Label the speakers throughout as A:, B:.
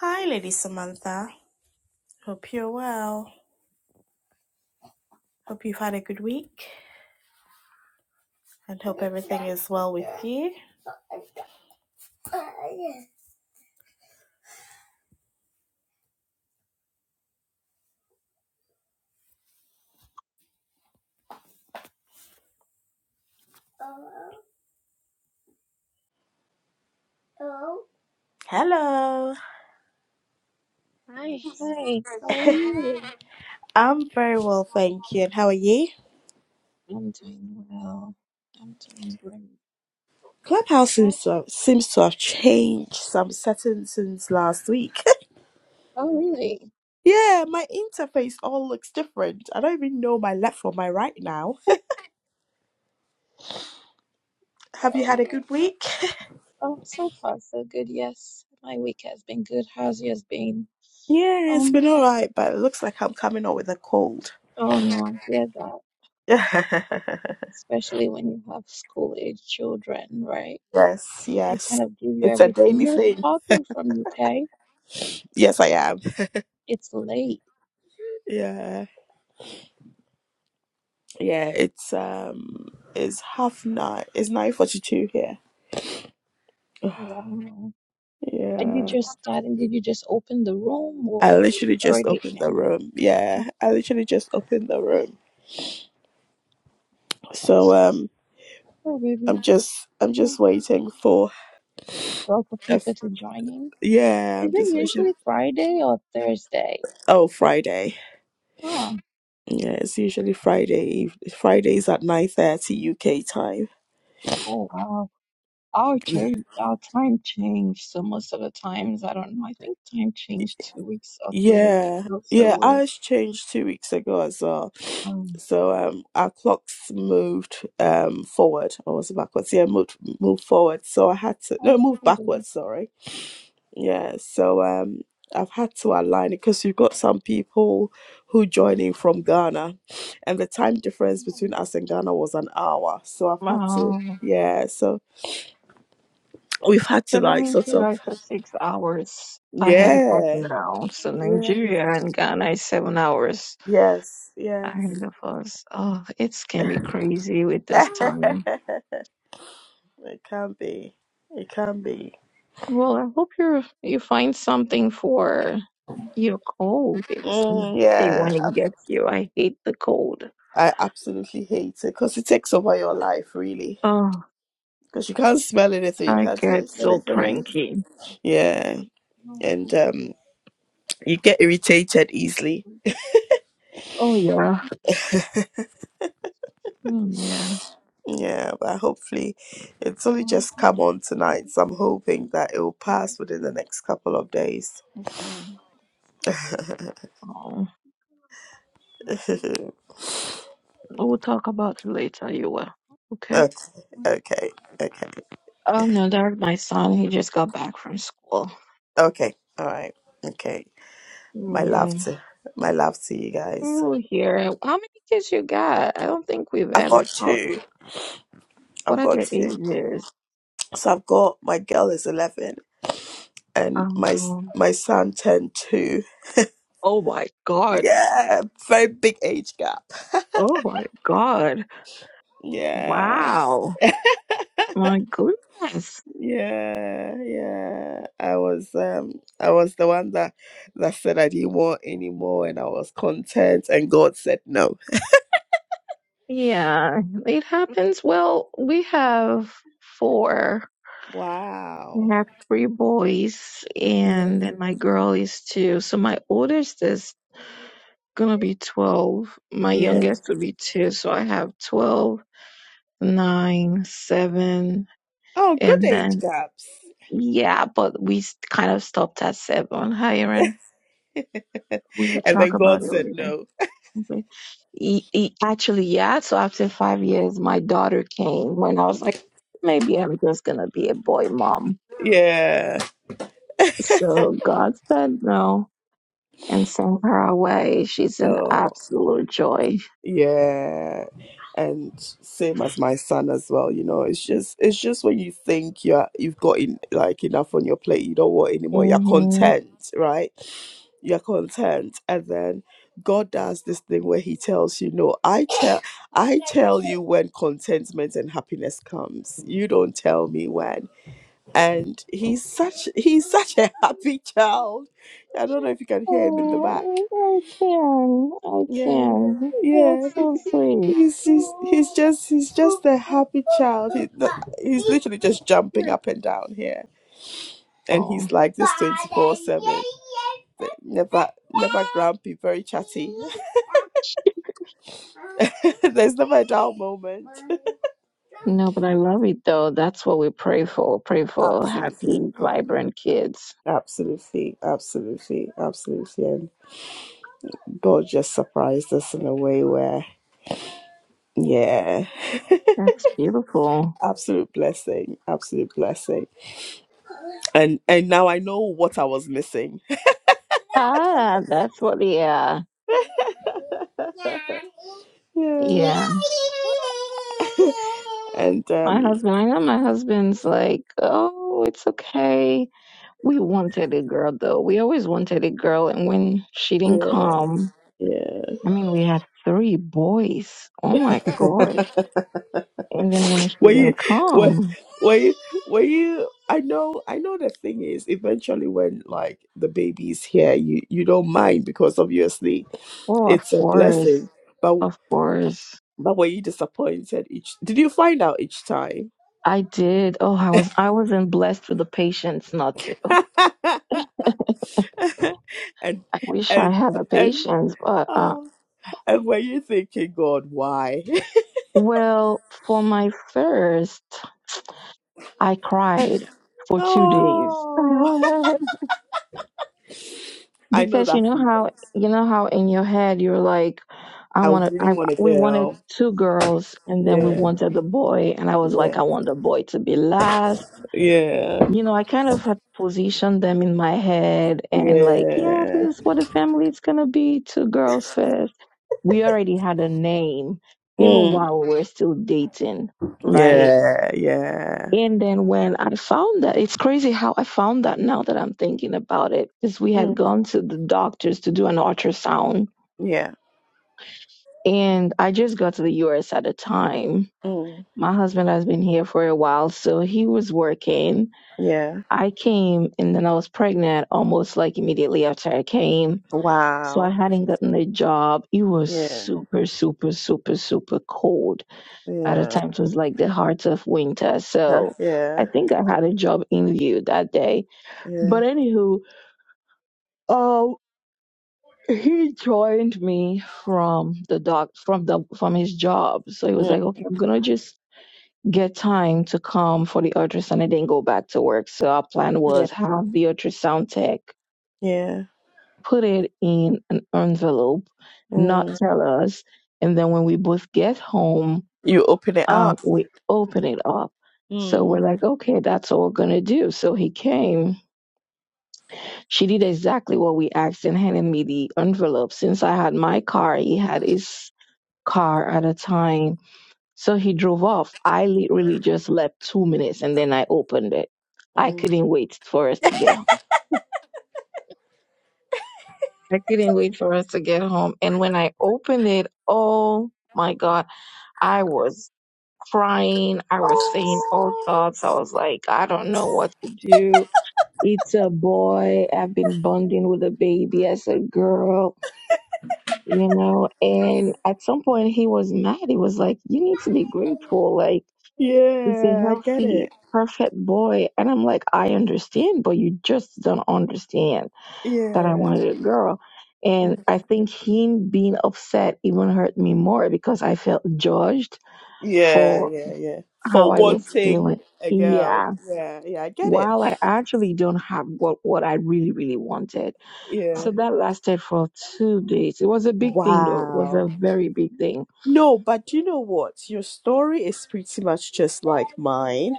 A: Hi, Lady Samantha. Hope you're well. Hope you've had a good week and hope everything is well with you. Hello.
B: Hi, hi, how are you?
A: I'm very well,
B: Oh,
A: thank you. And how are you?
B: I'm doing well. I'm doing great.
A: Clubhouse
B: Oh,
A: seems to have, seems to have changed some settings since last week.
B: oh really?
A: yeah, my interface all looks different. I don't even know my left from my right now. Have you
B: Oh,
A: had a
B: no.
A: good week?
B: Oh, so far, so good. Yes, my week has been good. How's yours been?
A: Yeah, it's
B: Um,
A: been all right, but it looks like I'm coming up with a cold.
B: oh no, I hear that,
A: yes,
B: especially when you have school-age children, right? They
A: yes.
B: kind of give you
A: It's a
B: everything.
A: daily
B: You're
A: thing.
B: talking from UK.
A: Yes, I am.
B: It's late.
A: Yeah. Yeah, it's um it's half nine. It's nine forty two here.
B: Oh, wow. Are you
A: Yeah.
B: just starting? Did you just open the room
A: I
B: or
A: literally
B: it's
A: just
B: already
A: opened the
B: ended?
A: room.
B: Yeah.
A: Yeah. I literally just opened the room. So um
B: Sorry, baby.
A: I'm just I'm just
B: Well,
A: waiting for
B: for
A: a
B: people
A: f-
B: to join in.
A: yeah,
B: Is
A: I'm
B: it
A: just waiting
B: usually Friday or Thursday?
A: oh Friday.
B: Oh,
A: Yeah, it's usually Friday eve Fridays at nine thirty UK time.
B: oh wow. Our church, our time changed. So most of the times, I don't know. I think time changed two weeks or three weeks
A: Yeah,
B: ago. So
A: yeah,
B: we're,
A: ours changed two weeks ago as well.
B: um,
A: So um, our clocks moved um forward, or was it backwards? Yeah, moved moved forward. So I had to no
B: oh,
A: move
B: Saturday.
A: backwards. Sorry. Yeah. So um, I've had to align it because you've got some people who joining from Ghana, and the time difference between us and Ghana was an hour. So I've had to
B: wow.
A: yeah. So we've had
B: So
A: to
B: that
A: like
B: means
A: sort
B: you
A: of
B: guys are six hours ahead of us
A: yeah
B: now. So
A: yeah
B: Nigeria and Ghana is seven hours
A: yes
B: ahead
A: yes.
B: of us. Oh, it's can be crazy with this time.
A: It can be. It can be.
B: Well, I hope you you find something for your cold. It's
A: Mm,
B: nasty
A: yeah,
B: when it gets you. I hate the cold.
A: I absolutely hate it because it takes over your life, really.
B: Oh,
A: Because you can't smell anything, you
B: I
A: can't
B: get
A: taste
B: so
A: anything.
B: cranky.
A: Yeah,
B: Oh
A: and
B: sorry.
A: um, you get irritated easily.
B: Oh, yeah. Mm, Yeah.
A: Yeah, but hopefully it's only
B: Well, I
A: just
B: think-
A: come on
B: yeah,
A: tonight. So I'm
B: thank
A: hoping that it will pass
B: you.
A: within the next couple of days.
B: I'm sorry.
A: okay,
B: Oh, we'll talk about it later. You will. Okay.
A: okay, okay,
B: Oh no, there's my son. He just got back from school.
A: okay. All right, okay. My
B: Yeah.
A: love to my love to you guys.
B: Ooh, here. How many kids you got? I don't think we've
A: I've got
B: ever talked.
A: two.
B: What
A: I've
B: are
A: got
B: their
A: two.
B: ages?
A: So I've got my girl is eleven and my
B: Um,
A: my son turned two.
B: oh my God.
A: Yeah, very big age gap.
B: Oh my God.
A: Yeah,
B: Wow. My goodness.
A: yeah, yeah. I was um I was the one that that said I didn't want anymore and I was content and God said no.
B: Yeah, it happens. Well, we have four. We
A: Wow.
B: have three boys, and then my girl is two. So my oldest is gonna be 12. My
A: Yeah.
B: youngest will be two. So I have twelve, nine, 7,
A: Oh, good
B: and then
A: age gaps.
B: Yeah, but we s- kind of stopped at seven. Hi, Erin.
A: and
B: We will talk
A: then
B: about
A: God
B: it
A: said
B: later.
A: no.
B: Okay. E- e- actually, yeah. So after five years, my daughter came when I was like, maybe I'm just gonna be a boy mom.
A: Yeah.
B: So God said no and sent her away. She's an
A: Oh.
B: absolute joy.
A: Yeah. And same as my son as well, you know, it's just it's just when you think you're you've got in, like enough on your plate, you don't want anymore, you're
B: hmm
A: content, right? You're content. And then God does this thing where He tells you, No, I tell I tell you when contentment and happiness comes. You don't tell me when. And he's such he's such a happy child. I don't know if you can hear him in the back.
B: Oh, I can. I
A: Yeah.
B: can.
A: Yeah.
B: That's so sweet.
A: He's, he's he's just he's just a happy child. He, the- he's literally just jumping up and down here, and
B: Oh.
A: he's like this twenty four seven. Never never grumpy, very chatty. There's never a dull moment.
B: No, but I love it though. That's what we pray for. Pray for happy,
A: Absolutely,
B: vibrant kids.
A: absolutely, absolutely, absolutely. And God just surprised us in a way where yeah,
B: That's beautiful.
A: absolute blessing, absolute blessing. And and now I know what I was missing.
B: Ah, that's what, yeah.
A: yeah.
B: Yeah.
A: and
B: My
A: um,
B: husband, I know my husband's like, oh, it's okay. We wanted a girl though. We always wanted a girl. And when she didn't
A: yeah,
B: come,
A: yeah.
B: I mean, we had three boys. Oh my God. And then when she
A: Were you,
B: didn't
A: were,
B: come,
A: were you, were you? I know, I know. The thing is, eventually, when like the baby is here, you you don't mind because obviously
B: oh, of
A: it's a
B: course,
A: blessing. But
B: of course.
A: but were you disappointed each? Did you find out each time?
B: I did. Oh, I was I wasn't blessed with the patience not to.
A: and
B: I wish I
A: and
B: had the
A: and
B: patience, but uh,
A: oh, and were you thinking, God, why?
B: well, for my first, I cried for two days
A: oh. I know
B: because you
A: that
B: know
A: feeling.
B: how you know how in your head you're like, I
A: I
B: want to. I
A: really want a
B: we wanted
A: girl.
B: two girls, and then we
A: Yeah,
B: wanted the boy, and I was like,
A: yeah,
B: I want the boy to be last.
A: yeah,
B: You know, I kind of had positioned them in my head, and like, yeah,
A: yeah.
B: this is what a family is gonna be: two girls first we already had a name even
A: Mm,
B: while we were still dating, right?
A: yeah, yeah.
B: And then when I found that, it's crazy how I found that now that I'm thinking about it, because we had
A: Mm,
B: gone to the doctors to do an ultrasound.
A: yeah,
B: And I just got to the US at the time.
A: mm,
B: My husband has been here for a while, so he was working.
A: yeah.
B: I came and then I was pregnant almost like immediately after I came. So I
A: Wow.
B: hadn't gotten a job. It was
A: Yeah,
B: super, super, super, super cold At the
A: yeah.
B: time, it was like the heart of winter.
A: Tough.
B: So I
A: Yeah,
B: think I had a job interview that day.
A: yeah.
B: But anywho, um, he joined me from the doc from the from his job. So he was
A: Mm,
B: like, okay, I'm gonna just get time to come for the ultrasound and then go back to work. So our plan
A: yeah,
B: was have the ultrasound tech
A: yeah.
B: put it in an envelope, not
A: Mm.
B: tell us, and then when we both get home
A: You open it
B: um,
A: up.
B: we open it up. So we're
A: Mm,
B: like, okay, that's all we're gonna do. So he came. She did exactly what we asked and handed me the envelope. Since I had my car, he had his car at a time. So he drove off. I literally just left two minutes and then I opened it. I
A: mm.
B: couldn't wait for us to get home. I couldn't wait for us to get home. And when I opened it, oh my God, I was crying. I was saying all thoughts. I was like, I don't know what to do. It's a boy. I've been bonding with a baby as a girl, you know. And at some point, he was mad. He was like, You need to be grateful. Like, it's a
A: Yeah, I get
B: healthy,
A: it.
B: perfect boy. And I'm like, I understand, but you just don't understand that I
A: Yeah.
B: wanted a girl. And
A: Yeah,
B: I think him being upset even hurt me more because I felt judged
A: yeah,
B: for
A: yeah. yeah.
B: how
A: For
B: I was feeling.
A: wanting a girl.
B: Yeah.
A: Yeah, yeah, I get it.
B: While I actually don't have what, what I really, really wanted
A: Yeah.
B: So that lasted for two days. It was a big thing, though. It was a
A: Wow.
B: very big thing.
A: No, but you know what? Your story is pretty much just like mine.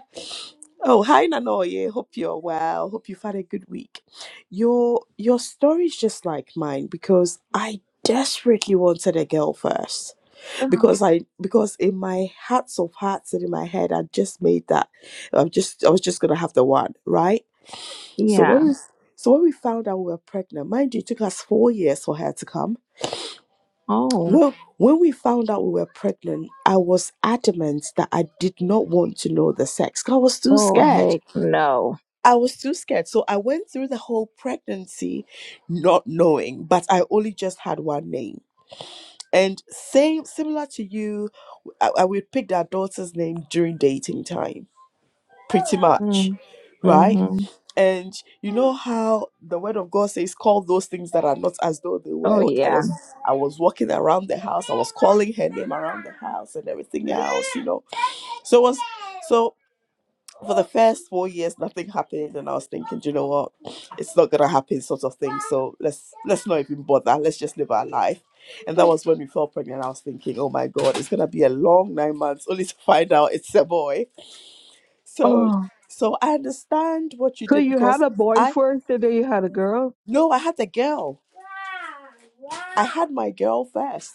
A: Oh, hi Nanoye. Hope you're well. Hope you've had a good week. Your your story is just like mine because I desperately wanted a girl first.
B: Ugh,
A: Because I because in my hearts of hearts and in my head I just made that I'm just I was just gonna have the one, right? So
B: yeah.
A: when we so when we found out we were pregnant, mind you, it took us four years for her to come
B: Oh.
A: Well, when we found out we were pregnant, I was adamant that I did not want to know the sex. 'cause I was too
B: Oh,
A: scared.
B: heck no.
A: I was too scared. So I went through the whole pregnancy not knowing, but I only just had one name. And same similar to you, I, I would pick our daughter's name during dating time, pretty much.
B: Mm.
A: Right?
B: hmm
A: And you know how the word of God says, call those things that are not as though they
B: Oh,
A: were. I
B: yeah.
A: was I was walking around the house, I was calling her name around the house and everything else, you know. So it was so for the first four years nothing happened and I was thinking, "Do you know what? It's not gonna happen sort of thing. So let's let's not even bother, let's just live our life. And that was when we fell pregnant. I was thinking, oh my god, it's gonna be a long nine months only to find out it's a boy. So
B: Oh.
A: so I understand what you
B: So
A: did
B: you had
A: because
B: a boy
A: I
B: first and then you had a girl?
A: No, I had the girl. I had my girl first.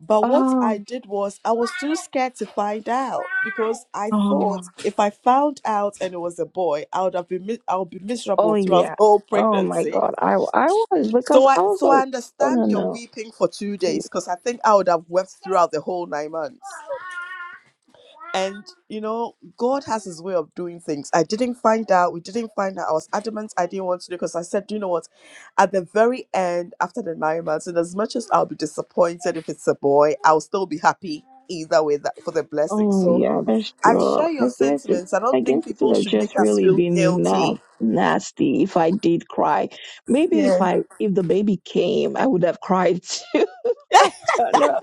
A: But what I
B: Oh.
A: did was I was too scared to find out because I thought
B: Oh.
A: if I found out and it was a boy, I would have been mi- I would be
B: Oh,
A: miserable throughout the
B: yeah.
A: whole
B: Oh, my
A: pregnancy.
B: God. I, I was because
A: So I
B: I was
A: so I
B: like, oh,
A: understand
B: no,
A: you're
B: no.
A: weeping for two days because I think I would have wept throughout the whole nine months. And you know, God has His way of doing things. I didn't find out. We didn't find out. I was adamant. I didn't want to do because I said, "Do you know what? At the very end, after the nine months, and as much as I'll be disappointed if it's a boy, I'll still be happy either way that, for the blessing."
B: Oh
A: So
B: yeah, that's
A: I
B: true.
A: share
B: I
A: your
B: guess it,
A: sentiments. I
B: I
A: don't
B: guess
A: think
B: it
A: people
B: would have
A: should make
B: just
A: us
B: really
A: feel
B: been na-
A: guilty.
B: nasty if I did cry. Maybe if
A: Yeah,
B: I if the baby came, I would have cried too. I don't know.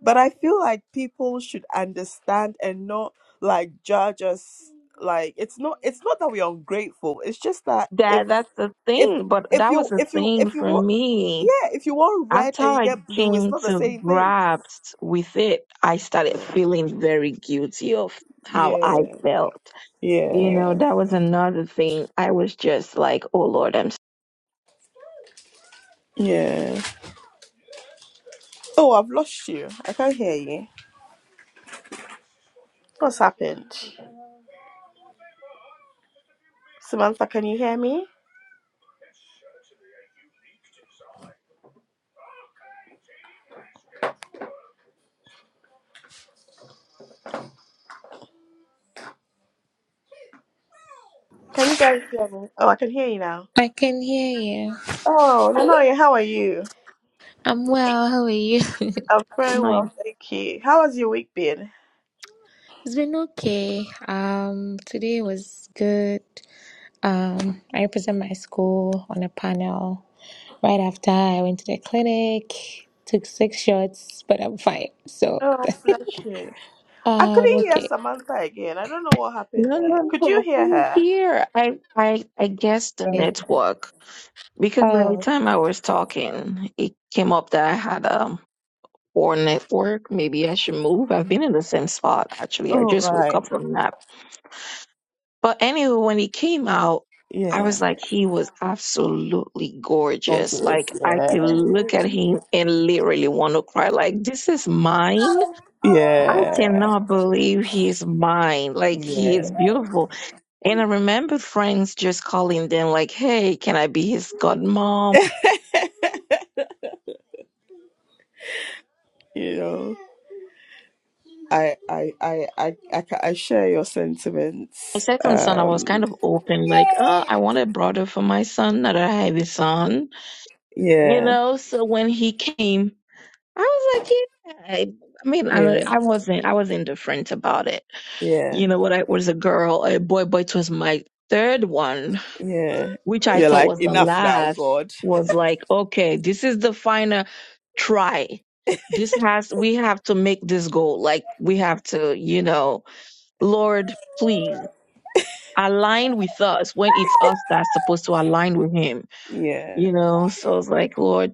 A: but I feel like people should understand and not like judge us. Like it's not. It's not that we're ungrateful. It's just that if
B: That that's the
A: if
B: thing, but
A: if
B: that was
A: you
B: the
A: if you
B: thing
A: if you
B: for
A: want
B: me.
A: yeah if you want red
B: After
A: and you
B: I
A: get blue it's
B: came
A: not the
B: to
A: same thing
B: grasps with it, I started feeling very guilty of how I
A: yeah
B: felt. You know,
A: yeah
B: that was another thing. I was just like, oh Lord, I'm so
A: yeah oh i've lost you i can't hear you what's happened samantha can you hear me can you guys hear me oh i can hear you now
C: I can hear you.
A: oh Nanoye, how are you
C: I'm well. How are you?
A: i'm very
B: sorry.
A: well thank you how has your week been
C: It's been okay. Um, today was good. Um, I represent my school on a panel right after I went to the clinic, took six shots, but I'm fine. So,
A: oh bless you i
C: um,
A: couldn't hear
C: okay.
A: samantha again i don't know what happened
B: No, no,
A: there
B: no,
A: could you
B: no.
A: hear
B: I'm
A: her
B: here. I, I, I guess the
C: And-
B: network because by the
C: Oh,
B: time I was talking, it came up that I had a poor network. Maybe I should move. I've been in the same spot actually. I
A: oh
B: just woke
A: right
B: up from a nap. But anyway, when he came out, I
A: yeah
B: was like, he was absolutely gorgeous.
A: gorgeous
B: Like I could look
A: yeah
B: at him and literally want to cry. Like this is mine. I
A: Yeah.
B: cannot believe he is mine. Like he
A: Yeah.
B: is beautiful. And I remember friends just calling them like, hey, can I be his godmom?
A: you know, I, I, I, I, I, ca- I share your
B: My
A: sentiments.
B: second son, I was kind
A: Um,
B: of open, like, oh, I want a brother for my son, not a heavy son. You
A: yeah,
B: know, so when he came, I was like, yeah. I, I mean, I,
A: yeah,
B: I wasn't, I was indifferent about it.
A: yeah,
B: You know, what I was a girl, a boy, boy, it was my third one
A: yeah.
B: which I
A: You're
B: thought
A: like,
B: was the
A: enough now,
B: last,
A: God.
B: was like, okay, this is the final try. This has, we have to make this goal. Like, we have to, you know, Lord, please align with us when it's us that's supposed to align with Him,
A: Yeah.
B: you know? So I was like, Lord,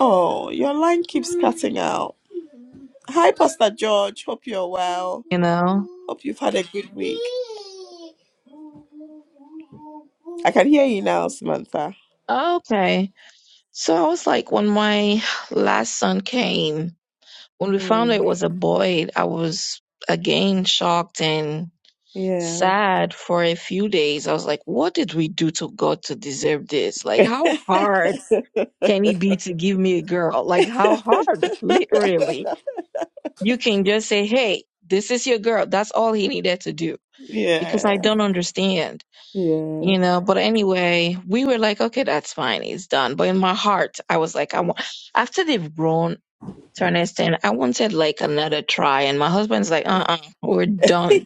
A: Oh, your line keeps cutting out. Hi, Pastor George. Hope you're well.
B: you know,
A: Hope you've had a good week. I can hear you now, Samantha.
B: okay. So I was like, when my last son came, when we found out
A: Mm.
B: it was a boy, I was again shocked and.
A: Yeah.
B: sad for a few days. I was like, what did we do to God to deserve this? Like,
A: yeah.
B: how hard can He be to give me a girl? Like, how hard? Literally. You can just say, hey, this is your girl. That's all he needed to do because I
A: Yeah.
B: don't understand,
A: Yeah.
B: you know. But anyway, we were like, okay, that's fine. It's done. But in my heart, I was like, I want, after they've grown to an extent, I wanted like another try. And my husband's like, uh uh, we are done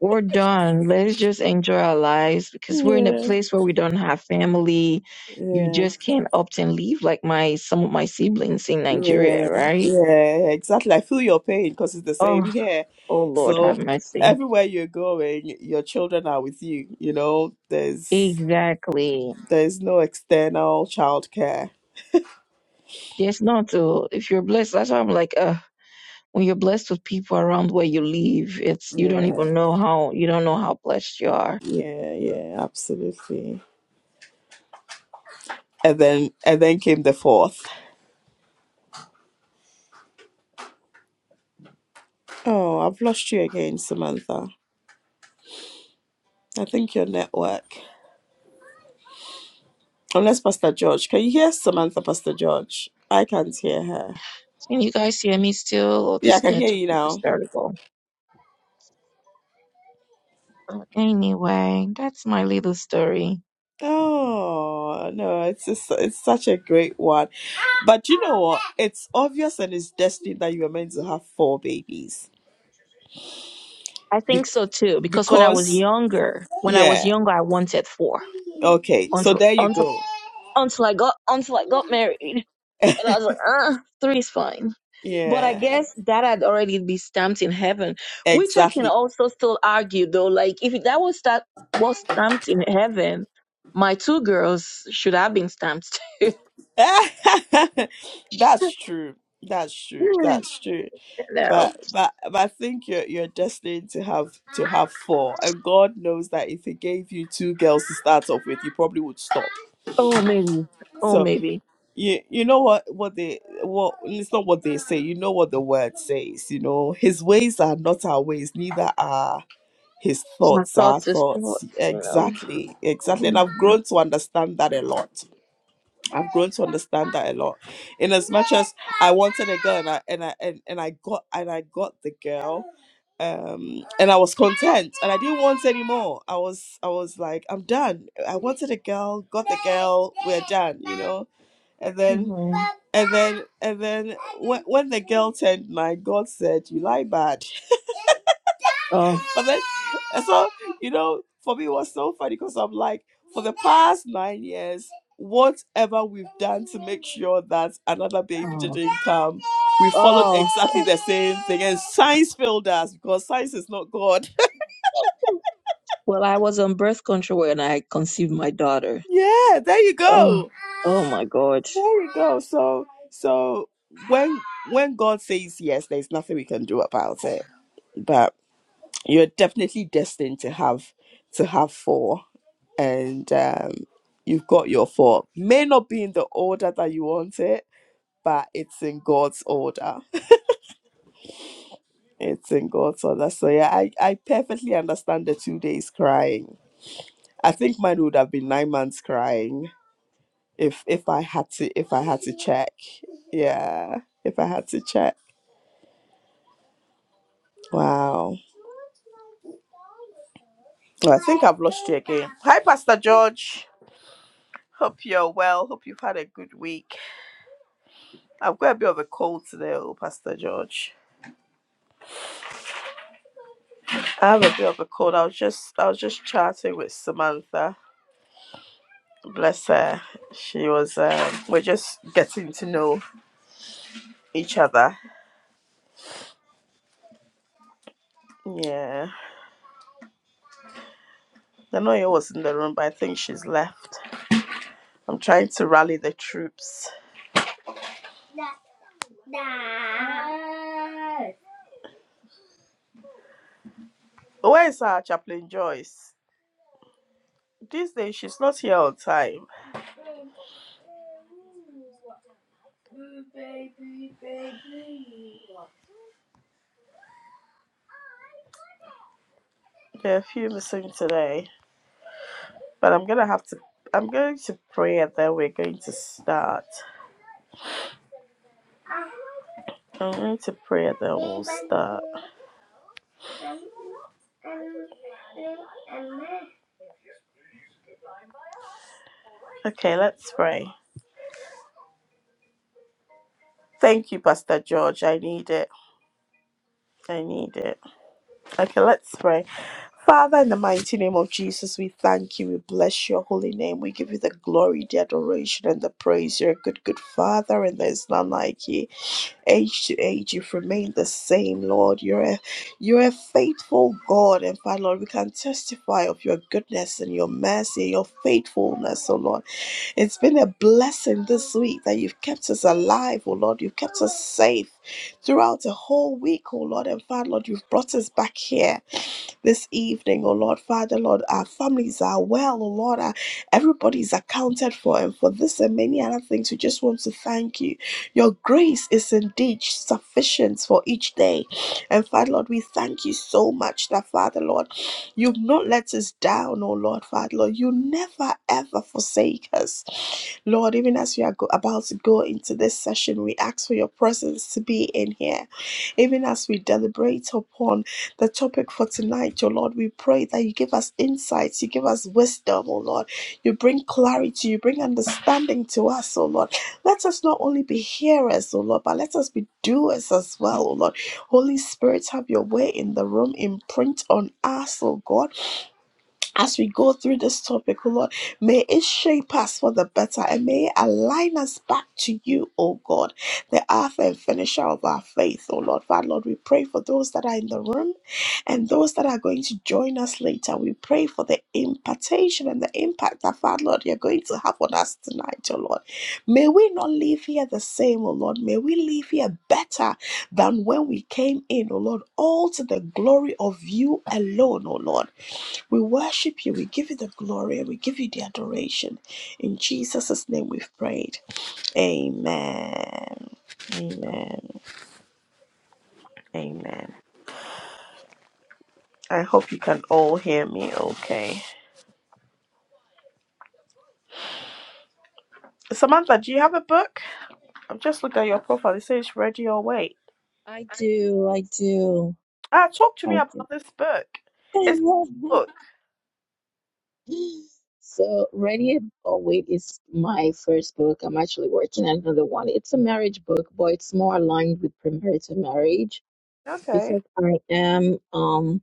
B: we're done. Let's just enjoy our lives because we're in a
A: Yeah.
B: place where we don't have family. You just can't opt and leave like my some of my siblings in Nigeria,
A: Yeah.
B: right?
A: Yeah. Exactly. I feel your pain because it's the
B: Oh,
A: same here.
B: oh Lord, have
A: So
B: mercy.
A: everywhere you're going, your children are with you. You know, there's
B: Exactly.
A: there's no external childcare.
B: Yes, not to if you're blessed. That's why I'm like, uh, when you're blessed with people around where you live, it's you don't
A: Yeah.
B: even know how you don't know how blessed you are.
A: Yeah. Yeah. Absolutely. And then and then came the fourth. Oh, I've lost you again, Samantha. I think your network. Unless Pastor George. Can you hear Samantha, Pastor George? I can't hear her.
B: Can you guys hear me still? Or
A: Yeah, I
B: this
A: can hear
B: net
A: you
B: is
A: now.
B: terrible. But anyway, that's my little story.
A: Oh no, it's just it's such a great one. But you know what? It's obvious and it's destined that you were meant to have four babies.
B: I
A: Be-
B: think so too, because when I was
A: because
B: younger, when I was
A: yeah.
B: younger, I wanted four
A: Okay, so
B: until
A: there you
B: until
A: go.
B: until I got until I got married, and I was like, uh, three is fine. But I
A: Yeah,
B: guess that had already been stamped in heaven, which I can
A: exactly.
B: also still argue though. Like if that was that was stamped in heaven, my two girls should have been stamped.
A: That's true. That's true. That's true.
B: no.
A: but but but I think you're you're destined to have to have four, and God knows that if He gave you two girls to start off with, you probably would stop.
B: Oh maybe. Oh
A: So
B: maybe.
A: you you know what what they what it's not what they say. You know what the word says. You know His ways are not our ways, neither are His
B: My
A: thoughts our
B: thoughts is
A: thoughts.
B: thoughts, you know.
A: Exactly, exactly. And I've
B: hmm
A: grown to understand that a lot I've grown to understand that a lot. In as much as I wanted a girl and I and I and, and I got and I got the girl, um, and I was content and I didn't want any more. I was I was like, I'm done. I wanted a girl, got the girl, we're done, you know? And then
B: hmm
A: and then and then when, when the girl turned nine, God said, You lie bad.
B: Oh.
A: But then, and so, you know, for me, it was so funny because I'm like, for the past nine years, whatever we've done to make sure that another baby
B: Oh.
A: didn't come, we followed
B: Oh.
A: exactly the same thing. And science failed us because science is not God.
B: Well, I was on birth control when I conceived my daughter.
A: yeah, there you
B: Oh,
A: go.
B: oh my God.
A: There you go. So, so when when God says yes, there's nothing we can do about it. But you're definitely destined to have to have four. and um, you've got your fork. May not be in the order that you want it, but it's in God's order. It's in God's order. So yeah, I, I perfectly understand the two days crying. I think mine would have been nine months crying if if I had to if I had to check. Yeah, if I had to check. Wow. Well, I think I've lost you again. Hi, Pastor George. Hope you're well. Hope you've had a good week. I've got a bit of a cold today, oh, Pastor George. I have a bit of a cold. I was just I was just chatting with Samantha. Bless her. She was um we're just getting to know each other. Yeah. Danoya was in the room, but I think she's left. I'm trying to rally the troops. Where is our chaplain Joyce? These days she's not here on time. There are a few missing today. But I'm gonna have to I'm going to pray and then we're going to start. I'm going to pray and then we'll start. Okay, let's pray. Thank you, Pastor George. I need it. I need it. Okay, let's pray. Father, in the mighty name of Jesus, we thank you. We bless your holy name. We give you the glory, the adoration, and the praise. You're a good, good Father, and there's none like you. Age to age, you've remained the same, Lord. You're a, you're a faithful God, and Father, Lord, we can testify of your goodness and your mercy, and your faithfulness, oh Lord. It's been a blessing this week that you've kept us alive, oh Lord. You've kept us safe throughout the whole week, oh Lord. And Father, Lord, you've brought us back here this evening, oh Lord Father, Lord, our families are well, oh Lord, our, everybody's accounted for, and for this and many other things, we just want to thank you. Your grace is indeed sufficient for each day, and Father, Lord, we thank you so much that Father, Lord, you've not let us down, oh Lord, Father, Lord, you never ever forsake us, Lord. Even as we are go- about to go into this session, we ask for your presence to be in here even as we deliberate upon the topic for tonight, oh Lord. We pray that you give us insights, you give us wisdom, oh Lord. You bring clarity, you bring understanding to us, oh Lord. Let us not only be hearers, oh Lord, but let us be doers as well, oh Lord. Holy Spirit, have your way in the room, imprint on us, oh God as we go through this topic, oh Lord, may it shape us for the better and may it align us back to you, oh God, the author and finisher of our faith, oh Lord. Father, Lord, we pray for those that are in the room and those that are going to join us later. We pray for the impartation and the impact that, Father, Lord, you're going to have on us tonight, oh Lord. May we not leave here the same, oh Lord. May we leave here better than when we came in, oh Lord, all to the glory of you alone, oh Lord. We worship you. We give you the glory. We give you the adoration. In Jesus' name we've prayed. Amen. Amen. Amen. I hope you can all hear me okay. Samantha, do you have a book? I've just looked at your profile. It says Ready or Wait.
B: I do, I do,
A: Ah, talk to
B: I
A: me
B: do.
A: about this book. It's a book.
B: so, Ready or Wait is my first book. I'm actually working on another one. It's a marriage book, but it's more aligned with premarital marriage
A: Okay.
B: because I am um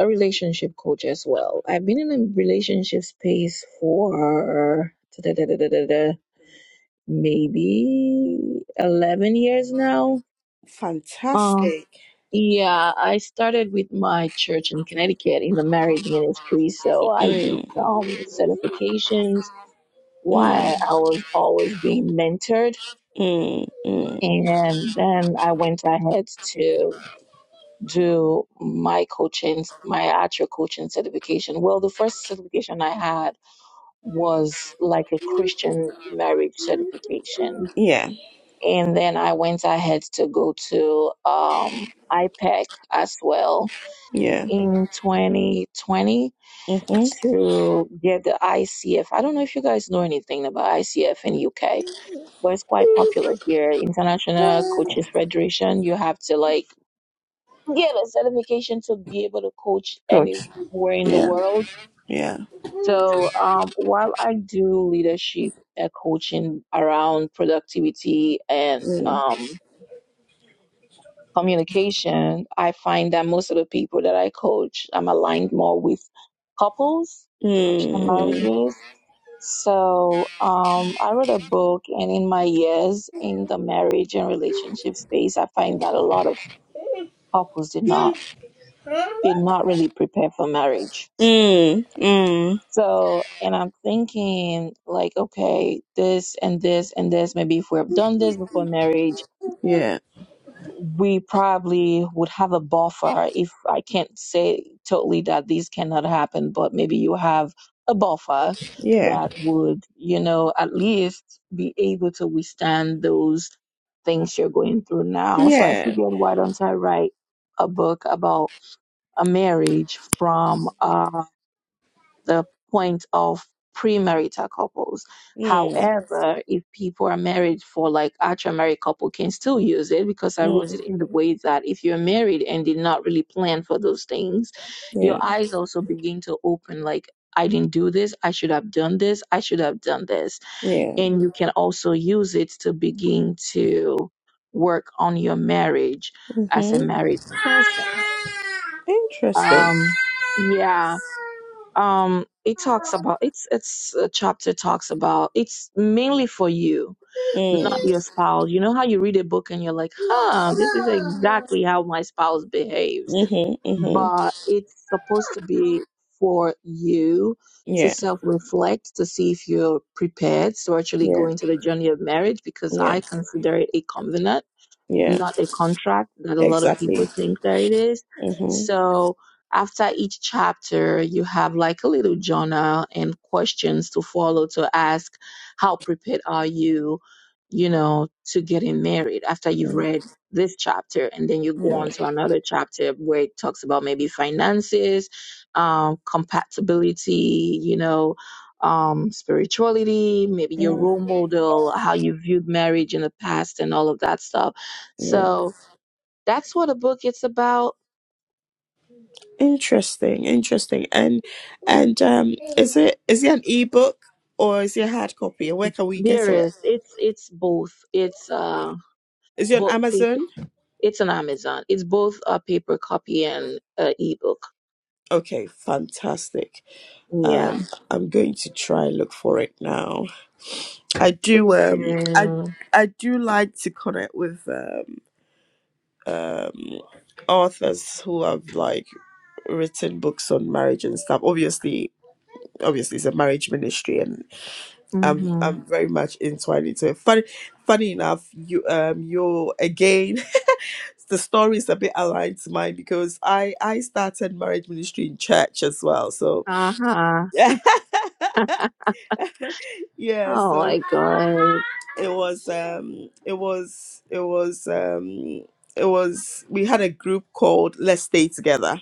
B: a relationship coach as well. I've been in a relationship space for maybe 11 years now. Um,
A: Fantastic.
B: yeah, I started with my church in Connecticut in the marriage ministry. So I did
A: Mm,
B: some certifications while
A: mm,
B: I was always being mentored.
A: mm, mm.
B: And then I went ahead to do my coaching, my actual coaching certification. Well, the first certification I had was like a Christian marriage certification
A: Yeah.
B: And then I went ahead to go to um, IPEC as well
A: Yeah.
B: in 2020
A: Mm-hmm.
B: to get the ICF. I don't know if you guys know anything about ICF in UK, but it's quite popular here. International Coaches Federation. You have to like get a certification to be able to coach
A: Good.
B: anywhere in the
A: Yeah.
B: world.
A: Yeah.
B: So um, while I do leadership uh, coaching around productivity and
A: Mm.
B: um, communication, I find that most of the people that I coach, I'm aligned more with couples,
A: Mm.
B: Christian
A: mm.
B: marriages. So um, I wrote a book, and in my years in the marriage and relationship space, I find that a lot of couples did not did not really prepare for marriage.
A: Mm, mm,
B: So, and I'm thinking like, okay, this and this and this. Maybe if we have done this before marriage
A: yeah,
B: we probably would have a buffer if I can't say totally that these cannot happen, but maybe you have a buffer
A: yeah,
B: that would, you know, at least be able to withstand those things you're going through now. So I
A: yeah,
B: figured, why don't I write a book about a marriage from uh, the point of premarital couples.
A: mm,
B: However, if people are married for like actual married couple can still use it because I wrote
A: mm,
B: it in the way that if you're married and did not really plan for those things, your
A: yeah,
B: eyes also begin to open like I didn't do this, I should have done this, I should have done this.
A: yeah.
B: And you can also use it to begin to work on your marriage as a
A: Mm-hmm.
B: married person.
A: Interesting.
B: Um yeah um it talks about it's it's a chapter talks about it's mainly for you
A: Mm,
B: not your spouse you know how you read a book and you're like huh this is exactly how my spouse behaves
A: mm-hmm, mm-hmm.
B: but it's supposed to be for you to
A: Yeah,
B: self-reflect to see if you're prepared to actually go
A: yeah,
B: into the journey of marriage because
A: yeah,
B: i consider it a covenant
A: yeah,
B: not a contract that a lot of people
A: exactly.
B: think that it is.
A: Mm-hmm.
B: So after each chapter, you have like a little journal and questions to follow to ask how prepared are you, you know, to getting married after you've
A: mm,
B: read this chapter and then you
A: Yeah,
B: go on to another chapter where it talks about maybe finances, um, compatibility, you know, um, spirituality, maybe your
A: mm,
B: role model, how you viewed marriage in the past and all of that stuff
A: yeah.
B: so that's what a book it's about.
A: Interesting, interesting. And and um is it is it an ebook or is it a hard copy? Where can we
B: There
A: get it?
B: is it's it's both. It's uh
A: Is it on
B: book paper.
A: Amazon?
B: It's an Amazon. It's both a paper copy and a ebook.
A: Okay, fantastic.
B: Yeah,
A: Um, I'm going to try and look for it now. I do.
B: we
A: Um, I
B: do.
A: I do like to connect with um, um, authors who have like written books on marriage and stuff. Obviously, obviously, it's a marriage ministry, and I'm
B: Mhm.
A: I'm very much entwined into it. Funny, funny enough, you um you again. The story is a bit aligned to mine because I I started marriage ministry in church as well. So
B: Uh huh.
A: yeah,
B: Oh
A: so
B: my god.
A: it was um it was it was um it was we had a group called let's stay together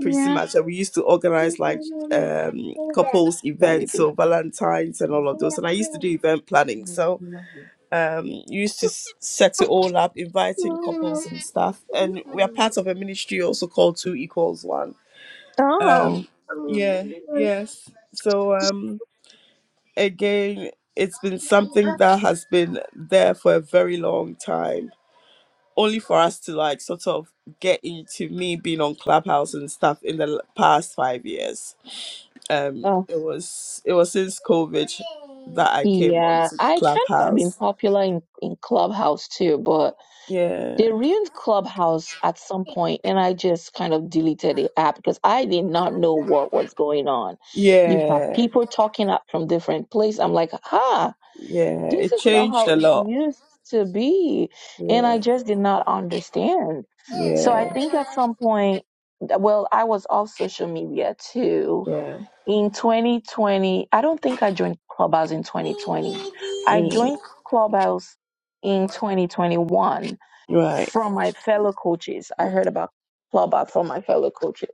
A: pretty
B: Yeah.
A: much and we used to organize like um couples
B: Sorry,
A: events
B: babe.
A: so valentines and all of those and i used to do event planning so um you used to s- set it all up inviting couples and stuff and we are part of a ministry also called two equals one
B: Oh.
A: um yeah yes so um again, it's been something that has been there for a very long time. Only for us to like sort of get into me being on Clubhouse and stuff in the l- past five years. Um,
B: Oh.
A: it was it was since COVID that I came on
B: Yeah,
A: to
B: I kind of have been
A: Clubhouse.
B: popular in, in Clubhouse too, but
A: Yeah,
B: they ruined Clubhouse at some point, and I just kind of deleted the app because I did not know what was going on. You have
A: yeah,
B: people talking up from different places. I'm like, ah,
A: yeah.
B: this
A: It
B: is not
A: changed
B: how
A: a
B: it
A: lot.
B: used to be, and
A: Yeah,
B: I just did not understand. So I
A: yeah,
B: think at some point, well, I was off social media too
A: yeah.
B: in 2020 i don't think i joined clubhouse in 2020 i
A: Mm.
B: joined clubhouse in 2021
A: Right.
B: from my fellow coaches i heard about clubhouse from my fellow coaches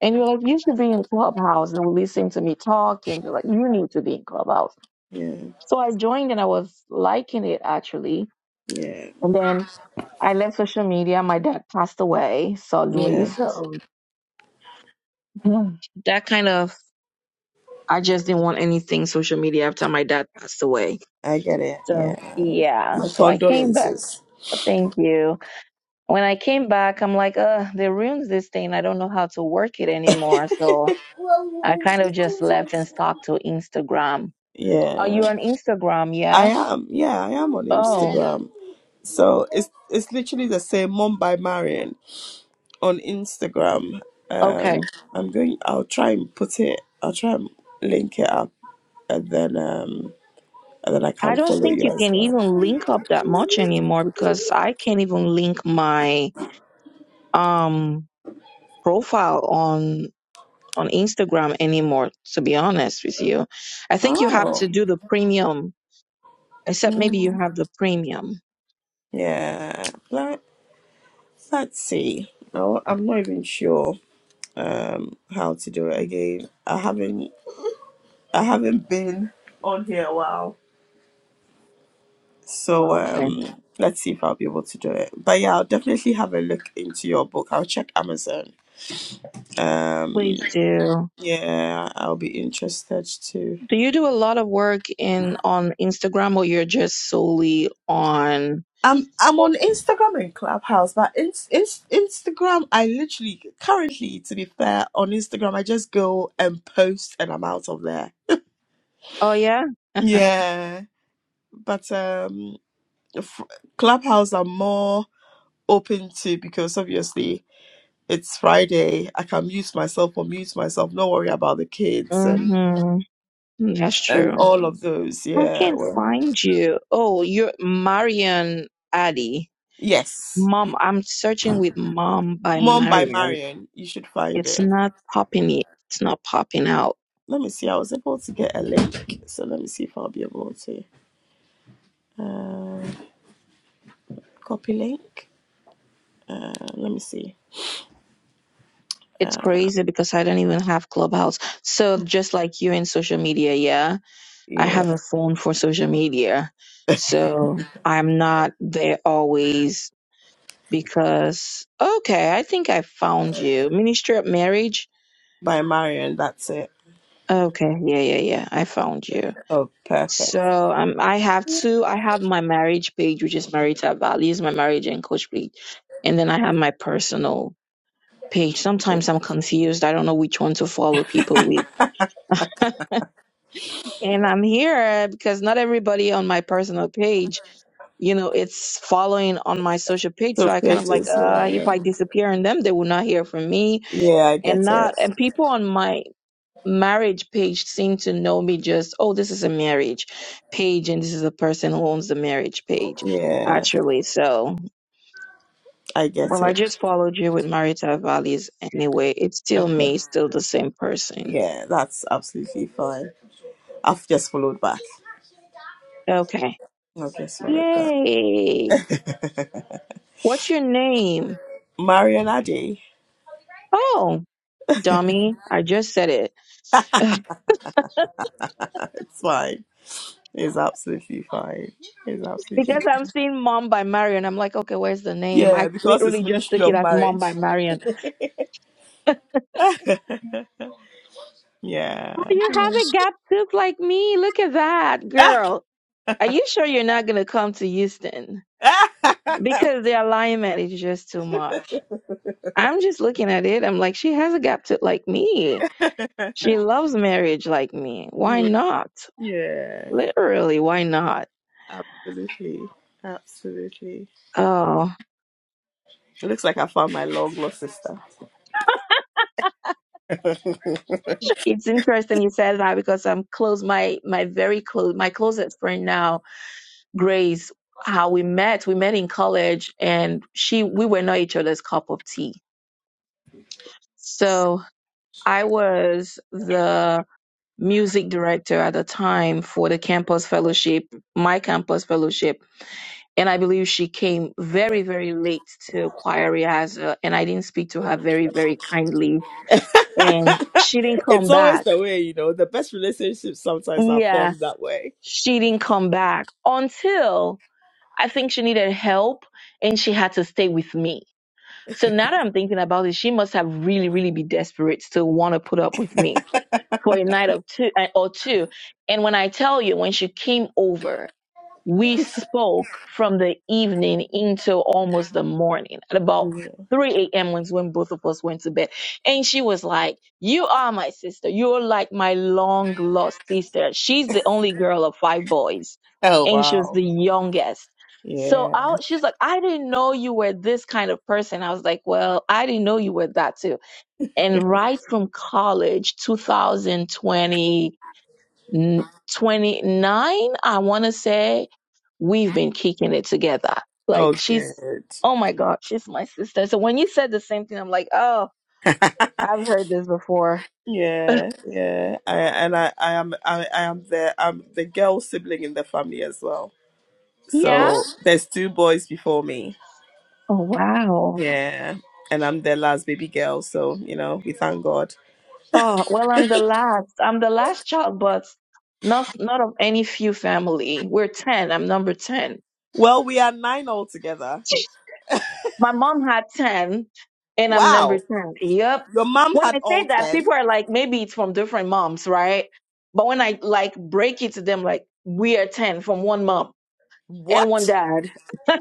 B: and you're like you should be in clubhouse and listen to me talk and you're like you need to be in clubhouse
A: Yeah,
B: so i joined and i was liking it actually
A: yeah,
B: and then i left social media my dad passed away suddenly
A: yeah.
B: so hmm, that kind of i just didn't want anything social media after my dad passed away
A: I get it.
B: So
A: Yeah.
B: yeah,
A: My
B: so I came back.
A: condolences.
B: Thank you. When I came back, I'm like, uh, they ruined this thing. I don't know how to work it anymore. So I kind of just left and stuck to Instagram. Are
A: Yeah.
B: you on Instagram?
A: I
B: Yeah.
A: am. Yeah, I am on
B: Oh,
A: Instagram. So it's it's literally the same Mom by Marion on Instagram. Um
B: okay.
A: I'm going I'll try and put it I'll try and link it up and then um and then I
B: I
A: can
B: don't
A: follow
B: think
A: you
B: you
A: as
B: can
A: well.
B: even link up that much anymore because I can't even link my um profile on on Instagram anymore, to be honest with you. I think you have to
A: Oh.
B: do the premium except maybe you
A: Mm.
B: have the premium.
A: Yeah. Let, let's see. No, I'm not even sure um how to do it again. I haven't I haven't been on here a while. So
B: Okay,
A: um let's see if I'll be able to do it. But yeah, I'll definitely have a look into your book. I'll check Amazon. Um
B: please do.
A: yeah, I'll be interested too.
B: Do you do a lot of work in on Instagram or you're just solely on?
A: I'm I'm on Instagram and Clubhouse, but in, in, Instagram I literally currently to be fair on Instagram I just go and post and I'm out of there.
B: Oh yeah.
A: Yeah, but um f- Clubhouse I'm more open to because obviously it's Friday. I can mute myself or mute myself. No worry about the kids and
B: Mhm. Mm, That's
A: and
B: true.
A: all of those.
B: I
A: Yeah.
B: can't
A: Well,
B: find you. Oh, you're Marian Addy.
A: yes.
B: Mom, I'm searching with Mom by
A: Mom by
B: Marian.
A: Marion. You should find
B: It's
A: it.
B: not popping it. It's not popping out.
A: Let me see. I was able to get a link, so let me see if I'll be able to uh, copy link. Uh, let me see.
B: It's
A: Uh,
B: crazy because I don't even have Clubhouse. So just like you in social media, yeah, I
A: yeah,
B: have a phone for social media. So I'm not there always because okay, I think I found you. Ministry of Marriage.
A: by Marion. That's it.
B: Okay, yeah, yeah, yeah. I found you.
A: Oh, perfect.
B: So um, I have two. I have my marriage page, which is Marita Values, my marriage and coach page, and then I have my personal. page. Sometimes I'm confused. I don't know which one to follow people with. And I'm here because not everybody on my personal page, you know, it's following on my social page.
A: So
B: So I kind of like,
A: pages.
B: uh, if
A: Yeah.
B: I disappear in them, they will not hear from me.
A: Yeah, I
B: And
A: get it.
B: not, and people on my marriage page seem to know me just, oh, this is a marriage page and this is a person who owns the marriage page.
A: Yeah,
B: Actually, so
A: I get
B: well, I
A: it.
B: just followed you with marital values anyway. It's still
A: Okay.
B: me, still the same person.
A: Yeah, that's absolutely fine. I've just followed back.
B: Okay.
A: I've just followed back.
B: Yay. What's your name?
A: Marion Addy,
B: Oh, dummy. I just said it.
A: it's fine. It's absolutely fine. It's absolutely
B: Because
A: fine.
B: I'm seeing Mom by Marion. I'm like, okay, where's the name? I
A: Yeah, because it's
B: literally just
A: Ministry
B: took it
A: of
B: as Mom by
A: Marriage.
B: Marion. Oh,
A: yeah. yeah,
B: you have a gap tooth like me. Look at that, girl. Are you sure you're not going to come to Houston? Because the alignment is just too much. I'm just looking at it. I'm like, she has a gap tooth like me. She loves marriage like me. Why not?
A: Yeah,
B: Literally, why not?
A: absolutely. Absolutely.
B: Oh.
A: It looks like I found my long lost sister.
B: It's interesting you said that because I'm close. My my very close my closest friend now, Grace. How we met? We met in college, and she we were not each other's cup of tea. So I was the music director at the time for the campus fellowship, my campus fellowship, and I believe she came very very late to choir rehearsal, and I didn't speak to her very very kindly, and she didn't
A: it's
B: come
A: always
B: back.
A: the way, you know, the best relationships sometimes are
B: Yeah,
A: formed that way.
B: she didn't come back until I think she needed help and she had to stay with me. So now that I'm thinking about it, she must have really, really be desperate to want to put up with me for a night of two uh, or two. And when I tell you, when she came over, we spoke from the evening into almost the morning at about 3 a.m. was when both of us went to bed. And she was like, You are my sister. You're like my long lost sister. She's the only girl of five boys,
A: Oh
B: and she was
A: wow.
B: the youngest. So
A: Yeah.
B: I, she's like, I didn't know you were this kind of person. I was like, Well, I didn't know you were that too. And right from college, 2020, 29, I want to say, we've been kicking it together. Like
A: Oh
B: she's,
A: good.
B: oh my God, she's my sister. So when you said the same thing, I'm like, oh, I've heard this before.
A: Yeah, yeah. I and I, I am I, I am the I'm the girl sibling in the family as well.
B: yeah.
A: So there's two boys before me.
B: Oh, wow.
A: Yeah. And I'm the last baby girl, so you know, we thank God.
B: Oh, well, I'm the last. I'm the last child, but not, not of any few family. We're 10. I'm number 10.
A: Well, we are nine altogether.
B: My mom had 10 and I'm number
A: Wow.
B: 10. Yep.
A: Your mom
B: When
A: had
B: I
A: all
B: say that, people
A: ten.
B: are like, maybe it's from different moms, right? But when I like break it to them, like, we are 10 from one mom and one
A: What?
B: dad.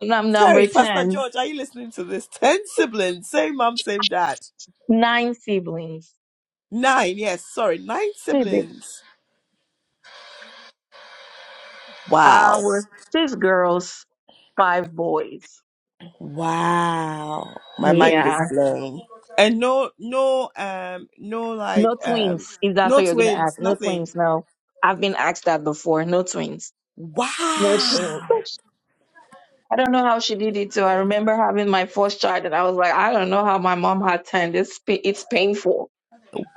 B: And I'm number
A: Terry, Pastor
B: 10.
A: George, are you listening to this? Ten siblings, same mom, same dad.
B: Nine siblings.
A: Nine, yes, sorry, nine
B: Hey, babe.
A: siblings.
B: Uh,
A: Wow.
B: we're six girls, five boys.
A: Wow. My mind is
B: Yeah.
A: blown. And no no um no like
B: No
A: um
B: twins, if that's
A: no
B: what you're going to ask.
A: twins,
B: No
A: nothing.
B: twins, no. I've been asked that before. No twins. No twins.
A: Wow.
B: I don't know how she did it. So I remember having my first child, and I was like, I don't know how my mom had time. This pa- it's painful.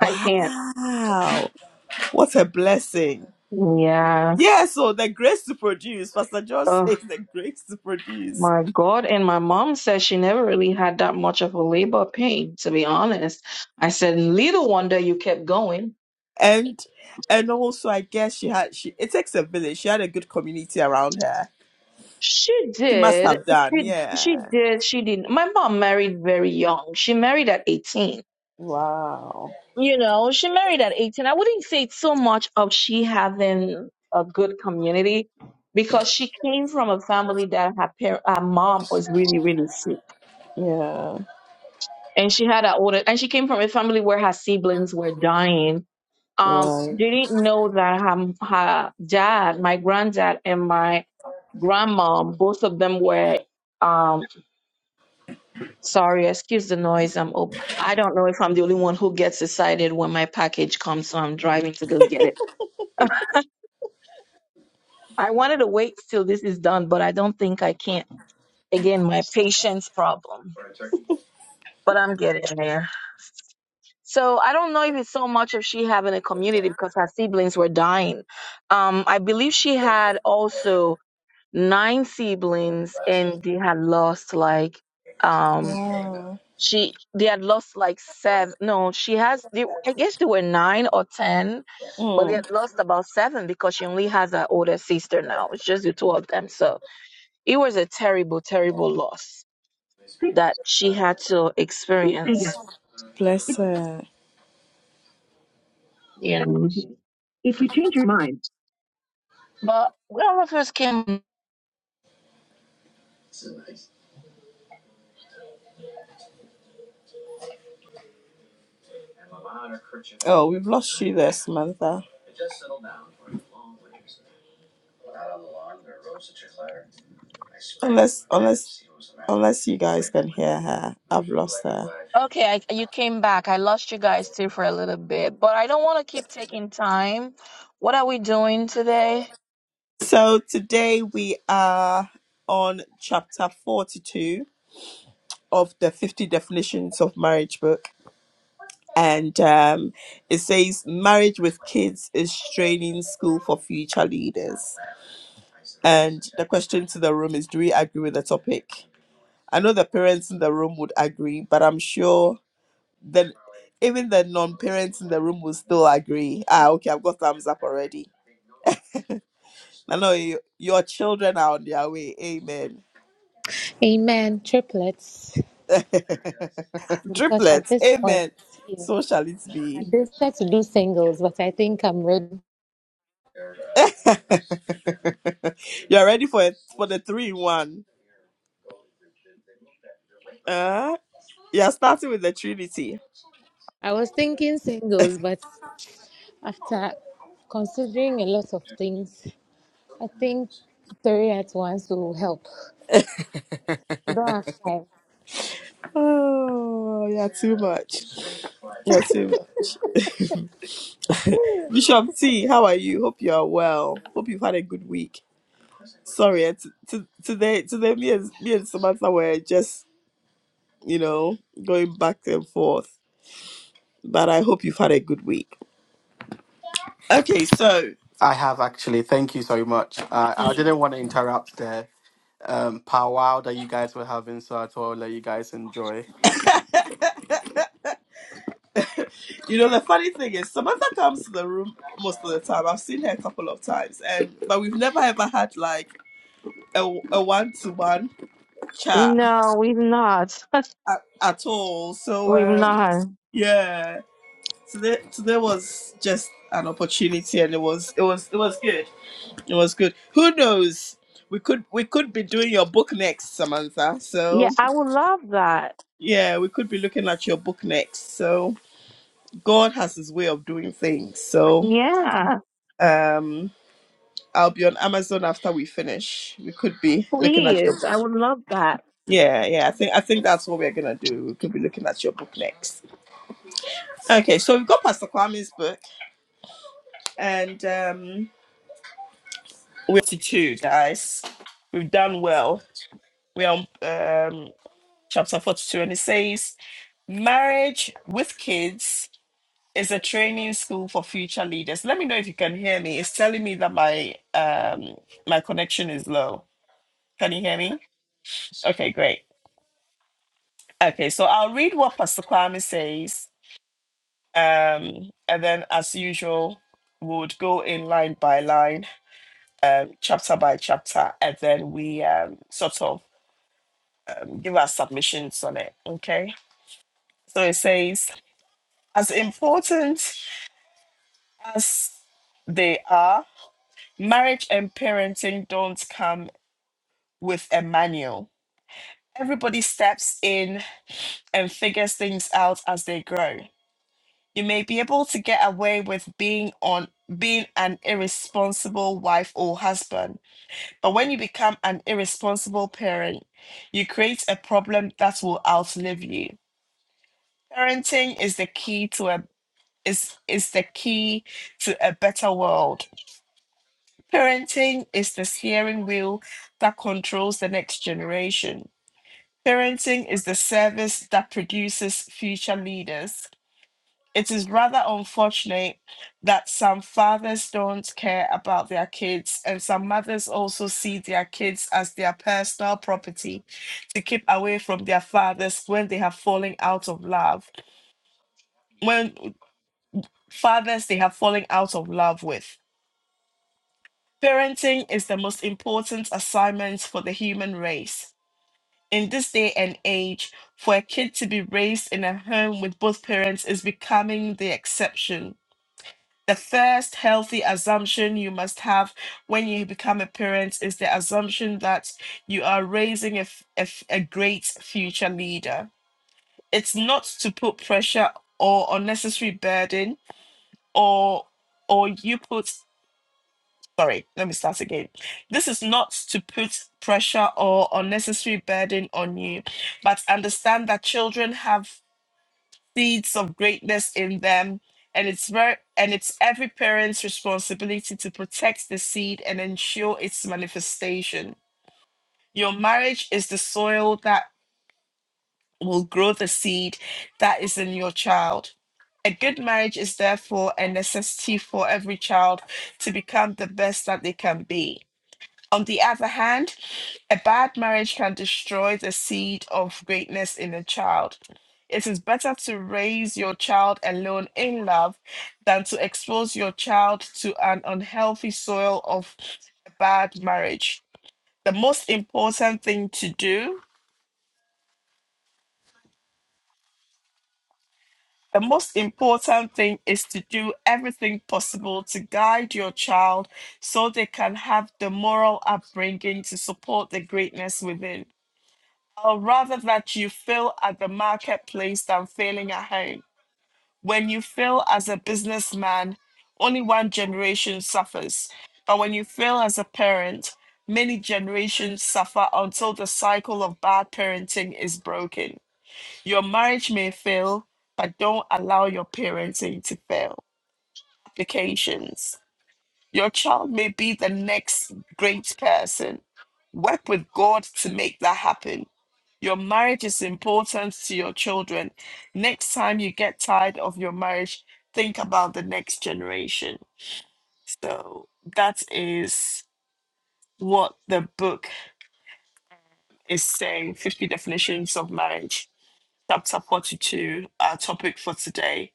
B: I can't.
A: What a blessing.
B: Yeah.
A: Yeah, so the grace to produce. Pastor John
B: Oh
A: says the grace to produce.
B: my God. And my mom said she never really had that much of a labor pain. To be honest, I said, little wonder you kept going.
A: And and also I guess she had she it takes a village. She had a good community around her.
B: She
A: She must
B: did.
A: have done,
B: She she
A: yeah.
B: did. She did. My mom married very young. She married at 18
A: Wow.
B: You know, she married at 18. I wouldn't say it's so much of she having a good community because she came from a family that her, par- her mom was really, really sick.
A: Yeah.
B: And she had an older, and she came from a family where her siblings were dying. Um,
A: Right.
B: they didn't know that her, her dad, my granddad, and my grandma, both of them were, um, sorry, excuse the noise. I'm, op- I don't know if I'm the only one who gets excited when my package comes, so I'm driving to go get it I wanted to wait till this is done, but I don't think I can. Again, my patience problem, but I'm getting there. So I don't know if it's so much of she having a community because her siblings were dying. Um, I believe she had also nine siblings and they had lost like, um, she, they had lost like seven. No, she has, they, I guess they were nine or 10, but
A: Wow.
B: they had lost about seven because she only has her older sister now. It's just the two of them. So, it was a terrible, terrible loss that she had to experience.
A: Bless her.
B: You know. If you change your mind, But we all of us came.
A: Oh, we've lost you there, Samantha. Unless, unless, unless you guys can hear her, I've lost her.
B: Okay, I, you came back. I lost you guys too for a little bit, but I don't want to keep taking time. What are we doing today?
A: So today we are on chapter forty-two of the fifty definitions of marriage book, and um, it says marriage with kids is training school for future leaders. And the question to the room is: Do we agree with the topic? I know the parents in the room would agree, but I'm sure Then even the non-parents in the room will still agree. Ah, okay, I've got thumbs up already. I know you, your children are on their way. Amen.
C: amen. Triplets. Because at
A: Triplets.
C: this point,
A: Amen. So
C: yes,
A: shall it
C: I
A: be.
C: decided to do singles, but I think I'm ready.
A: You're ready for it for the three in one. Uh, you're starting with the Trinity.
C: I was thinking singles, but After considering a lot of things, I think three at once will help. You don't have time.
A: Oh, yeah, too much. Yeah, too much. Bishop T, how are you? Hope you are well. Hope you've had a good week. sorry, eh, t- t- today today me and me and Samantha were just you know going back and forth. But I hope you've had a good week. Okay, so
D: I have actually. Thank you so much. Uh, I didn't want to interrupt the um, powwow that you guys were having, so I thought I'll let you guys enjoy.
A: you know the funny thing is Samantha comes to the room most of the time. I've seen her a couple of times, and but we've never ever had like a a one to one chat
B: No, we've not.
A: at, at all. So
B: we've
A: um
B: not.
A: yeah, today today was just an opportunity, and it was it was it was good. It was good. Who knows? We could we could be doing your book next, Samantha.
B: Yeah,
A: So
B: I would love that.
A: yeah, we could be looking at your book next. So God has his way of doing things. So
B: Yeah,
A: um I'll be on Amazon after we finish. We could be looking at your
B: please. I would love that.
A: Yeah, yeah. I think I think that's what we're gonna do. We could be looking at your book next. Okay, so we've got Pastor Kwame's book and um we're two guys. We've done well. We're on um chapter 42 and it says Marriage with kids is a training school for future leaders. Let me know if you can hear me. It's telling me that my um my connection is low. Can you hear me? Okay, great. Okay, so I'll read what Pastor Kwame says, um, and then as usual, we would go in line by line, um, chapter by chapter, and then we um, sort of um, give our submissions on it. Okay, so it says as important as they are marriage and parenting don't come with a manual. Everybody steps in and figures things out as they grow. You may be able to get away with being on being an irresponsible wife or husband, but when you become an irresponsible parent, you create a problem that will outlive you. Parenting is the key to a is is the key to a better world. Parenting is the steering wheel that controls the next generation. Parenting is the service that produces future leaders. It is rather unfortunate that some fathers don't care about their kids, and some mothers also see their kids as their personal property to keep away from their fathers when they have fallen out of love, when fathers they have fallen out of love with. Parenting is the most important assignment for the human race. in this day and age, for a kid to be raised in a home with both parents is becoming the exception. The first healthy assumption you must have when you become a parent is the assumption that you are raising a, f- a f- a great future leader. It's not to put pressure or unnecessary burden or or you put sorry, let me start again. This is not to put pressure or unnecessary burden on you, but understand that children have seeds of greatness in them. And it's very and it's every parent's responsibility to protect the seed and ensure its manifestation. Your marriage is the soil that will grow the seed that is in your child. A good marriage is therefore a necessity for every child to become the best that they can be. On the other hand, a bad marriage can destroy the seed of greatness in a child. It is better to raise your child alone in love than to expose your child to an unhealthy soil of a bad marriage. The most important thing to do, the most important thing is to do everything possible to guide your child so they can have the moral upbringing to support the greatness within. or rather that you fail at the marketplace than failing at home. When you fail as a businessman, only one generation suffers. But when you fail as a parent, many generations suffer until the cycle of bad parenting is broken. Your marriage may fail, but don't allow your parenting to fail. Applications. Your child may be the next great person. Work with God to make that happen your marriage is important to your children. Next time you get tired of your marriage, think about the next generation. So that is what the book is saying 50 definitions of marriage, chapter 42, our topic for today.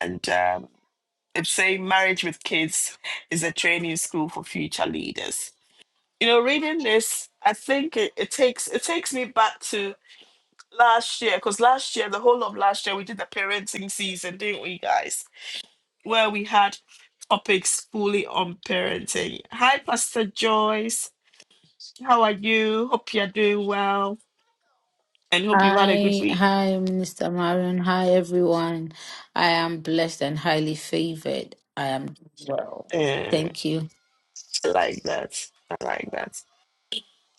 A: And um, it's saying marriage with kids is a training school for future leaders. You know, reading this, I think it, it takes it takes me back to last year because last year the whole of last year we did the parenting season didn't we guys where we had topics fully on parenting hi pastor joyce how are you hope you're doing well and hope you had a good
E: Hi,
A: week
E: hi, Minister Marion. Hi, everyone. I am blessed and highly favored. I am doing well.
A: uh,
E: Thank you.
A: I like that I like that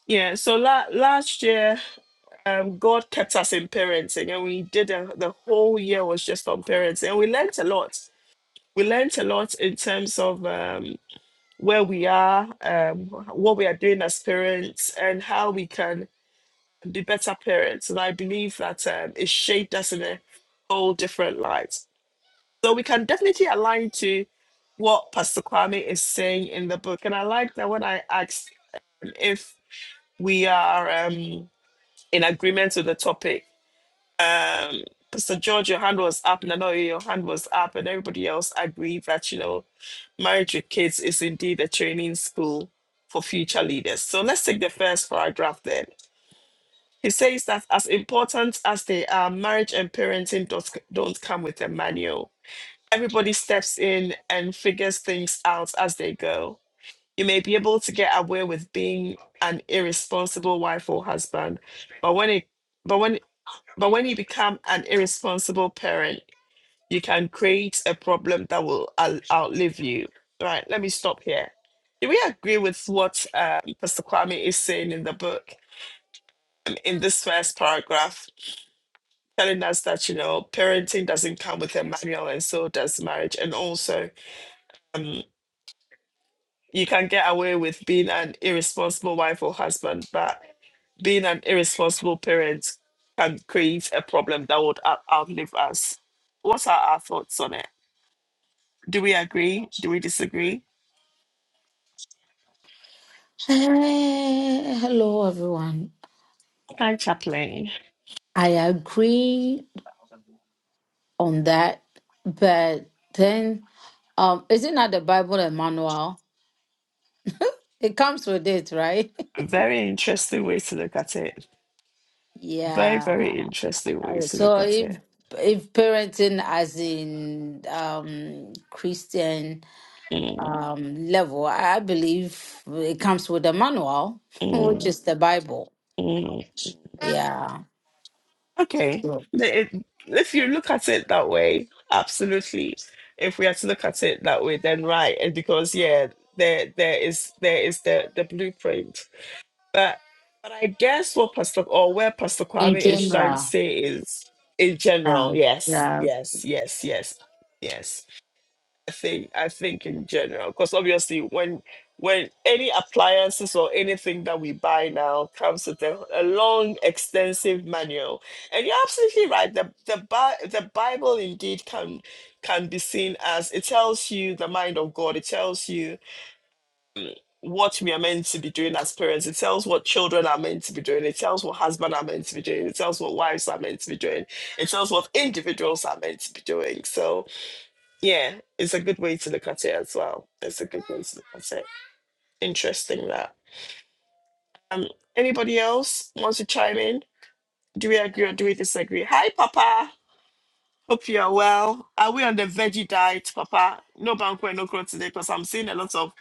A: yeah so la- last year um, god kept us in parenting and we did a- the whole year was just on parenting and we learnt a lot we learnt a lot in terms of um. where we are, um, what we are doing as parents, and how we can be better parents. And I believe that um, it shaped us in a whole different light. So we can definitely align to what Pastor Kwame is saying in the book. And I like that when I asked if we are um, in agreement with the topic, um Pastor George, your hand was up, and I know your hand was up, and everybody else agreed that you know, marriage with kids is indeed a training school for future leaders. So let's take the first paragraph then. He says that as important as they are, marriage and parenting don't, don't come with a manual. Everybody steps in and figures things out as they go. You may be able to get away with being an irresponsible wife or husband, but when it but when but when you become an irresponsible parent, you can create a problem that will out- outlive you. Right, let me stop here. Do we agree with what um, Pastor Kwame is saying in the book, in this first paragraph, telling us that, you know, parenting doesn't come with a manual and so does marriage. And also, um, you can get away with being an irresponsible wife or husband, but being an irresponsible parent can create a problem that would out- outlive us. What are our thoughts on it? Do we agree? Do we disagree?
E: Eh, hello, everyone.
A: Hi, chaplain.
E: I agree on that, but then, um, isn't that the Bible and manual? It comes with it, right?
A: Very interesting way to look at it. Very, very
E: Yeah.
A: interesting way to
E: So
A: look at
E: if
A: it.
E: if parenting as in um Christian
A: Mm,
E: um, level, I I believe it comes with a manual, which
A: mm,
E: is the Bible.
A: mm.
E: Yeah.
A: Okay.
E: So
A: The- it- if you look at it that way, absolutely. If we are to look at it that way, then right. And because yeah, there there is there is the, the blueprint. But but I guess what Pastor or where Pastor
E: in
A: Kwame is trying to
E: general,
A: say is in general,
E: um,
A: yes,
E: yeah.
A: yes, yes, yes, yes. I think I think in general, because obviously when when any appliances or anything that we buy now comes with a, a long, extensive manual, and you're absolutely right. The the Bi- the Bible indeed can can be seen as it tells you the mind of God. It tells you what we are meant to be doing as parents. It tells what children are meant to be doing. It tells what husbands are meant to be doing. It tells what wives are meant to be doing. It tells what individuals are meant to be doing. So yeah, it's a good way to look at it as well. It's a good way to look at it. Interesting that. Um, anybody else wants to chime in? Do we agree or do we disagree? Hi, Papa. Hope you are well. Are we on the veggie diet, Papa? No banquet, no growth today because I'm seeing a lot of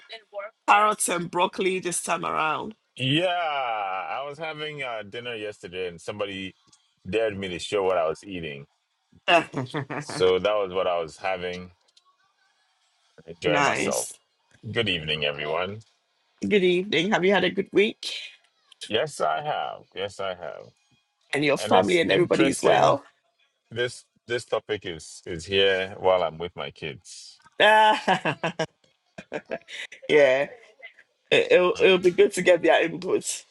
A: carrots and broccoli this time around.
F: Yeah, I was having uh, dinner yesterday and somebody dared me to show what I was eating. So that was what I was having, enjoying myself.
A: nice.
F: Good evening, everyone.
A: Good evening. Have you had a good week?
F: Yes, I have. Yes, I have.
A: And your
F: And
A: family
F: it's
A: and everybody is
F: interesting.
A: well?
F: This this topic is is here while I'm with my kids.
A: yeah, it, will it'll
F: Mm.
A: it'll be good to get their input.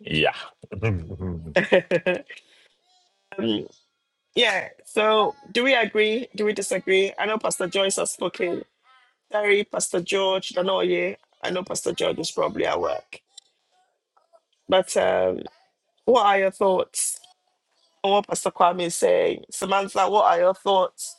F: Yeah. oh,
A: Um, Yeah. So, do we agree? Do we disagree? I know Pastor Joyce has spoken. Sorry, Pastor George. I know you. I know Pastor George is probably at work. But um, what are your thoughts on what Pastor Kwame is saying? Samantha, what are your thoughts?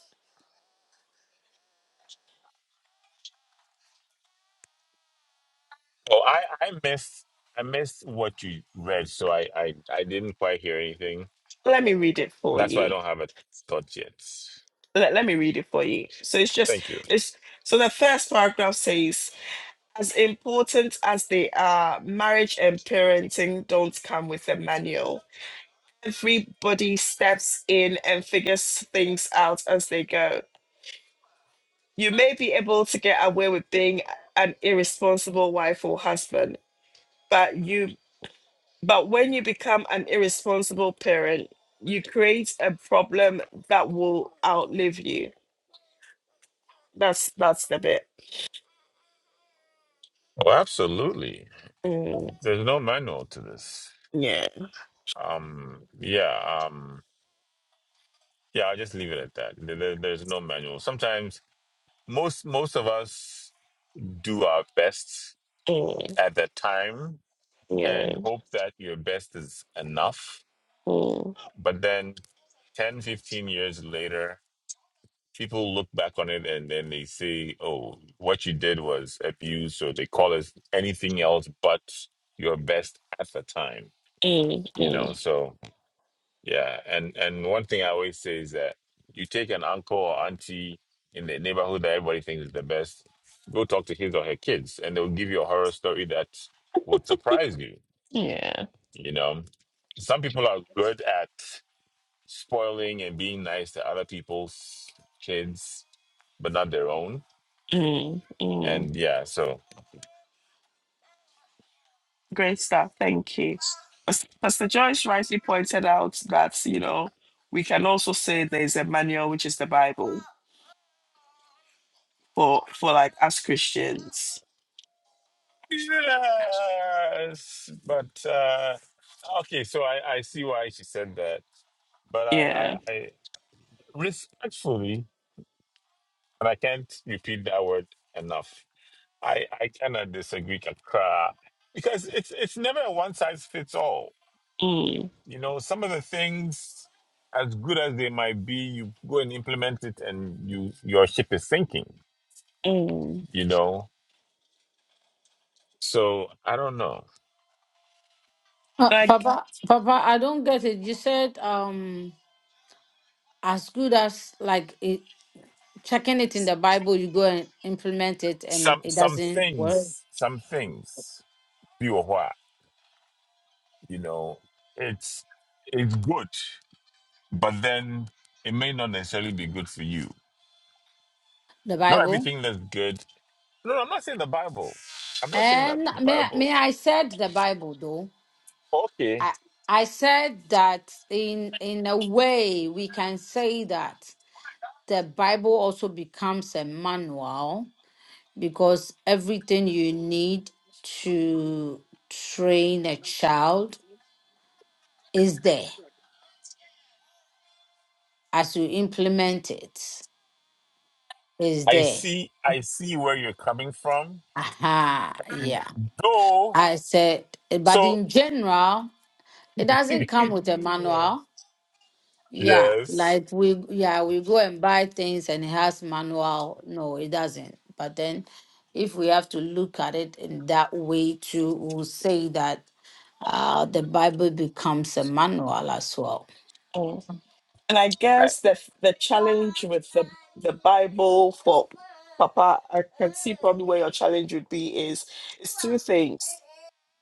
F: I I missed I missed what you read, so I I I didn't quite hear anything.
A: Let me read it for
F: That's why I
A: you.
F: don't have a thought yet.
A: Let, let me read it for you. So it's just
F: Thank you.
A: it's so the first paragraph says, as important as they are, marriage and parenting don't come with a manual everybody steps in and figures things out as they go. You may be able to get away with being an irresponsible wife or husband, but you but when you become an irresponsible parent, you create a problem that will outlive you. That's that's the bit.
F: Oh, absolutely.
A: Mm,
F: There's no manual to this.
A: yeah.
F: Um, yeah, um, yeah, I'll just leave it at that. There, there- there's no manual. Sometimes most most of us do our best
A: Mm,
F: at that time
A: yeah.
F: and hope that your best is enough.
A: Mm,
F: But then 10, 15 years later, people look back on it and then they say, oh, what you did was abuse, or they call it anything else but your best at the time,
A: mm,
F: you know?
A: mm,
F: So, Yeah, and and one thing I always say is that you take an uncle or auntie in the neighborhood that everybody thinks is the best, go talk to his or her kids, and they'll give you a horror story that would surprise you.
A: yeah.
F: You know, some people are good at spoiling and being nice to other people's kids, but not their own.
A: Mm, mm.
F: And yeah, so
A: Great stuff. Thank you. Pas- Pastor Joyce rightly pointed out that, you know, we can also say there's a manual, which is the Bible, for, for like us Christians.
F: yes, but uh okay, so I I see why she said that, but I I
A: Yeah.
F: I. respectfully, and I can't repeat that word enough. I I cannot disagree, Kakra, because it's it's never a one size fits all.
A: Mm,
F: You know, some of the things, as good as they might be, you go and implement it, and you your ship is sinking.
A: mm.
F: You know, so I don't know.
E: Uh,
A: Like,
E: Papa, Papa, I don't get it. You said um, as good as like it, checking it in the Bible, you go and implement it, and
F: Some
E: it
F: some
E: doesn't work.
F: things, some things, you or what, you know, it's it's good, but then it may not necessarily be good for you
E: The
F: not
E: Bible,
F: everything that's good No, no, I'm not saying the Bible. I'm not saying that
E: and
F: the
E: may
F: Bible.
E: may I said the Bible though.
F: Okay.
E: I I said that in in a way we can say that. the Bible also becomes a manual because everything you need to train a child is there as you implement it is
F: I
E: there
F: see I see where you're coming from.
E: aha
F: And
E: yeah
F: Though
E: i said eh, but
F: so
E: in general it doesn't come with a manual yeah
F: Yes.
E: like we yeah we go and buy things and it has manual no it doesn't but then if we have to look at it in that way too we'll say that uh, the Bible becomes a manual as well.
A: mm. And I
F: I-
A: guess the, the challenge with the, the Bible for Papa, I can see probably where your challenge would be is, is two things.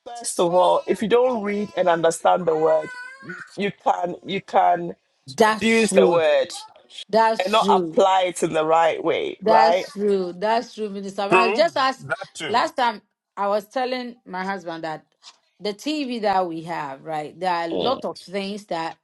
A: First of all, if you don't read and understand the word, you can you can
E: That's
A: abuse the
E: true.
A: word and
E: That's
A: not
E: true.
A: apply it in the right way, right?
E: That's true. That's true, Minister. Mara.
F: True.
E: Just as
F: That too.
E: last time I was telling my husband that the TV that we have, right, there are a
A: Mm.
E: lot of things that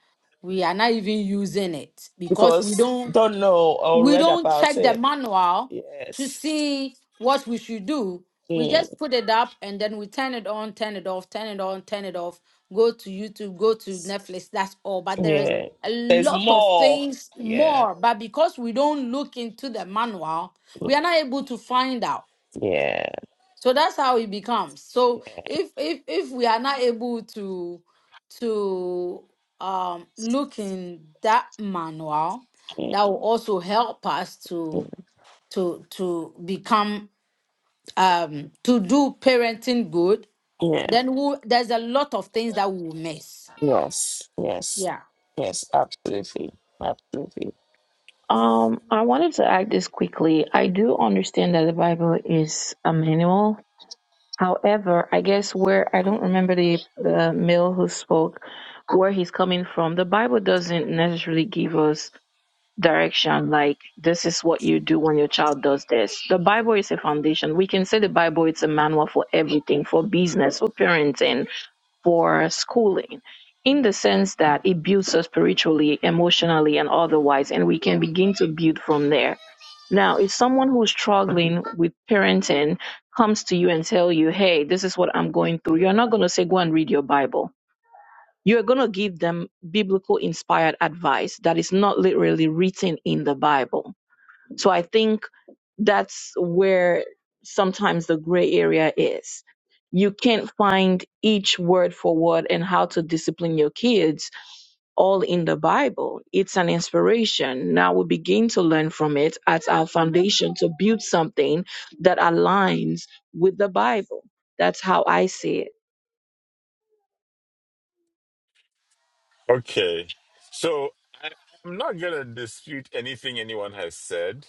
E: we are not even using it because
A: Because
E: we don't
A: don't know or
E: we
A: read
E: don't
A: about
E: check the
A: it.
E: manual to
A: Yes.
E: see what we should do. We
A: Mm.
E: just put it up and then we turn it on, turn it off, turn it on, turn it off, go to YouTube, go to Netflix, that's all. But there is
A: Yeah.
E: a
A: There's
E: lot of
A: more.
E: things
A: Yeah.
E: more. But because we don't look into the manual, we
A: Mm.
E: are not able to find out.
A: Yeah.
E: So that's how it becomes. So if if if we are not able to to um look in that manual, that
A: Mm.
E: will also help us to
A: Mm.
E: to to become um to do parenting good,
A: Yeah.
E: then we'll, there's a lot of things that we will miss.
A: Yes. Yes.
E: Yeah.
A: Yes. Absolutely. Absolutely.
B: Um, I wanted to add this quickly. I do understand that the Bible is a manual However, I guess where I don't remember the the male who spoke, where he's coming from. The Bible doesn't necessarily give us direction like this is what you do when your child does this. The Bible is a foundation. We can say the Bible is a manual for everything, for business, for parenting, for schooling in the sense that it builds us spiritually, emotionally, and otherwise, and we can begin to build from there. Now, if someone who's struggling with parenting comes to you and tell you, "Hey, this is what I'm going through," you're not going to say, "Go and read your Bible." You're going to give them biblical inspired advice that is not literally written in the Bible so I think that's where sometimes the gray area is. You can't find each word for word and how to discipline your kids all in the Bible. It's an inspiration. Now we begin to learn from it as our foundation to build something that aligns with the Bible. That's how I see it.
F: Okay. So I, I'm not gonna dispute anything anyone has said.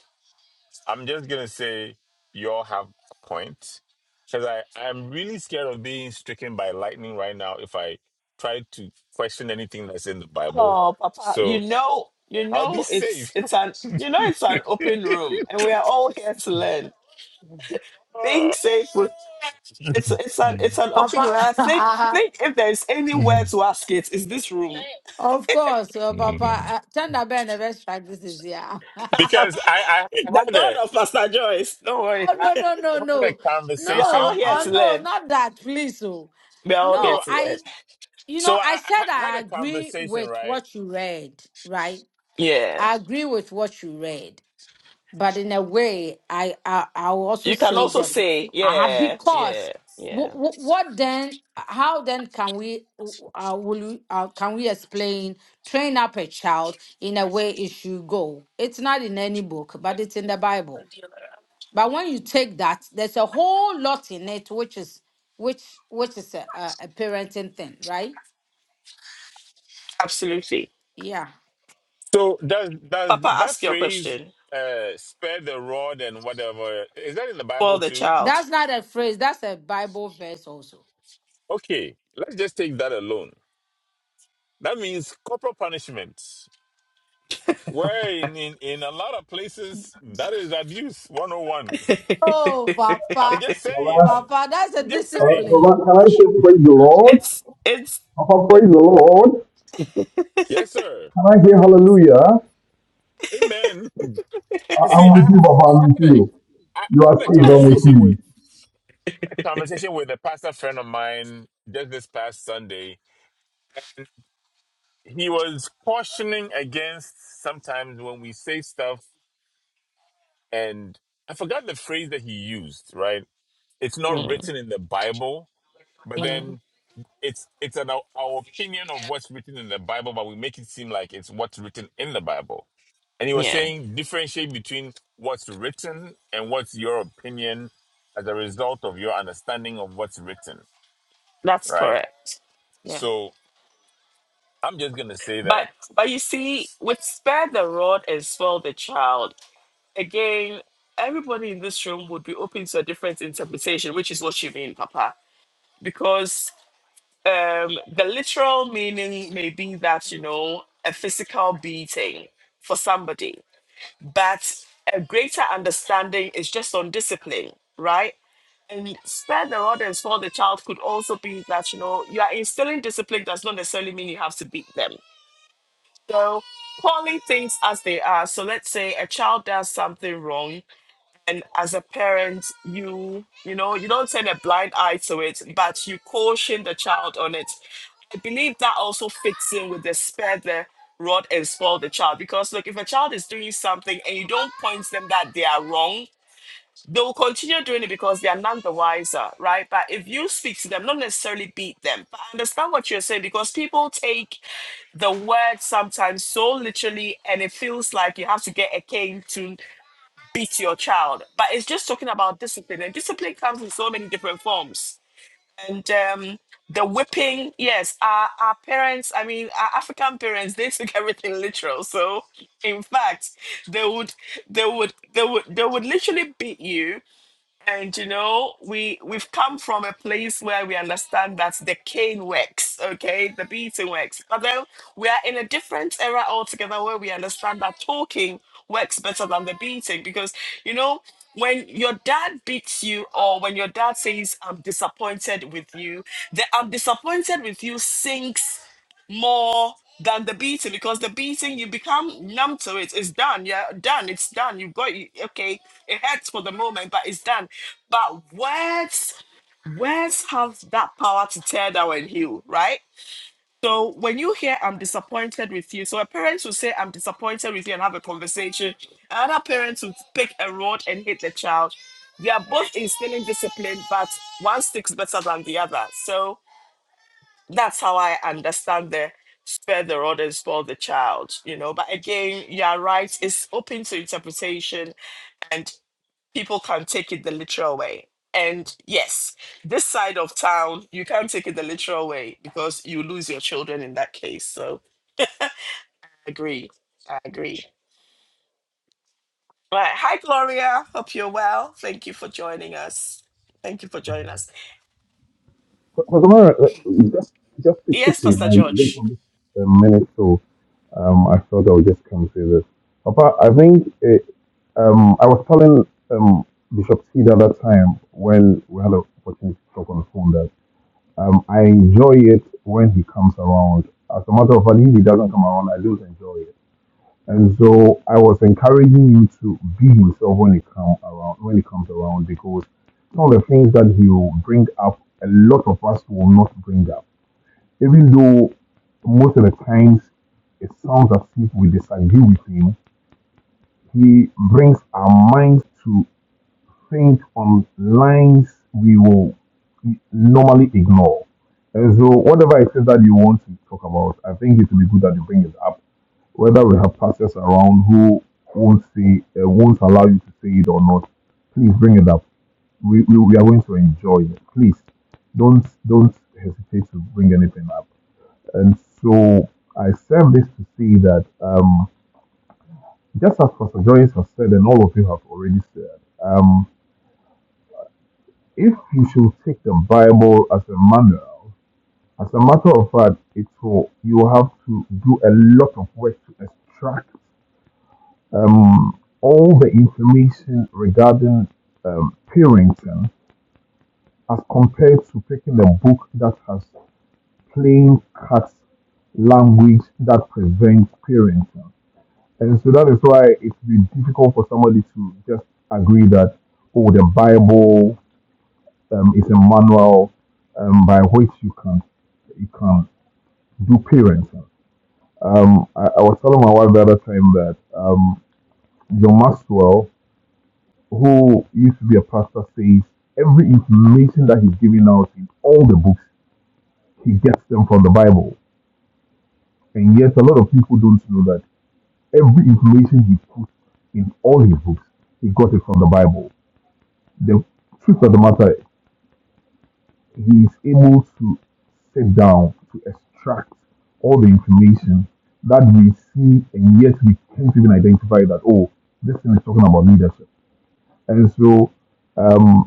F: I'm just gonna say you all have a point. Because I, I'm really scared of being stricken by lightning right now if I try to question anything that's in the Bible.
A: Oh, Papa, you
F: So
A: know, you
F: I'll be
A: know, it's
F: safe.
A: it's an you know it's an open room, and we are all here to learn. Being
F: Ah.
A: safe with It's it's an it's an opinion.
E: Papa,
A: I think I
E: uh-huh.
A: think if there is anywhere
F: Mhm.
A: to ask it, is this room.
E: of course, uh, Papa, uh, Chanda Ben never strike this is yeah.
F: because I, I
A: the
F: had
A: God
F: a
A: of Pastor Joyce. Don't worry.
E: Oh
F: I
E: no no no
F: I had a
E: no
A: We are all
E: no
F: conversation
A: here
E: oh
A: to
F: with
E: no
A: learn.
E: not that please oh
A: We are all here
E: no
F: so
A: to learn.
E: I you know
F: so I,
E: I said
F: I had
E: I
F: a
E: agree
F: conversation
E: with
F: right.
E: what you read right
A: Yeah.
E: I agree with what you read but in a way I I I will also
A: You can
E: say
A: also
E: that
A: say,
E: I have
A: yeah,
E: because
A: yeah,
E: what,
A: yeah.
E: what then how then can we uh, will we, uh, can we explain train up a child in a way it should go it's not in any book but it's in the Bible but when you take that, there's a whole lot in it, which is which which is a, a, a parenting thing, right?
A: Absolutely.
E: Yeah,
F: So does does
A: Papa,
F: that
A: ask your
F: phrase
A: question
F: uh, "spare the rod and whatever" is that in the
A: for
F: Bible
A: the
F: too?
A: child.
E: that's not a phrase. That's a Bible verse also.
F: Okay, let's just take that alone. That means corporal punishment. Where in, in, in a lot of places, that is abuse 101.
E: Oh,
F: I'm
E: Papa,
F: just
G: All right.
F: saying.
E: Papa, that's a
F: I'm just
G: All right.
F: saying.
G: right.
E: discipline.
G: Can I say praise the Lord?
A: it's it's
G: Papa,
A: it,
G: praise the Lord.
F: Yes, sir.
G: Can I hear hallelujah?
F: Amen. You
G: I-
F: see,
G: am
F: I
G: with you, Papa.
F: I
G: I'm with
F: had a,
G: you.
F: I
G: You are
F: had a
G: saved. I'm with
F: conversation with
G: you.
F: a conversation with a pastor friend of mine just this past Sunday. He was cautioning against sometimes when we say stuff and I forgot the phrase that he used, right? It's not
A: mm,
F: written in the Bible, but then
A: mm,
F: it's it's about our opinion of what's written in the Bible, but we make it seem like it's what's written in the Bible. And he was
A: yeah.
F: saying differentiate between what's written and what's your opinion as a result of your understanding of what's written,
A: That's
F: right?
A: correct. Yeah.
F: So I'm just gonna say
A: But
F: that,
A: but you see, with spare the rod and spoil the child, again, everybody in this room would be open to a different interpretation, which is what you mean, Papa. Because um, the literal meaning may be that, you know, a physical beating for somebody, but a greater understanding is just on discipline, right? And spare the rod and spoil the child could also be that, you know, you are instilling discipline does not necessarily mean you have to beat them. So calling things as they are. So let's say a child does something wrong and as a parent you you know you don't turn a blind eye to it but you caution the child on it i believe that also fits in with the spare the rod and spoil the child because look if a child is doing something and you don't point them that they are wrong they will continue doing it because they are none the wiser right but if you speak to them not necessarily beat them but I understand what you're saying because people take the word sometimes so literally and it feels like you have to get a cane to beat your child. But it's just talking about discipline, and discipline comes in so many different forms. And um, the whipping, yes, our, our parents, I mean, our African parents, they took everything literal. So, in fact, they would, they would, they would, they would literally beat you and you know, we we've come from a place where we understand that the cane works, okay, the beating works. But then we are in a different era altogether where we understand that talking works better than the beating because you know when your dad beats you or when your dad says i'm disappointed with you the i'm disappointed with you sinks more than the beating because the beating you become numb to it it's done yeah done it's done you've got you, okay it hurts for the moment but it's done but words words have that power to tear down and heal right so when you hear i'm disappointed with you so a parent will say i'm disappointed with you and have a conversation another parent will pick a rod and hit the child they are both instilling discipline but one sticks better than the other so that's how I understand the spare the rod and spoil the child, you know. But again, you're right, it's open to interpretation and people can take it the literal way. And yes, this side of town, you can't take it the literal way because you lose your children in that case. So I agree. I agree. Right. Hi, Gloria. Hope you're well. Thank you for joining us. Thank you for joining us.
G: Because I'm just, just to chip
A: Yes,
G: in,
A: Pastor
G: I did
A: George.
G: from this minute, so um, I thought I would just come say this. Papa, I think it, um, I was telling um, Bishop T the other time when we had an opportunity to talk on the phone that um, I enjoy it when he comes around. As a matter of fact, if he doesn't come around, I don't enjoy it And so I was encouraging you to be himself when it come around when it comes around because some of the things that he will bring up, a lot of us will not bring up. Even though most of the times it sounds as if we disagree with him, he brings our minds to think on lines we will normally ignore. And so whatever it is that you want to talk about, I think it will be good that you bring it up whether we have pastors around who won't say, uh, won't allow you to say it or not, please bring it up. We, we, we are going to enjoy it. Please don't don't hesitate to bring anything up. And so I said this to say that um, just as Pastor Joyce has said, and all of you have already said, um, if you should take the Bible as a manual, as a matter of fact, it will you have to do a lot of work to extract Um, all the information regarding um, parenting as compared to picking a book that has plain cut language that prevents parenting. And so that is why it's been difficult for somebody to just agree that, oh, the Bible um, is a manual um, by which you can you can do parenting. Um, I, I was telling my wife the other time that um, John Maxwell who used to be a pastor says every information that he's giving out in all the books, he gets them from the Bible. And yet, a lot of people don't know that every information he puts in all his books, he got it from the Bible. The truth of the matter, he is able to sit down to extract all the information that we see, and yet we can't even identify that, oh, this thing is talking about leadership. And so, um,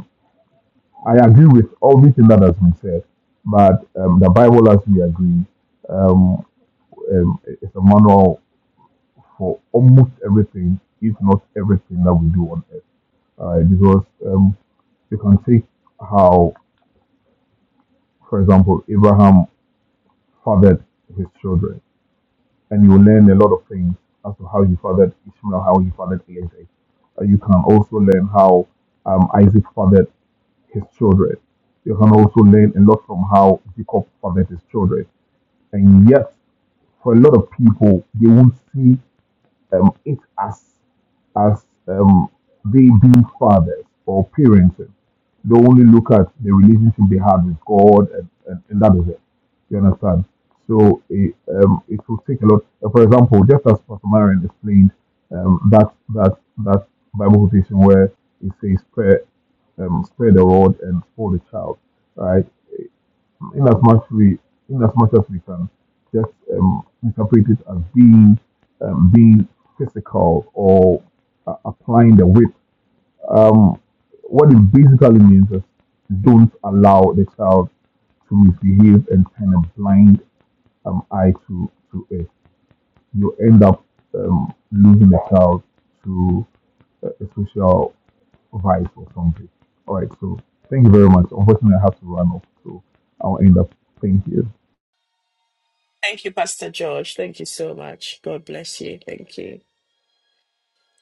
G: I agree with everything that has been said, but um, the Bible, as we agree, um, um, is a manual for almost everything, if not everything that we do on earth. All right, because um, you can see how, for example, Abraham fathered his children, and you learn a lot of things as to how he fathered Ishmael, how he fathered Isaac. Uh, you can also learn how um, Isaac fathered his children. You can also learn a lot from how Jacob fathered his children. and yet for a lot of people they will see um, it as as um, they being fathers or parenting. They only look at the relationship they have with God and, and, and that is it. You understand? So it, um, it will take a lot. uh, For example, just as Pastor Marion explained um, that that that Bible quotation where it says spare um, spare the rod and spoil the child, right? in as much we in as much as we can just um, interpret it as being um, being physical or uh, applying the whip. Um, what it basically means is don't allow the child to misbehave and kind of blind um, eye to, to it. You end up um, losing the child to a, a social vice or something. All right, so thank you very much. Unfortunately, I have to run off, so I'll end up. Thank you.
A: Thank you, Pastor George. Thank you so much. God bless you. Thank you.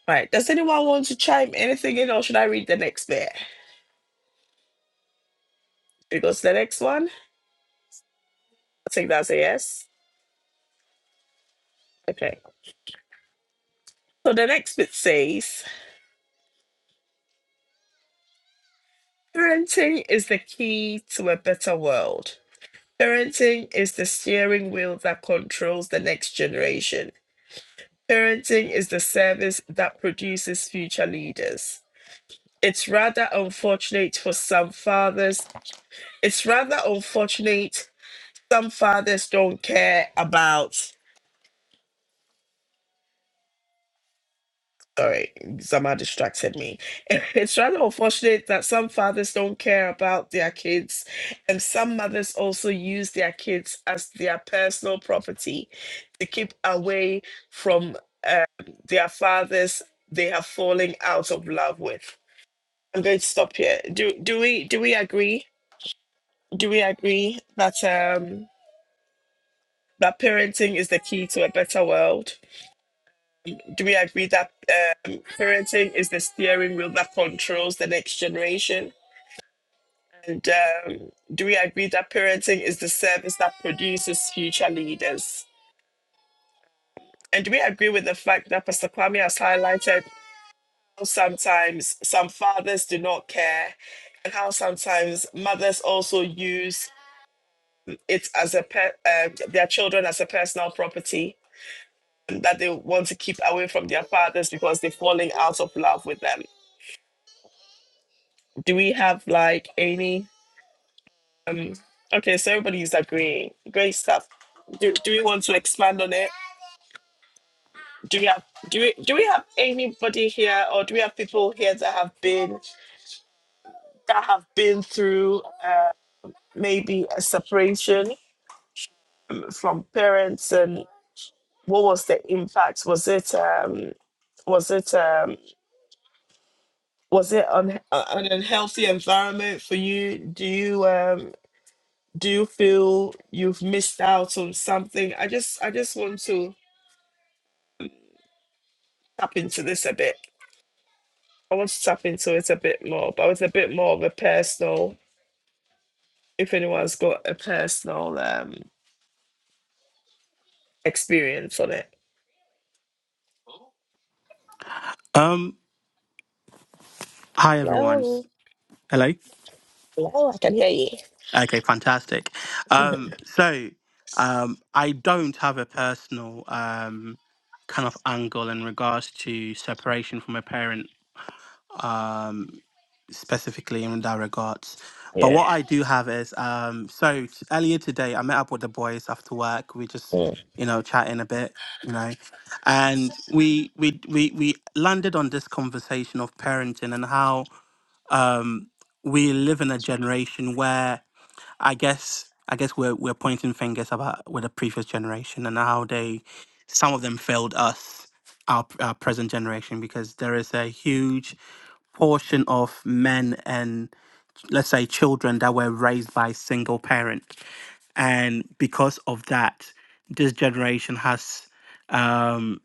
A: All right. Does anyone want to chime anything in, or should I read the next bit? Because the next one, I think that's a yes. Okay. So the next bit says parenting is the key to a better world. Parenting is the steering wheel that controls the next generation. Parenting is the service that produces future leaders. It's rather unfortunate for some fathers. It's rather unfortunate some fathers don't care about All right, Zama distracted me. It's rather unfortunate that some fathers don't care about their kids, and some mothers also use their kids as their personal property to keep away from um, their fathers they are falling out of love with. I'm going to stop here. Do do we do we agree? Do we agree that um that parenting is the key to a better world? Do we agree that um, parenting is the steering wheel that controls the next generation? And um, do we agree that parenting is the service that produces future leaders? And do we agree with the fact that Pastor Kwame has highlighted how sometimes some fathers do not care and how sometimes mothers also use it as a pe- um their children as a personal property that they want to keep away from their fathers because they're falling out of love with them? Do we have like any? Um, okay, so everybody's agreeing. Great stuff. Do, do we want to expand on it? Do we have do we do we have anybody here, or do we have people here that have been that have been through uh, maybe a separation from parents, and what was the impact? Was it um, was it um, was it un- uh, an unhealthy environment for you? Do you um, do you feel you've missed out on something? I just I just want to tap into this a bit. I want to tap into it a bit more, but it's a bit more of a personal, if anyone's got a personal um experience on it.
D: Um, hi everyone.
A: No,
D: Hello.
A: no, I can hear you.
D: Okay, fantastic. Um, so um, I don't have a personal um kind of angle in regards to separation from a parent. um, specifically in that regards. But
A: Yeah.
D: what I do have is, um, so t- earlier today I met up with the boys after work. We just,
A: Mm.
D: you know, chatting a bit, you know, and we we we we landed on this conversation of parenting and how um, we live in a generation where I guess I guess we're we're pointing fingers about with the previous generation and how they some of them failed us our, our present generation because there is a huge portion of men and let's say children that were raised by single parent and because of that this generation has um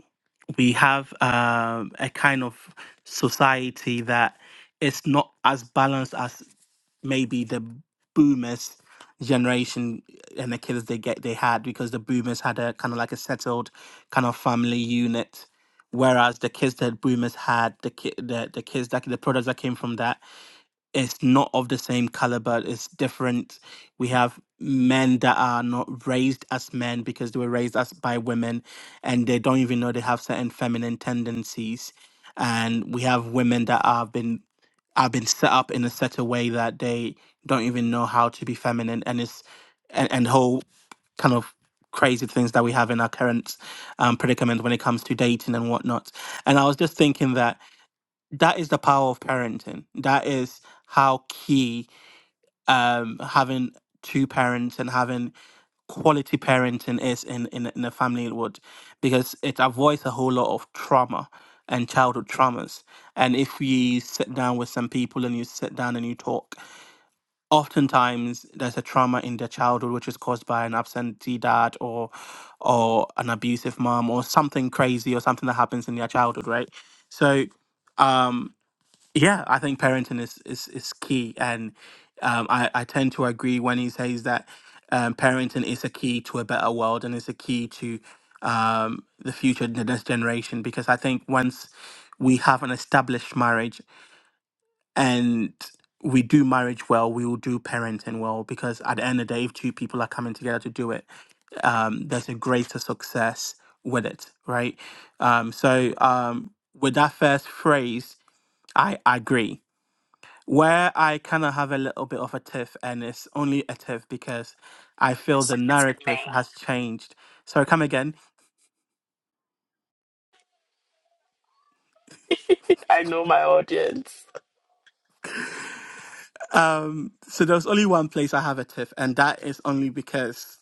D: we have um a kind of society that is not as balanced maybe the boomers generation and the kids they get they had because the boomers had a kind of like a settled kind of family unit whereas the kids that boomers had the ki- the, the kids that the products that came from that it's not of the same caliber it's different we have men that are not raised as men because they were raised as by women and they don't even know they have certain feminine tendencies and we have women that have been have been set up in a certain way that they don't even know how to be feminine and it's and, and whole kind of crazy things that we have in our current um, predicament when it comes to dating and whatnot and i was just thinking that that is the power of parenting. That is how key um, having two parents and having quality parenting is in, in, in a family would, because it avoids a whole lot of trauma and childhood traumas. And if you sit down with some people and you sit down and you talk, oftentimes there's a trauma in their childhood which is caused by an absentee dad or or an abusive mom or something crazy or something that happens in their childhood, right? So. Um, yeah, I think parenting is is, is key, and um, I I tend to agree when he says that um, parenting is a key to a better world and is a key to um, the future, the next generation. Because I think once we have an established marriage and we do marriage well, we will do parenting well. Because at the end of the day, if two people are coming together to do it, um, there's a greater success with it, right? Um, so um, with that first phrase, I agree where I kind of have a little bit of a tiff, and it's only a tiff because I feel
A: So
D: the
A: it's
D: narrative
A: me.
D: has changed. Sorry, come again.
A: I know my audience.
D: Um, so there's only one place I have a tiff, and that is only because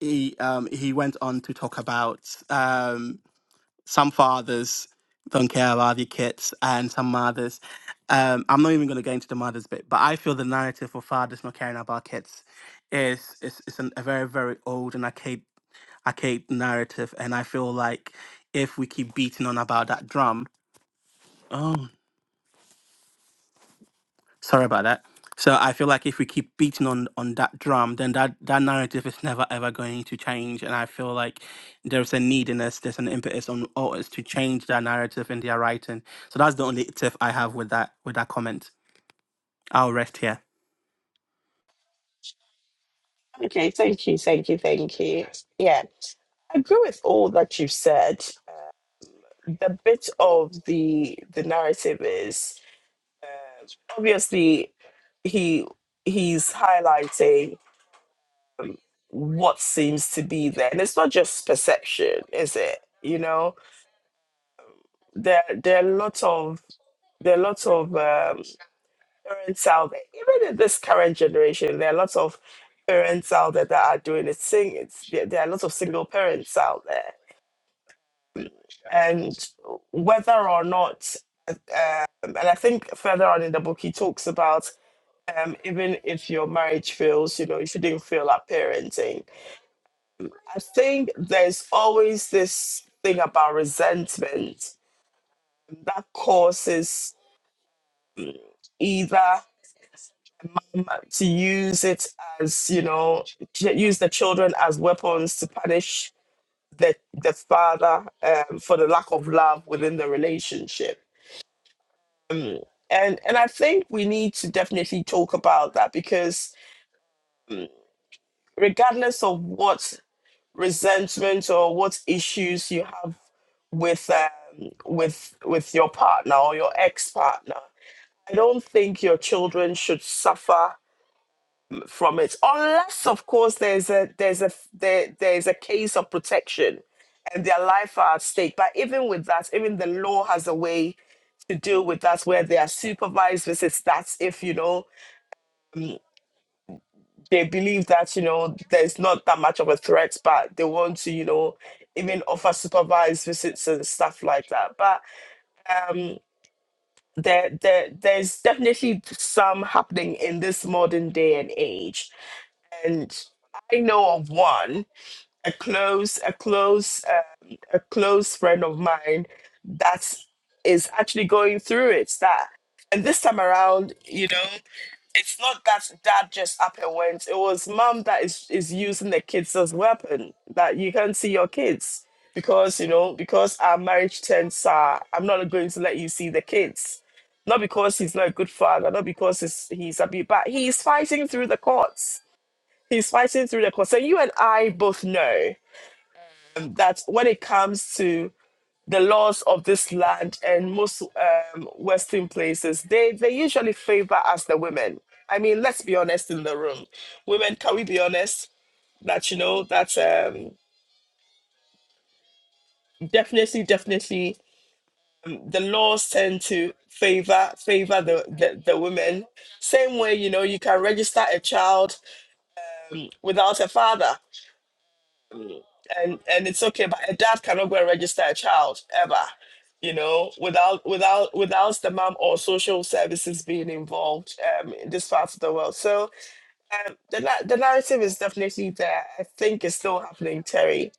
D: he um, he went on to talk about um, some fathers don't care about their kids and some mothers. Um, I'm not even going to get into the mothers bit, but I feel the narrative for fathers not caring about kids is is, is an, a very very old and archaic archaic narrative. And I feel like if we keep beating on about that drum, oh, sorry about that. So I feel like if we keep beating on on that drum, then that that narrative is never ever going to change. And I feel like there's a need in us, there's an impetus on authors to change that narrative in their writing. So that's the only tip I have with that with that comment. I'll rest here.
A: Okay, thank you, thank you, thank you. Yeah. I agree with all that you've said. The bit of the the narrative is uh, obviously he he's highlighting. what seems to be there. And it's not just perception, is it? You know, there there are lots of there are lots of um, parents out there, even in this current generation, there are lots of parents out there that are doing it. Sing, it's, there there are lots of single parents out there, and whether or not, um, and I think further on in the book he talks about um, even if your marriage fails, you know, you shouldn't fail at parenting I think there's always this thing about resentment that causes either um, to use it as, you know, ch- use the children as weapons to punish the, the father um, for the lack of love within the relationship. Um, and, and I think we need to definitely talk about that because regardless of what resentment or what issues you have with um, with with your partner or your ex partner. I don't think your children should suffer from it, unless, of course, there's a there's a there, there's a case of protection, and their life are at stake. But even with that, even the law has a way to deal with that, where they are supervised visits. That's if you know. mm, they believe that you know there's not that much of a threat but they want to you know even offer supervised visits and stuff like that but um there, there there's definitely some happening in this modern day and age and i know of one a close a close um, a close friend of mine that is actually going through it that and this time around you know it's not that dad just up and went it was mom that is is using the kids as weapon that you can't see your kids because you know because our marriage terms are i'm not going to let you see the kids not because he's not a good father not because he's he's a bit but he's fighting through the courts he's fighting through the courts and you and i both know that when it comes to the laws of this land and most um, Western places, they, they usually favor us, the women. I mean, let's be honest in the room. Women, can we be honest? That, you know, that um, definitely, definitely the laws tend to favor favor the, the, the women. Same way, you know, you can register a child without a father. and and it's okay but a dad cannot go and register a child ever you know without without without the mom or social services being involved um in this part of the world so um the, na- the narrative is definitely there i think it's still happening terry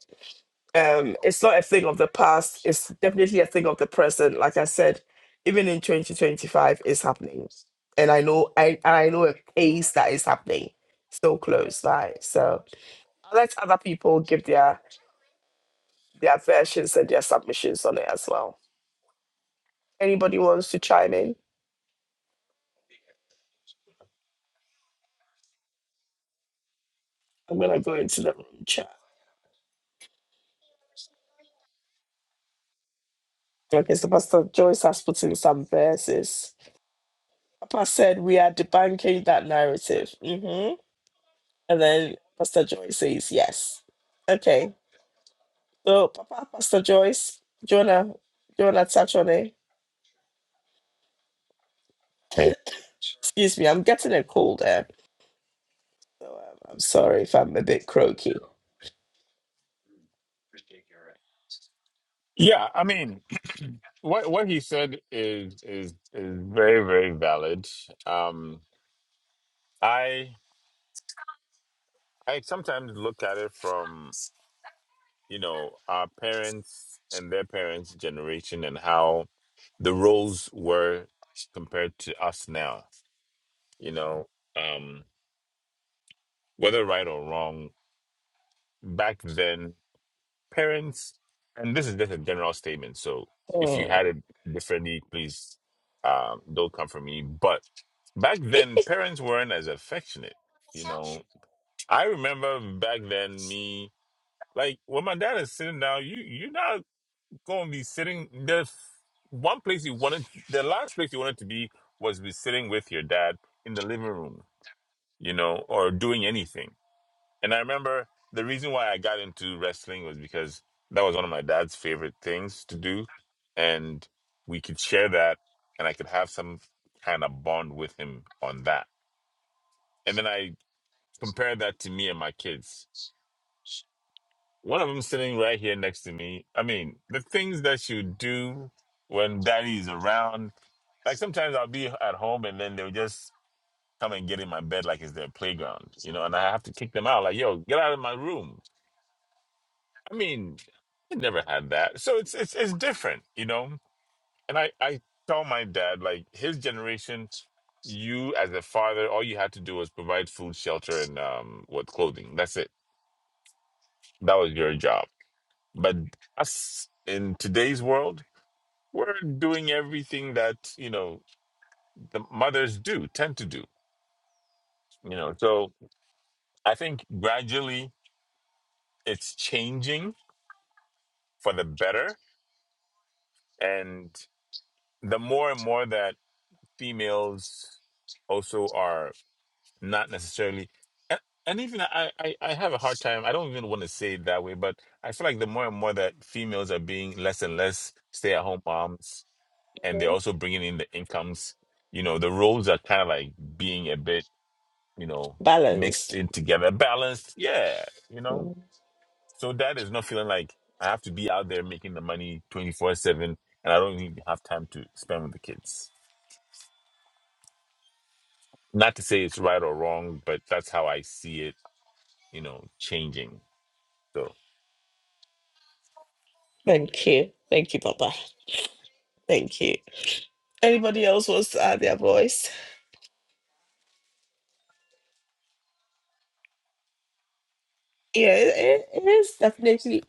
A: um it's not a thing of the past it's definitely a thing of the present like i said even in 2025 it's happening and i know i and i know a case that is happening so close by so i let other people give their their versions and their submissions on it as well. Anybody wants to chime in? I'm gonna go into the room chat. Okay, so Pastor Joyce has put in some verses. Papa said we are debunking that narrative. hmm And then Pastor Joyce says yes. Okay. So Papa, Pastor Joyce, Jonah, Jonah touch on it. Okay. Excuse me, I'm getting a cold there. So um, I'm sorry if I'm a bit croaky.
F: yeah, I mean, what what he said is is is very very valid. Um, I I sometimes look at it from. you know, our parents and their parents' generation and how the roles were compared to us now. You know, um, whether right or wrong, back then, parents, and this is just a general statement. So if you had
A: Mm.
F: it differently, please um, don't come for me. But back then, parents weren't as affectionate. You know, I remember back then me like when my dad is sitting down, you you're not gonna be sitting the one place you wanted the last place you wanted to be was be sitting with your dad in the living room you know or doing anything and i remember the reason why i got into wrestling was because that was one of my dad's favorite things to do and we could share that and i could have some kind of bond with him on that and then i compared that to me and my kids One of them sitting right here next to me. I mean, the things that you do when daddy is around. Like sometimes I'll be at home and then they'll just come and get in my bed like it's their playground, you know, and I have to kick them out. Like, yo, get out of my room. I mean, I never had that. So it's it's it's different, you know? And I, I tell my dad, like his generation, you as a father, all you had to do was provide food, shelter, and um what clothing. That's it. That was your job But us in today's world, we're doing everything that, you know, the mothers do, tend to do, you know. So I think gradually it's changing for the better. And the more and more that females also are not necessarily, and, and even I, I, I have a hard time, I don't even want to say it that way, but I feel like the more and more that females are being less and less stay at home moms and they're also bringing in the incomes. You know, the roles are kind of like being a bit, you know, mixed
A: Balanced.
F: in together, balanced. Yeah, you know,
A: Mm.
F: so that is not feeling like I have to be out there making the money twenty four seven, and I don't even have time to spend with the kids. Not to say it's right or wrong, but that's how I see it. You know, changing. So,
A: Thank you. Thank you, Papa. Thank you. Anybody else wants to add their voice? Yeah, it, it it is definitely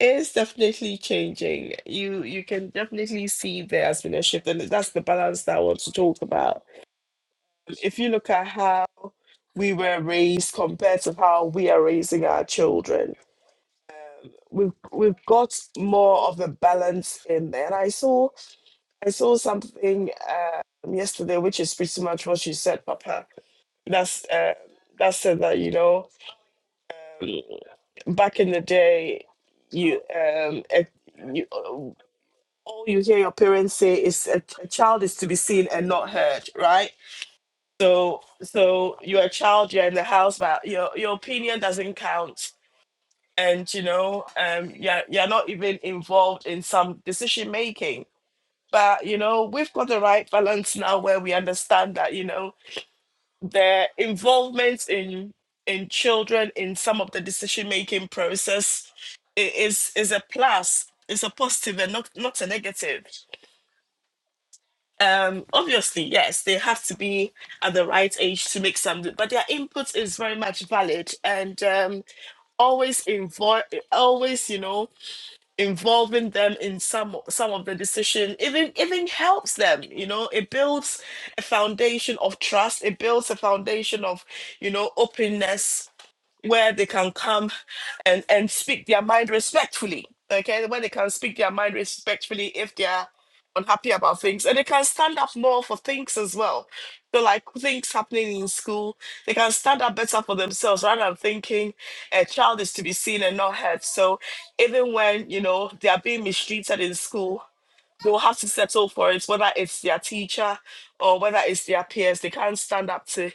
A: it is definitely changing. You you can definitely see there has been a shift, and that's the balance that I want to talk about. If you look at how we were raised compared to how we are raising our children, we've we've got more of the balance in there. And I saw I saw something um, yesterday, which is pretty much what you said, Papa. That's uh, that said that you know. um, back in the day, you um, a, you uh, all you hear your parents say is a, a child is to be seen and not heard, right? So so you're a child, you're in the house, but your your opinion doesn't count, and you know um, you're you're not even involved in some decision making. But you know we've got the right balance now where we understand that you know their involvement in in children in some of the decision making process i- is is a plus it's a positive and not not a negative um obviously yes they have to be at the right age to make some but their input is very much valid and um always involve always you know involving them in some some of the decision even even helps them you know it builds a foundation of trust it builds a foundation of you know openness where they can come and, and speak their mind respectfully. Okay, where they can speak their mind respectfully if they are unhappy about things. And they can stand up more for things as well. So like things happening in school, they can stand up better for themselves rather than thinking a child is to be seen and not heard. So even when, you know, they are being mistreated in school, they'll have to settle for it, whether it's their teacher or whether it's their peers. They can't stand up to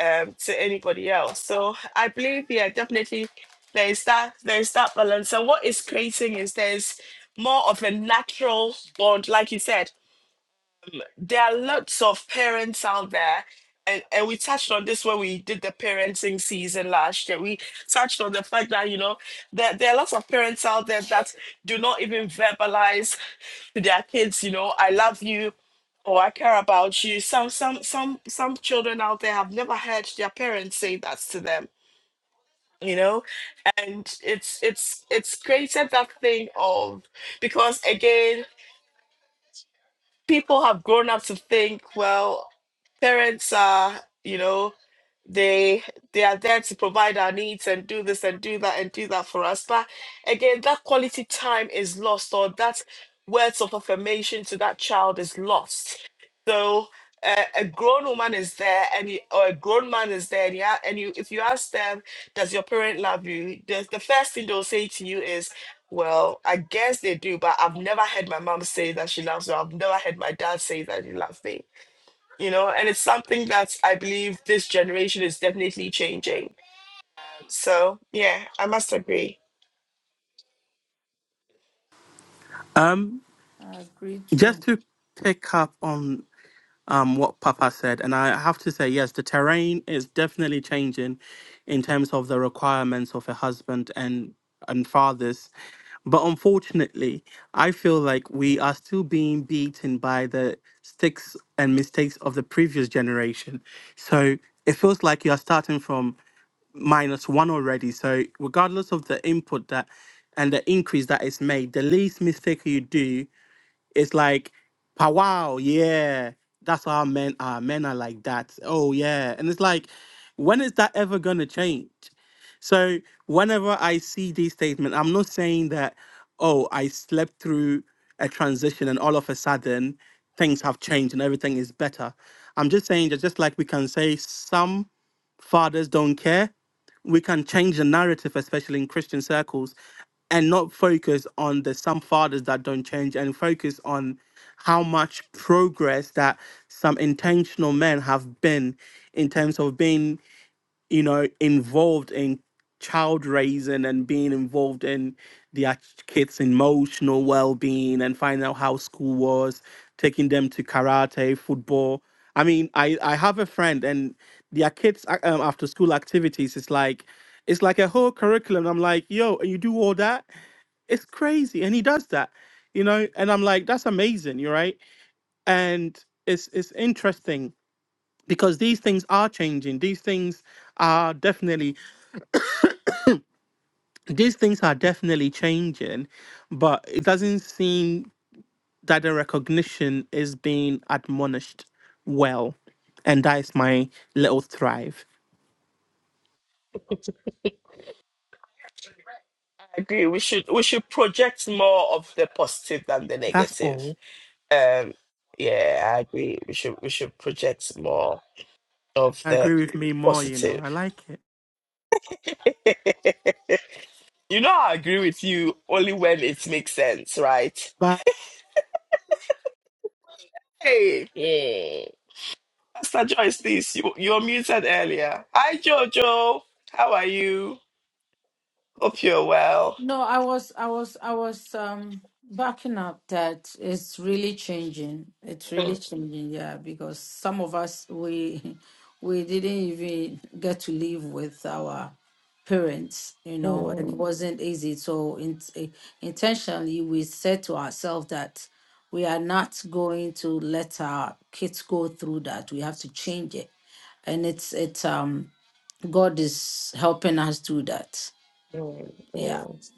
A: um, to anybody else. So I believe, yeah, definitely there is that there is that balance. And what is creating is there's more of a natural bond, like you said. There are lots of parents out there, and, and we touched on this when we did the parenting season last year. We touched on the fact that you know that there there are lots of parents out there that do not even verbalize to their kids, you know, I love you or I care about you. Some some some some children out there have never heard their parents say that to them, you know? And it's it's it's created that thing of because again people have grown up to think, well, parents are, you know, they they are there to provide our needs and do this and do that and do that for us. But again, that quality time is lost, or that words of affirmation to that child is lost. So uh, a grown woman is there, and you, or a grown man is there, and you, a- and you, if you ask them, does your parent love you? The, the first thing they'll say to you is well, I guess they do, but I've never heard my mom say that she loves me. I've never heard my dad say that he loves me. You know, and it's something that I believe this generation is definitely changing. So yeah, I must agree.
D: Um,
E: I agree
D: just
E: too.
D: to pick up on um, what Papa said. And I have to say, yes, the terrain is definitely changing in terms of the requirements of a husband and and fathers. But unfortunately, I feel like we are still being beaten by the sticks and mistakes of the previous generation. So it feels like you are starting from minus one already. So regardless of the input that and the increase that is made, the least mistake you do it's like, "Pa- wow, yeah, that's how men are. Men are like that. Oh, yeah. And it's like, when is that ever going to change? So, whenever I see these statements, I'm not saying that, oh, I slept through a transition and all of a sudden things have changed and everything is better. I'm just saying that just like we can say some fathers don't care. We can change the narrative, especially in Christian circles, and not focus on the some fathers that don't change and focus on how much progress that some intentional men have been in terms of being you know, involved in child raising and being involved in their kids' emotional well being and finding out how school was, taking them to karate, football. I mean, I, I have a friend and their kids ac- um, after school activities is like, it's like a whole curriculum. I'm like, yo, and you do all that? It's crazy. And he does that, you know? And I'm like, that's amazing, you're right. And it's it's interesting because these things are changing. These things are definitely these things are definitely changing, but it doesn't seem that the recognition is being admonished well. And that is my little thrive.
A: I agree. We should we should project more of the positive than the
D: That's
A: negative.
D: all.
A: Um, yeah, I agree. We should we should project more of
D: I
A: the
D: agree with me more, you know.
A: positive.
D: I like it.
A: You know, I agree with you only when it makes sense, right?
D: Bye.
A: Hey. Yeah. Pastor Joyce, please, you, you were muted earlier. Hi, Jojo. How are you? Hope you're well.
E: No, I was, I was, I was um backing up that it's really changing. It's really
A: Mm,
E: changing, yeah, because some of us we we didn't even get to live with our parents, you know, and it
A: mm,
E: wasn't easy. So in, eh, intentionally, we said to ourselves that we are not going to let our kids go through that. We have to change it, and it's it's um God is helping us do that.
A: mm,
E: Yeah.
A: mm.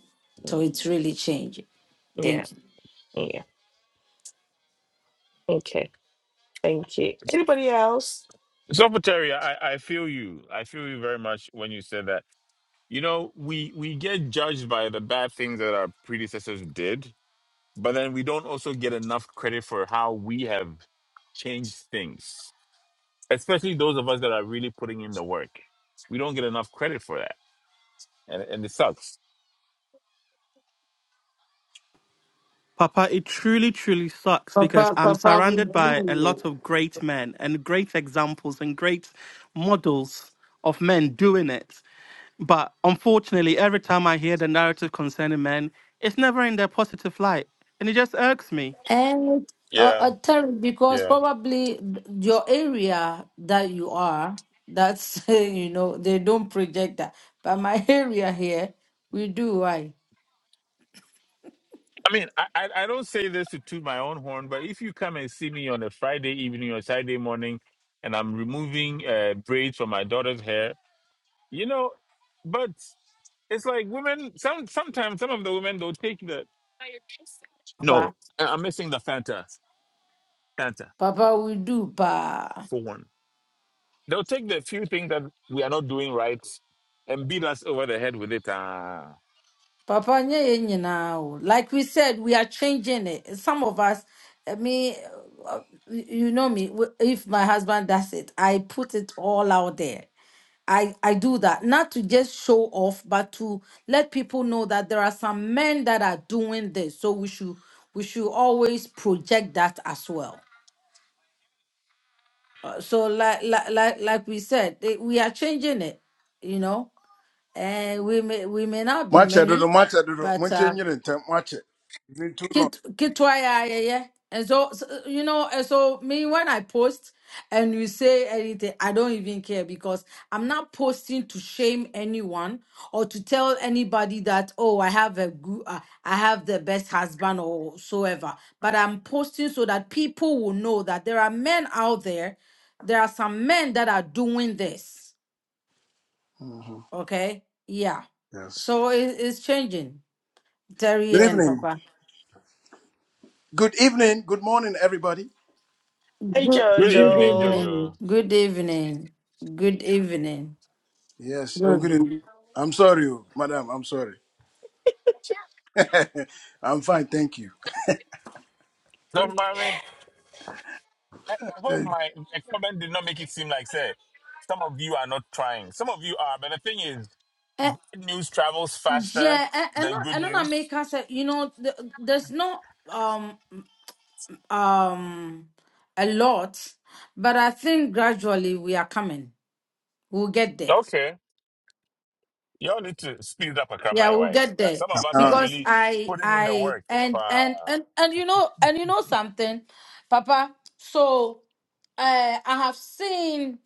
E: So it's really changing.
A: Yeah,
E: Thank you.
A: yeah. Okay, thank you. Anybody else?
F: so for Terry, I, I feel you. I feel you very much when you said that. You know, we we get judged by the bad things that our predecessors did, But then we don't also get enough credit for how we have changed things, especially those of us that are really putting in the work. We don't get enough credit for that. And, and it sucks.
D: Papa, it truly, truly sucks because
E: Papa,
D: I'm
E: Papa, we
D: surrounded by a
E: do.
D: lot of great men and great examples and great models of men doing it. But unfortunately, every time I hear the narrative concerning men, it's never in their positive light. And it just irks me.
E: And uh,
F: Yeah,
E: uh, Terry, because
F: yeah.
E: probably th- your area that you are, that's, you know, they don't project that. But my area here, we do, Why?
F: I mean, I, I, I don't say this to toot my own horn, but if you come and see me on a Friday evening or Saturday morning and I'm removing uh, braids from my daughter's hair, you know, but it's like women, some sometimes some of the women, they'll take the. No,
E: Papa,
F: I- I'm missing the Fanta. Fanta.
E: Papa, we do, pa.
F: four one. They'll take the few things that we are not doing right and beat us over the head with it. Ah.
E: Papa, nye ye now. like we said, we are changing it. Some of us, I mean, uh, you you know me, w- if my husband does it, I put it all out there. I I do that not to just show off, but to let people know that there are some men that are doing this. So we should we should always project that as well. Uh, so like like like like we said, eh, we are changing it, you know, and we may we may not be
H: Mache, do do
E: many,
H: mache, do do.
E: but
H: Munche
E: uh,
H: nyere ntem mache. It's been too long.
E: Kit kitwa ya yeah, yeah. And so, so you know, and so me when I post and you say anything, I don't even care because I'm not posting to shame anyone or to tell anybody that oh I have a good uh, I have the best husband or so ever. But I'm posting so that people will know that there are men out there. There are some men that are doing this.
H: Mhm.
E: Okay, yeah.
H: Yes.
E: So it, it's changing, Terry
H: Good
E: and
H: evening.
E: Papa.
H: Good evening. Good morning, everybody.
A: Hey,
E: Good,
F: Good
E: good
F: evening,
A: Jojo.
F: Jojo.
E: evening. Good evening. Good evening.
H: Yes.
E: Good
H: Oh, good. Evening.
E: evening.
H: I'm sorry, oh, madam. I'm sorry. I'm fine, thank you.
F: So, mommy, I I hope my, my comment did not make it seem like, say, some of you are not trying. Some of you are, but the thing is,
E: Uh,
F: bad news travels faster
E: yeah, eh, and
F: than
E: not-
F: good
E: and then I
F: news.
E: make us. eh, You know, th- there's not um um a lot, but I think gradually we are coming. We'll get there.
F: Okay. Y'all need to speed it up a
E: Yeah,
F: my
E: we'll
F: way.
E: get
F: Now,
E: there
F: some of us are
H: Uh,
E: because
F: really
E: I
F: putting in the
E: I
F: work.
E: and and
F: Uh,
E: and and you know and you know something, Papa. So uh, I have seen.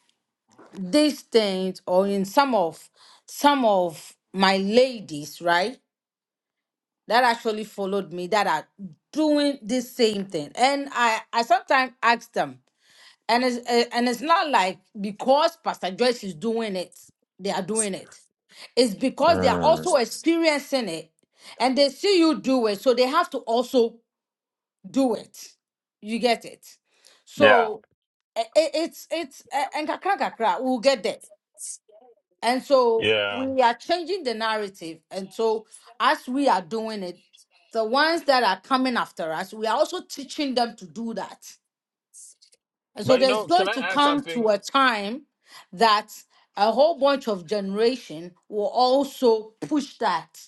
E: these things or in some of some of my ladies right that actually followed me that are doing this same thing and i i sometimes ask them and it's eh, and it's not like because pastor joyce is doing it they are doing it it's because they are
F: Mm.
E: also experiencing it and they see you do it so they have to also do it you get it
F: Yeah.
E: so eh, eh, it's it's eh, and kakra kakra we'll get there and so
F: Yeah.
E: we are changing the narrative. And so as we are doing it, the ones that are coming after us, we are also teaching them to do that. And so
F: But you
E: there's
F: know, can
E: going
F: I
E: to
F: add
E: come
F: something?
E: to a time that a whole bunch of generation will also push that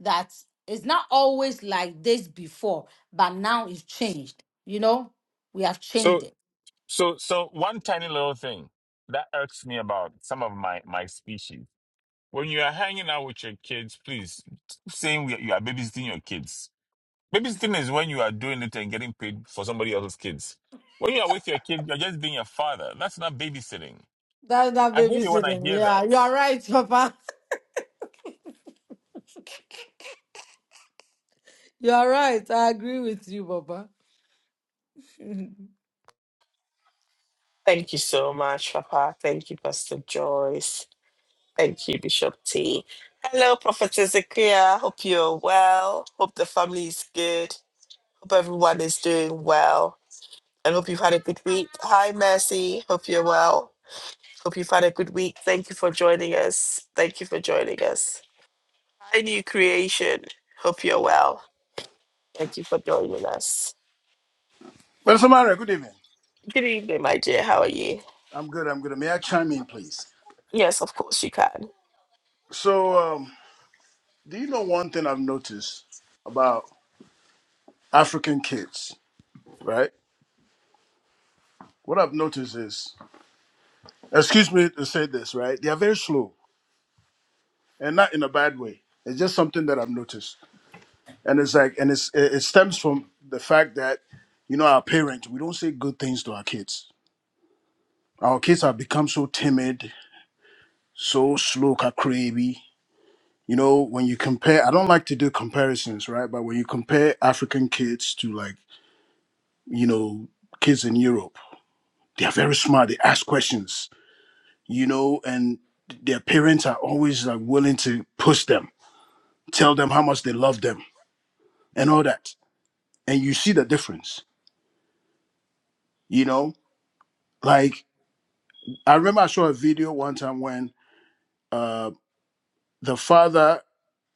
E: that it's not always like this before, but now it's changed. You know, we have
F: So.
E: changed it.
F: So, so one tiny little thing that irks me about some of my my species. When you are hanging out with your kids, please stop saying we- you are babysitting your kids. Babysitting is when you are doing it and getting paid for somebody else's kids. When you are with your kids, you're just being a father. That's not babysitting.
E: That's not
F: I hate it when I
E: babysitting.
F: hear that.
E: Yeah, you are right, Papa. You are right. I agree with you, Papa.
A: Thank you so much, Papa. Thank you, Pastor Joyce. Thank you, Bishop T. Hello, Prophet Ezekiel. Hope you're well. Hope the family is good. Hope everyone is doing well. And hope you've had a good week. Hi, Mercy. Hope you're well. Hope you've had a good week. Thank you for joining us. Thank you for joining us. Hi, new creation. Hope you're well. Thank you for joining us.
H: well, Samara, good evening.
A: Good evening, my dear. How are you?
H: I'm good. I'm good. May I chime in, please?
A: Yes, of course you can.
H: So, um, do you know one thing I've noticed about African kids, right? What I've noticed is, excuse me to say this, right? They are very slow, and not in a bad way. It's just something that I've noticed and it's like and it's it it stems from the fact that you know our parents we don't say good things to our kids our kids have become so timid so slow crazy you know when you compare i don't like to do comparisons right but when you compare african kids to like you know kids in europe they are very smart they ask questions you know and their parents are always like willing to push them tell them how much they love them and all that and you see the difference you know like I remember I saw a video one time when uh, the father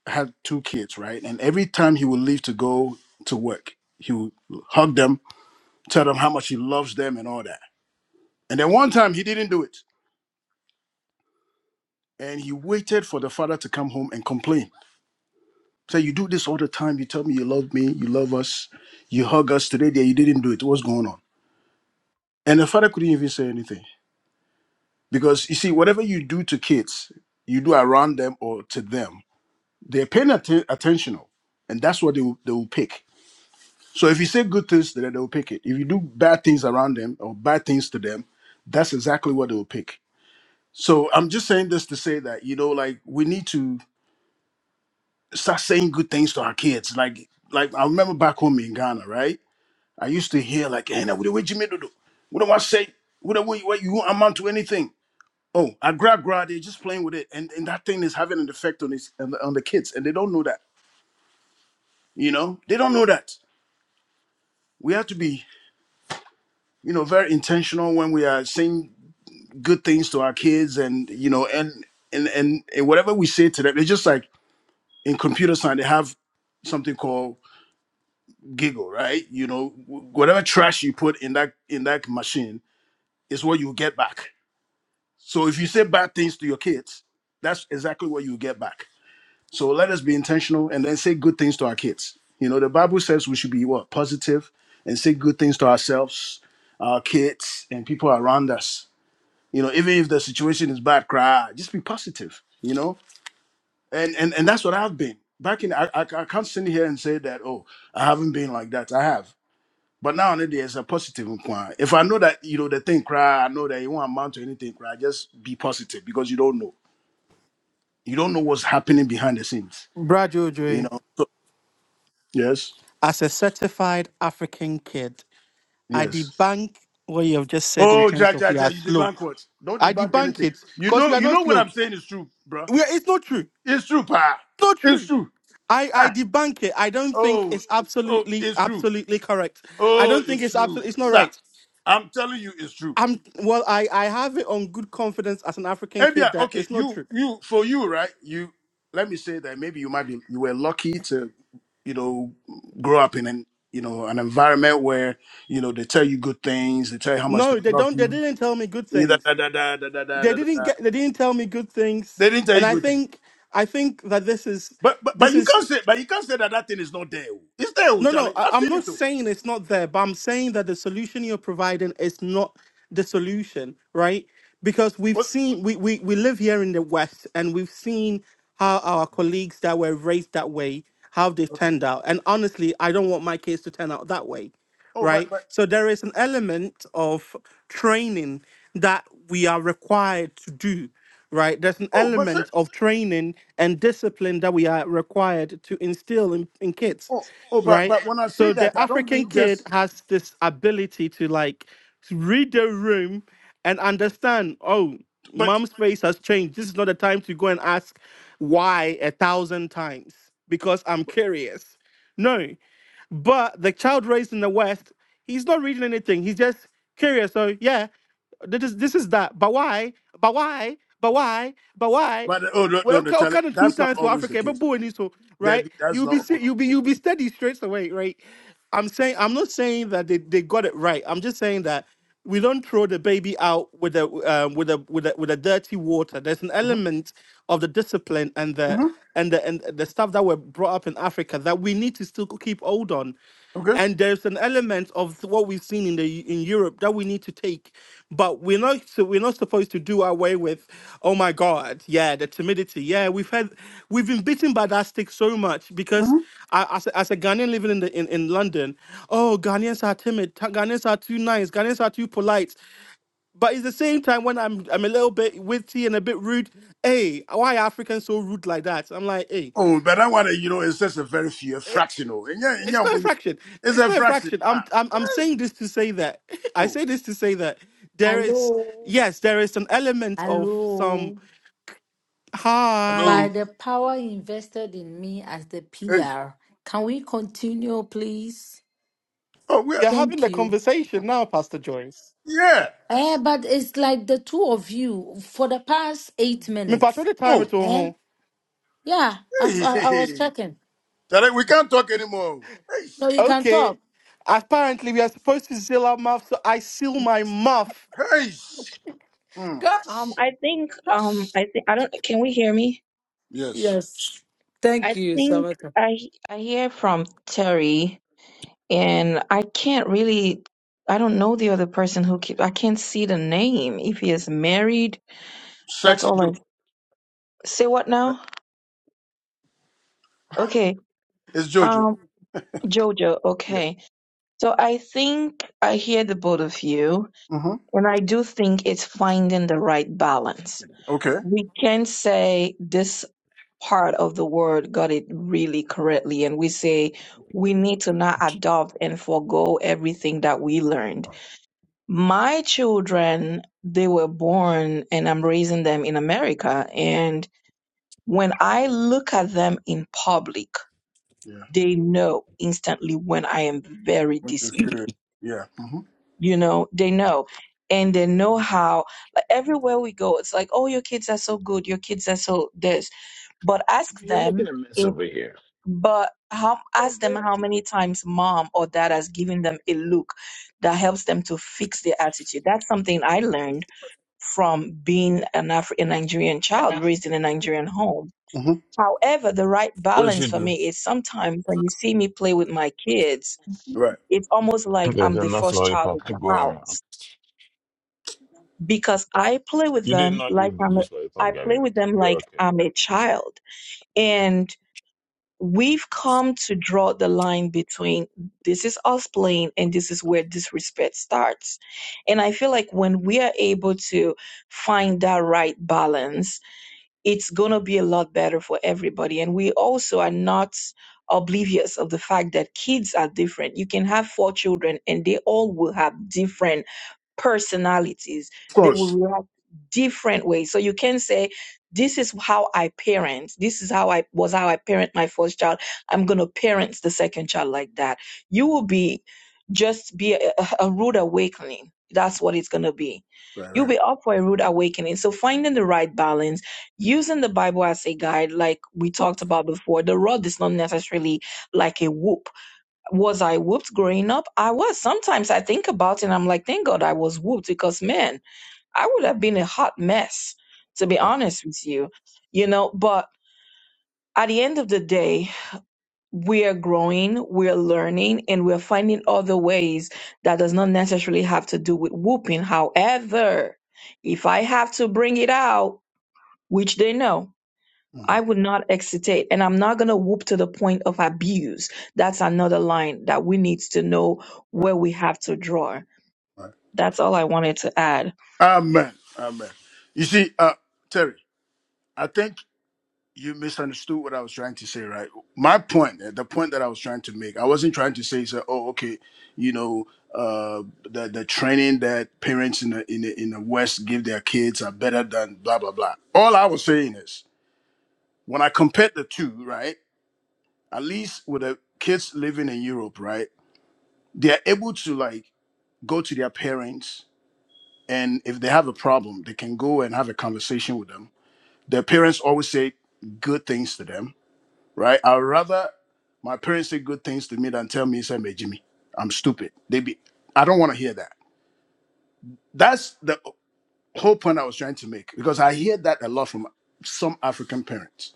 H: had two kids, right? And every time he would leave to go to work, he would hug them, tell them how much he loves them and all that. And then one time he didn't do it. And he waited for the father to come home and complain. Say, you do this all the time. You tell me you love me, you love us, you hug us today, there you didn't do it. What's going on? And the father couldn't even say anything. Because you see, whatever you do to kids, you do around them or to them They're paying atten- attention, and that's what they will, they will pick. So if you say good things to them, they will pick it. If you do bad things around them or bad things to them, that's exactly what they will pick. So I'm just saying this to say that you know, like we need to start saying good things to our kids. Like, like I remember back home in Ghana, right? I used to hear like, "Hey, now what do what Jimmy do? What do I say? What do what, what you won't amount to anything?" Oh, I grab grab. They're just playing with it, and and that thing is having an effect on his on the, on the kids, and they don't know that. You know, they don't know that. we have to be you know very intentional when we are saying good things to our kids and you know and and and, and whatever we say to them it's just like in computer science they have something called giggle right you know wh- whatever trash you put in that in that machine is what you get back so if you say bad things to your kids that's exactly what you get back so let us be intentional and then say good things to our kids you know the bible says we should be what positive and say good things to ourselves our kids and people around us you know even if the situation is bad cry just be positive you know and and and that's what i've been back in i, I, I can't sit here and say that oh i haven't been like that i have but now there's a positive in if i know that you know the thing cry i know that it won't amount to anything cry just be positive because you don't know you don't know what's happening behind the scenes
D: Brad
H: you
D: Ojoy,
H: know so, yes
D: as a certified African kid, I
H: yes
D: debunk what you have just said in
H: oh
D: terms
H: ja
D: of
H: ja
D: we
H: ja
D: are
H: you
D: slow.
H: debunk what don't
D: I
H: debunk
D: debunk
H: anything
D: it
H: you
D: because we
H: know
D: are
H: you
D: not
H: know what
D: slow.
H: i'm saying is true bruh.
D: We are, it's not true.
H: it's true pa
D: not
H: it's
D: true.
H: true
D: I, I debunk it. I don't think
H: Oh,
D: it's
H: oh,
D: absolutely
H: it's true.
D: absolutely correct. I
H: Oh,
D: don't think
H: it's
D: it's
H: true,
D: absolutely it's not
H: sir.
D: right.
H: I'm telling you, it's true.
D: I'm well I, I have it on good confidence as an African
H: And yeah,
D: kid that
H: okay,
D: it's not
H: you,
D: true.
H: you, for you, right? You, let me say that maybe you might be, you were lucky to, you know, grow up in an, you know, an environment where, you know, they tell you good things, they tell you how much
D: No,
H: they
D: they
H: love
D: don't they
H: you.
D: didn't tell me good
H: eh, Da,
D: things.
H: da, da, da, da, da, da,
D: They
H: da, da.
D: didn't
H: da.
D: get they didn't tell me good things.
H: They didn't tell
D: And
H: you
D: I
H: good things.
D: think I think that this is
H: But, but, but
D: this
H: you
D: is
H: can't say, but you can't say that that thing is not there. oh. It's there, oh,
D: No, no,
H: Charlie.
D: I,
H: I've
D: I'm
H: seen
D: not
H: it, too.
D: saying it's not there, but I'm saying that the solution you're providing is not the solution, right? Because we've
H: What?
D: seen we, we, we live here in the West and we've seen how our colleagues that were raised that way, how they've
H: Okay.
D: turned out. And honestly, I don't want my kids to turn out that way
H: Oh, but,
D: right?
H: but,
D: So there is an element of training that we are required to do, right? There's an
H: oh, but, sir,
D: element of training and discipline that we are required to instill in, in kids,
H: Oh, oh, but
D: right?
H: but when I say
D: So the
H: that, I don't
D: African
H: mean
D: kid
H: just.
D: has this ability to like to read the room and understand, oh,
H: But
D: mom's face has changed. This is not the time to go and ask why a thousand times because I'm curious. No. But the child raised in the West, he's not reading anything. He's just curious. So yeah, this is this is that. But why? But why? But why? But why?
H: but oh no no
D: Well,
H: no,
D: kind
H: Charlie,
D: kind of two
H: that's not
D: times for
H: always the
D: Africa, but
H: case.
D: boy, need so right.
H: Debbie, that's
D: You'll
H: not
D: be se-
H: always.
D: you'll be you'll be steady straight away, right? I'm saying I'm not saying that they, they got it right. I'm just saying that we don't throw the baby out with the um, with the with the with the dirty water. There's an
H: hmm
D: element of the discipline and the
H: hmm
D: and the and the stuff that were brought up in Africa that we need to still keep hold on
H: Okay.
D: and there's an element of what we've seen in the in Europe that we need to take, but we're not so we're not supposed to do away with. Oh my God, yeah, the timidity. Yeah, we've had we've been bitten by that stick so much because
H: hmm
D: I, as a, as a Ghanaian living in the in, in London, oh Ghanaians are timid, Tha- Ghanaians are too nice, Ghanaians are too polite. But at the same time, when I'm I'm a little bit witty and a bit rude, hey, why are Africans so rude like that? I'm like, hey.
H: Oh, but that one, you know, it's just a very few
D: eh,
H: fractional. And yeah, and
D: It's
H: yeah,
D: not a
H: but
D: fraction.
H: It's
D: It's
H: a
D: not a
H: fraction.
D: fraction. I'm
H: Ah.
D: I'm I'm
H: Hey.
D: saying this to say that I
H: Oh,
D: say this to say that there is
E: Hello,
D: yes, there is an element of some
E: hello.
D: hi.
E: By
H: hello.
E: the power invested in me as the
H: Hey.
E: PR, can we continue, please?
H: Oh, we
D: We are having
E: Thank
D: the
E: you.
D: conversation now, Pastor Joyce.
H: yeah.
E: Eh, but it's like the two of you for the past eight
D: Me patrol
E: minutes.
D: the time
H: Oh,
D: at
E: Eh?
D: home.
E: Yeah, I,
H: hey.
E: I, I was checking.
H: Charlie, we can't talk anymore. Hey,
E: No, you can
D: Okay.
E: talk.
D: Apparently we are supposed to seal our mouth, so I seal my mouth.
H: hey. Mm.
B: Um,
E: Gosh.
B: I think um, I think I don't. Can we hear me?
H: Yes,
E: Yes. Thank
B: I
E: you,
B: think
E: much.
B: I I hear from Terry. and I can't really I don't know the other person who keep I can't see the name if he is married. That's
H: sexy
B: all I
H: Jojo.
B: say what
H: Yeah,
B: now? Okay.
H: It's Jojo.
B: Um Jojo,
H: Yeah.
B: okay. So I think I hear the both of you
H: hmm
B: and I do think it's finding the right balance.
H: Okay.
B: We can say this part of the word got it really correctly and we say we need to not adopt and forego everything that we learned my children they were born and i'm raising them in america and when i look at them in public
H: Yeah.
B: they know instantly when i am very
H: When you're serious.
B: displeased
H: Yeah. hmm
B: you know they know and they know how like, everywhere we go it's like oh your kids are so good your kids are so this but ask
F: You're making
B: them
F: a mess
B: if
F: over here.
B: but how ask them how many times mom or dad has given them a look that helps them to fix their attitude that's something i learned from being an African Nigerian child raised in a Nigerian home.
H: hmm
B: However, the right
F: What did you
B: balance for
F: do?
B: me is sometimes when you see me play with my kids,
H: Right.
B: it's almost like
F: There's
B: I'm the
F: enough
B: first child of
F: lollipop. to
B: the
F: go around.
B: house because I play with
F: You did
B: them
F: not eat
B: like I'm a,
F: this lollipop,
B: I play
F: Gabby.
B: with them
F: You're
B: like
F: okay.
B: I'm a child. And we've come to draw the line between this is us playing and this is where disrespect starts. And I feel like when we are able to find that right balance, it's going to be a lot better for everybody. And we also are not oblivious of the fact that kids are different. You can have four children and they all will have different personalities.
H: Of
B: They will
H: course.
B: react different ways. So you can say, this is how I parent. This is how I was how I parent my first child. I'm gonna parent the second child like that. You will be just be a, a a rude awakening. That's what it's gonna be.
H: Right,
B: You'll
H: right,
B: be up for a rude awakening. So finding the right balance, using the Bible as a guide, like we talked about before. The rod is not necessarily like a whoop was I whooped growing up? I was. Sometimes I think about it and I'm like, thank God I was whooped because, man, I would have been a hot mess, to be
H: right.
B: honest with you. You know, but at the end of the day, we are growing, we're learning, and we're finding other ways that does not necessarily have to do with whooping. However, if I have to bring it out, which they know,
H: hmm
B: I would not excitate, and I'm not gonna whoop to the point of abuse. That's another line that we need to know
H: Right,
B: where we have to draw.
H: right.
B: That's all I wanted to add.
H: Amen. Amen. You see, uh, Terry, I think you misunderstood what I was trying to say, right? My point, uh, the point that I was trying to make, I wasn't trying to say, say oh, okay, you know, uh, the, the training that parents in the, in, the, in the West give their kids are better than blah, blah, blah. All I was saying is, when I compared the two, right, at least with the kids living in Europe, right, they're able to, like, go to their parents and if they have a problem they can go and have a conversation with them their parents always say good things to them right i'd rather my parents say good things to me than tell me say "Hey, jimmy i'm stupid they be i don't want to hear that that's the whole point i was trying to make because i hear that a lot from some african parents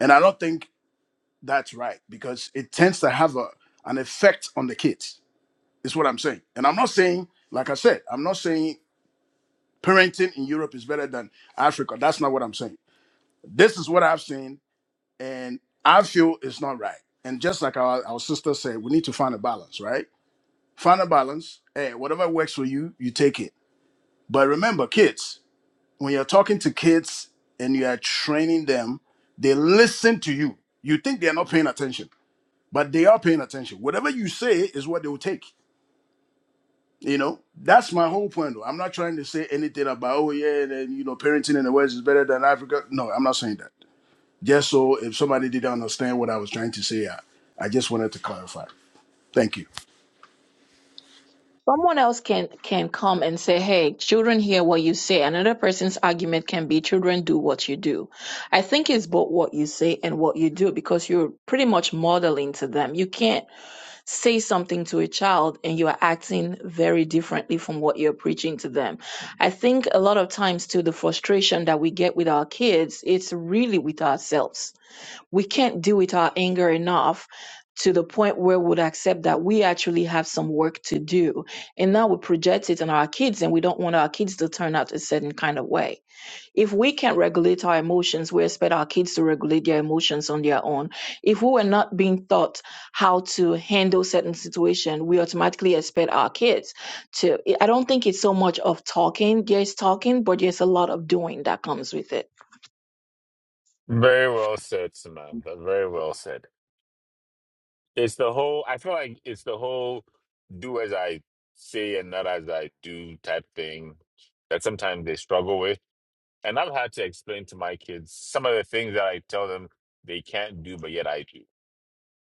H: and i don't think that's right because it tends to have a, an effect on the kids is what i'm saying and i'm not saying like i said i'm not saying parenting in Europe is better than Africa. That's not what I'm saying. This is what I've seen, and I feel it's not right. And just like our, our sister said, we need to find a balance, right? Find a balance. Hey, whatever works for you, you take it. But remember, kids, when you're talking to kids and you are training them, they listen to you. You think they're not paying attention, but they are paying attention. Whatever you say is what they will take. You know, that's my whole point. Though. I'm not trying to say anything about oh yeah, then you know, parenting in the West is better than Africa. No, I'm not saying that. Just so if somebody didn't understand what I was trying to say, I, I just wanted to clarify. Thank you.
B: Someone else can can come and say, "Hey, children hear what you say." Another person's argument can be, "Children do what you do." I think it's both what you say and what you do because you're pretty much modeling to them. You can't say something to a child and you are acting very differently from what you're preaching to them. I think a lot of times too the frustration that we get with our kids, it's really with ourselves. We can't deal with our anger enough to the point where we'd accept that we actually have some work to do. And now we project it on our kids and we don't want our kids to turn out a certain kind of way. If we can't regulate our emotions, we expect our kids to regulate their emotions on their own. If we were not being taught how to handle certain situation, we automatically expect our kids to. I don't think it's so much of talking. There's talking, but there's a lot of doing that comes with it.
F: Very well said, Samantha. Very well said. It's the whole. I feel like it's the whole do as I say and not as I do type thing that sometimes they struggle with. And I've had to explain to my kids some of the things that I tell them they can't do, but yet I do.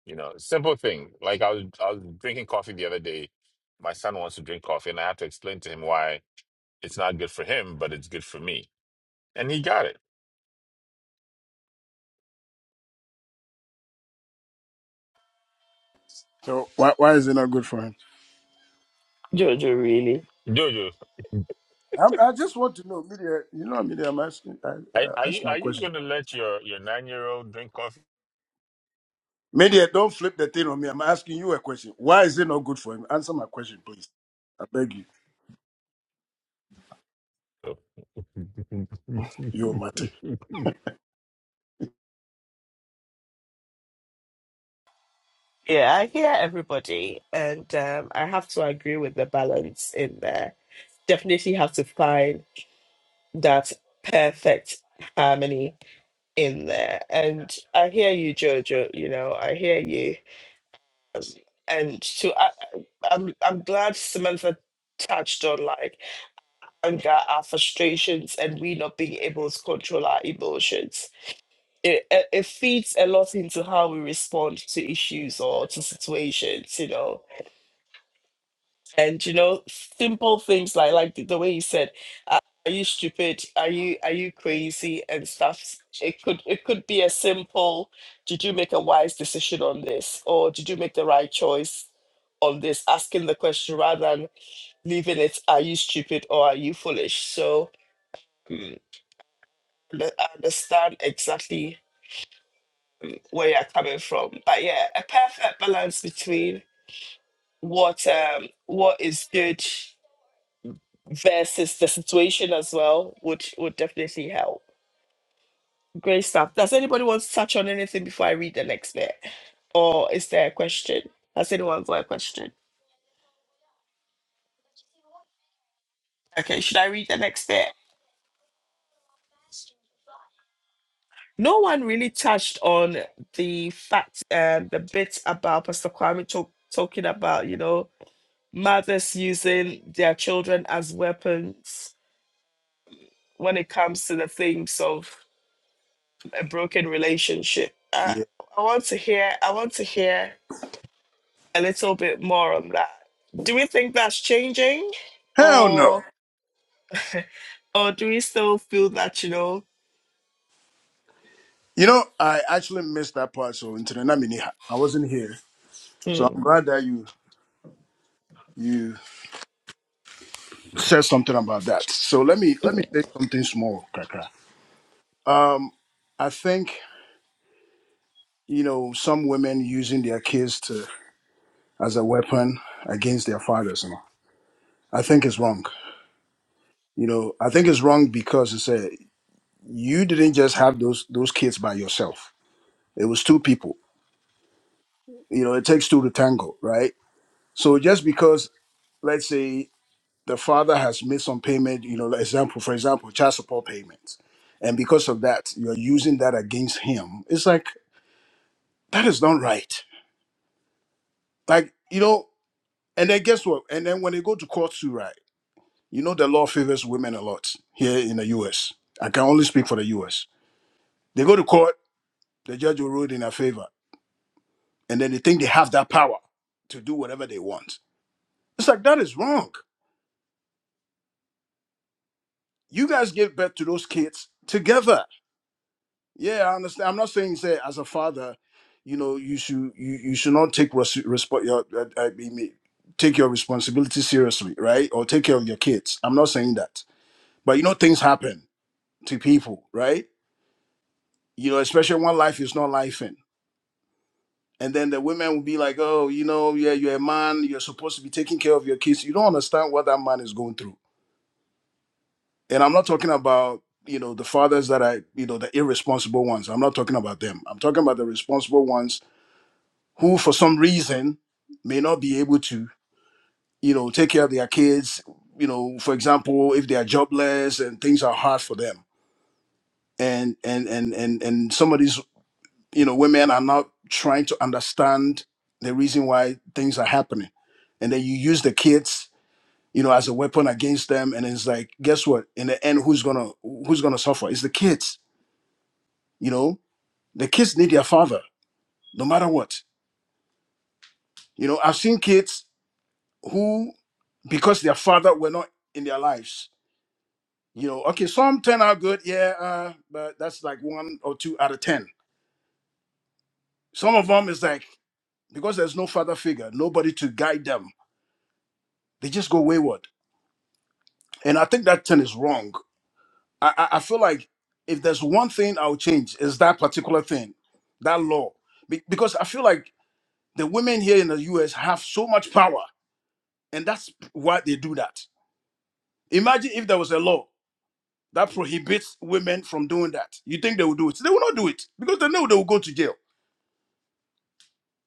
F: You know, simple thing. Like I was, I was drinking coffee the other day. My son wants to drink coffee, and I have to explain to him why it's not good for him, but it's good for me. And he got it.
H: So why why is it not good for him?
A: Jojo, really?
F: Jojo,
H: I'm, I just want to know, media. You know, media. I'm asking. I,
F: are, are
H: I ask
F: you
H: my
F: are you
H: question.
F: gonna let your your nine year old drink coffee?
H: Media, don't flip the thing on me. I'm asking you a question. Why is it not good for him? Answer my question, please. I beg you. You matter.
A: Yeah, I hear everybody, and um, I have to agree with the balance in there. Definitely have to find that perfect harmony in there. And I hear you, Jojo. You know, I hear you. and to I, I- I'm I'm glad Samantha touched on like anger, our frustrations, and we not being able to control our emotions. It it it feeds a lot into how we respond to issues or to situations, you know and you know simple things like like the, the way you said uh, are you stupid are you are you crazy and stuff it could it could be a simple did you make a wise decision on this or did you make the right choice on this asking the question rather than leaving it are you stupid or are you foolish so mm, I understand exactly where you're coming from but yeah a perfect balance between what um what is good versus the situation as well would would definitely help. Great stuff. Does anybody want to touch on anything before I read the next bit? Or is there a question? Has anyone got a question? Okay, should I read the next bit? No one really touched on the fact, uh, the bit about Pastor Kwame talk, talking about, you know, mothers using their children as weapons when it comes to the things of a broken relationship. Uh,
H: Yeah.
A: I want to hear. I want to hear. a little bit more on that. Do we think that's changing,
H: Hell no.
A: or or do we still feel that you know?
H: You know, I actually missed that part. So, into the Namini, I wasn't here. So I'm
A: Mm.
H: glad that you you said something about that. So let me let me say something small, Kaka. Um, I think you know some women using their kids to as a weapon against their fathers. You know, I think it's wrong. You know, I think it's wrong because it's a you didn't just have those those kids by yourself. It was two people. You know, it takes two to tango, right? So just because, let's say, the father has made some payment, you know, like example for example, child support payments, and because of that, you're using that against him. It's like that is not right. Like you know, and then guess what? And then when they go to court too, right? You know, the law favors women a lot here in the US. I can only speak for the US. They go to court, the judge will rule in their favor, and then they think they have that power to do whatever they want. It's like, that is wrong. You guys give birth to those kids together. Yeah, I understand. I'm not saying, say, as a father, you know, you should you, you should not take res- respo- your, uh, I mean, take your responsibility seriously, right? Or take care of your kids. I'm not saying that. But you know, things happen to people, right? You know, especially when life is not life And then the women will be like, oh, you know, yeah, you're a man, you're supposed to be taking care of your kids. You don't understand what that man is going through. And I'm not talking about, you know, the fathers that are, you know, the irresponsible ones. I'm not talking about them. I'm talking about the responsible ones who, for some reason, may not be able to, you know, take care of their kids. You know, for example, if they are jobless and things are hard for them. And and and and and some of these. you know women are not trying to understand the reason why things are happening and then you use the kids you know as a weapon against them and it's like guess what in the end who's gonna who's gonna suffer it's the kids you know the kids need their father no matter what you know i've seen kids who because their father were not in their lives you know okay some turn out good yeah uh, but that's like one or two out of ten some of them is like because there's no father figure nobody to guide them they just go wayward And I think that thing is wrong. I, I, I feel like if there's one thing I'll change is that particular thing, that law. Be- because I feel like the women here in the US have so much power, and that's why they do that. Imagine if there was a law that prohibits women from doing that. You think they will do it? They will not do it because they know they will go to jail.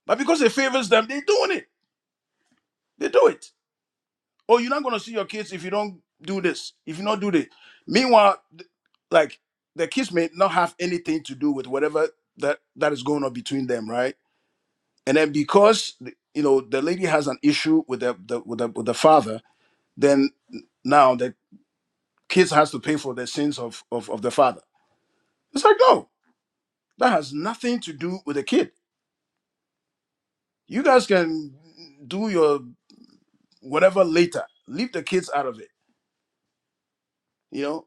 H: But because it favors them, they're doing it. They do it. oh, you're not gonna see your kids if you don't do this, if you not do this. Meanwhile, th- like the kids may not have anything to do with whatever that that is going on between them, right? And then because th- you know the lady has an issue with the, the with the with the father, then now the kids has to pay for the sins of, of of the father. It's like no, that has nothing to do with the kid. You guys can do your whatever later. Leave the kids out of it. You know,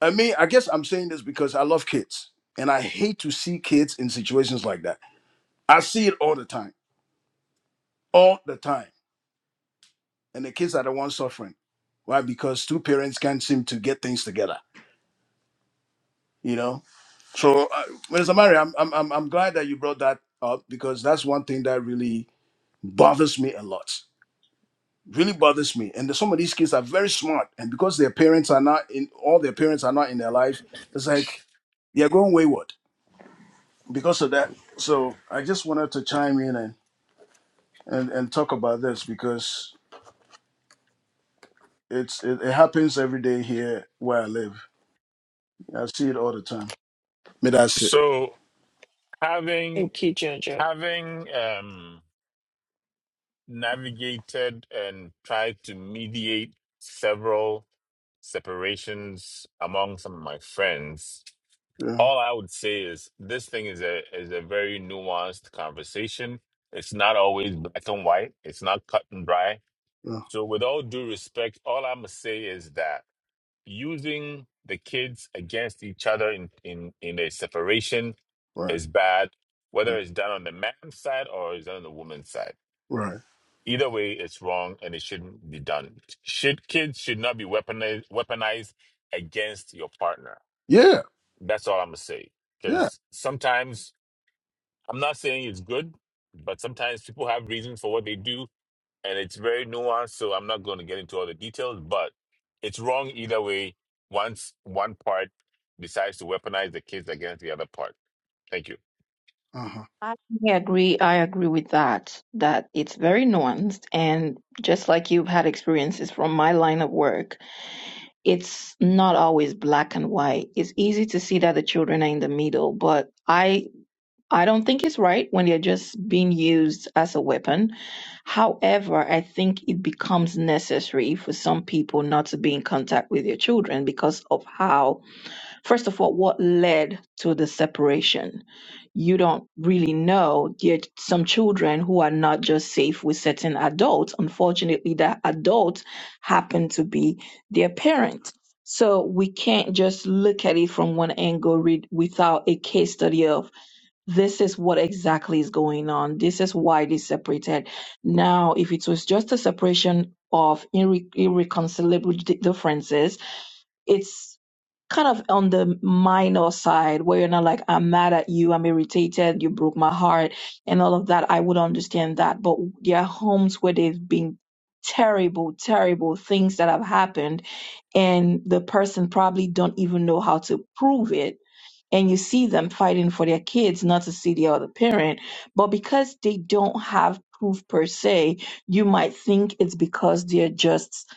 H: I mean, I guess I'm saying this because I love kids and I hate to see kids in situations like that. I see it all the time, all the time. And the kids are the ones suffering. Why? Because two parents can't seem to get things together, you know? So, uh, Mr. Mary, I'm, I'm, I'm I'm glad that you brought that up because that's one thing that really bothers me a lot. Really bothers me. And some of these kids are very smart. And because their parents are not in, all their parents are not in their life, it's like they're going wayward because of that, so I just wanted to chime in and, and, and talk about this because it's it, it happens every day here where I live. I see it all the time. But that's it.
F: So having
A: Thank you, Jojo.
F: having um, navigated and tried to mediate several separations among some of my friends,
H: Yeah,
F: all I would say is this thing is a is a very nuanced conversation. It's not always black and white. It's not cut and dry.
H: yeah,
F: So with all due respect, all I'm gonna say is that using the kids against each other in in in a separation
H: right,
F: is bad, whether
H: right,
F: it's done on the man's side or it's done on the woman's side.
H: right.
F: Either way, it's wrong and it shouldn't be done. Should kids should not be weaponized weaponized against your partner.
H: Yeah,
F: That's all I'm gonna say.
H: yeah,
F: Because sometimes I'm not saying it's good, but sometimes people have reasons for what they do and it's very nuanced. So I'm not going to get into all the details, but it's wrong either way. Once one part decides to weaponize the kids against the other part. Thank you.
H: uh-huh,
B: I agree. I agree with that, that it's very nuanced. And just like you've had experiences from my line of work, it's not always black and white. It's easy to see that the children are in the middle, but I, I don't think it's right when they're just being used as a weapon. However, I think it becomes necessary for some people not to be in contact with their children because of how First of all, what led to the separation? You don't really know. Yet some children who are not just safe with certain adults, unfortunately, that adult happen to be their parent. So we can't just look at it from one angle read, without a case study of this is what exactly is going on. This is why they separated. Now, if it was just a separation of irre- irreconcilable di- differences, it's kind of on the minor side where you're not like i'm mad at you i'm irritated you broke my heart and all of that i would understand that but there are homes where they've been terrible terrible things that have happened and the person probably don't even know how to prove it and you see them fighting for their kids not to see the other parent but because they don't have proof per se you might think it's because they're just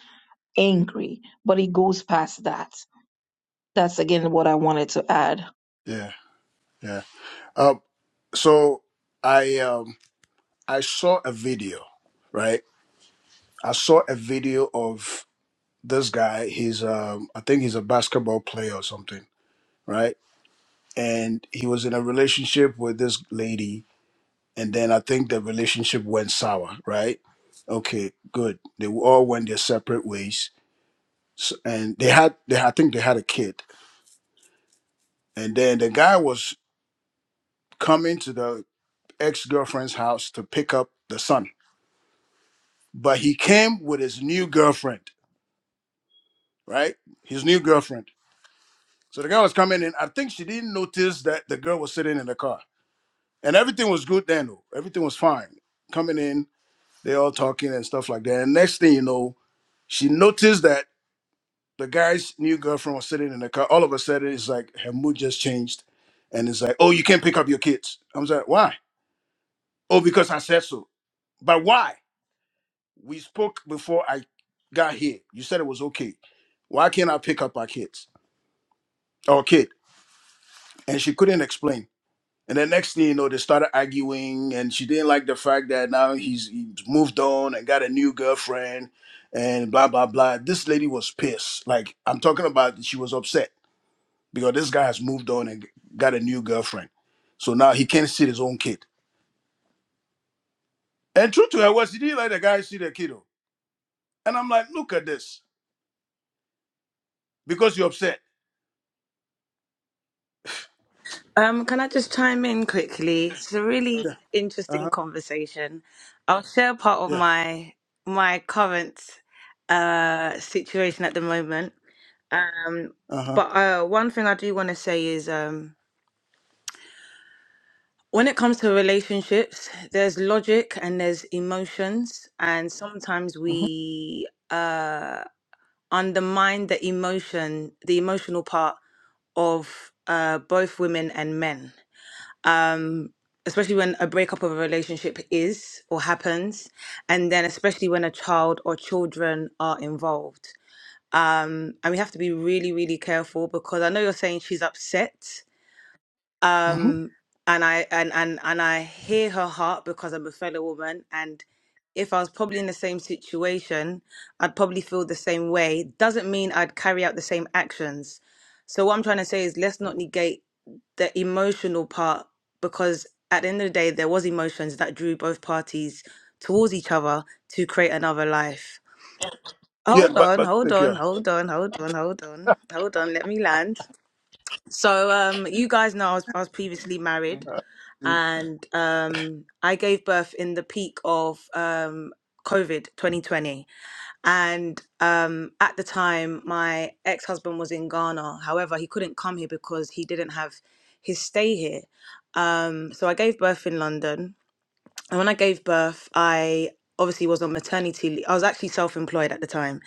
B: angry but it goes past that that's again what I wanted to add.
H: yeah, yeah. Um, so I um I saw a video, right? I saw a video of this guy. He's um I think he's a basketball player or something, right? And he was in a relationship with this lady and then I think the relationship went sour, right? Okay, good. They all went their separate ways, S and they had, they I think they had a kid, and then the guy was coming to the ex girlfriend's house to pick up the son, but he came with his new girlfriend, right? His new girlfriend. So the guy was coming in. I think she didn't notice that the girl was sitting in the car, and everything was good then. Though. Everything was fine. Coming in, they all talking and stuff like that. And next thing you know, she noticed that. the guy's new girlfriend was sitting in the car. All of a sudden, it's like her mood just changed, and it's like, "Oh, you can't pick up your kids." I was like, "Why?" "Oh, because I said so." But why? We spoke before I got here. You said it was okay. Why can't I pick up our kids? Our kid, and she couldn't explain. And the next thing you know, they started arguing, and she didn't like the fact that now he's, he's moved on and got a new girlfriend, and blah blah blah. This lady was pissed. Like I'm talking about, she was upset because this guy has moved on and got a new girlfriend. So now he can't see his own kid. And true to her was, he didn't let the guy see the kiddo. And I'm like, look at this, because you're upset.
I: Um, can I just chime in quickly? It's a really
H: Yeah. Uh
I: interesting
H: huh.
I: conversation. I'll share part of
H: Yeah.
I: my my current uh, situation at the moment. Um,
H: Uh huh.
I: but uh, one thing I do want to say is um, when it comes to relationships, there's logic and there's emotions, and sometimes
H: hmm
I: we uh, undermine the emotion, the emotional part of uh, both women and men especially when a breakup of a relationship is or happens, and then especially when a child or children are involved. Um, and we have to be really, really careful because I know you're saying she's upset,
H: hmm
I: and I and and and I hear her heart because I'm a fellow woman, and if I was probably in the same situation, I'd probably feel the same way. Doesn't mean I'd carry out the same actions. So what I'm trying to say is let's not negate the emotional part because at the end of the day there was emotions that drew both parties towards each other to create another life
H: Yeah.
I: hold
H: But
I: on
H: but
I: hold
H: thank you.
I: on hold on hold on hold on hold on let me land so um you guys know i was, I was previously married
H: Uh
I: and um i gave birth in the peak of um covid 2020 and um, at the time, my ex husband was in Ghana. However, he couldn't come here because he didn't have his stay here. Um, so I gave birth in London. And when I gave birth, I obviously was on maternity leave. I was actually self employed at the time.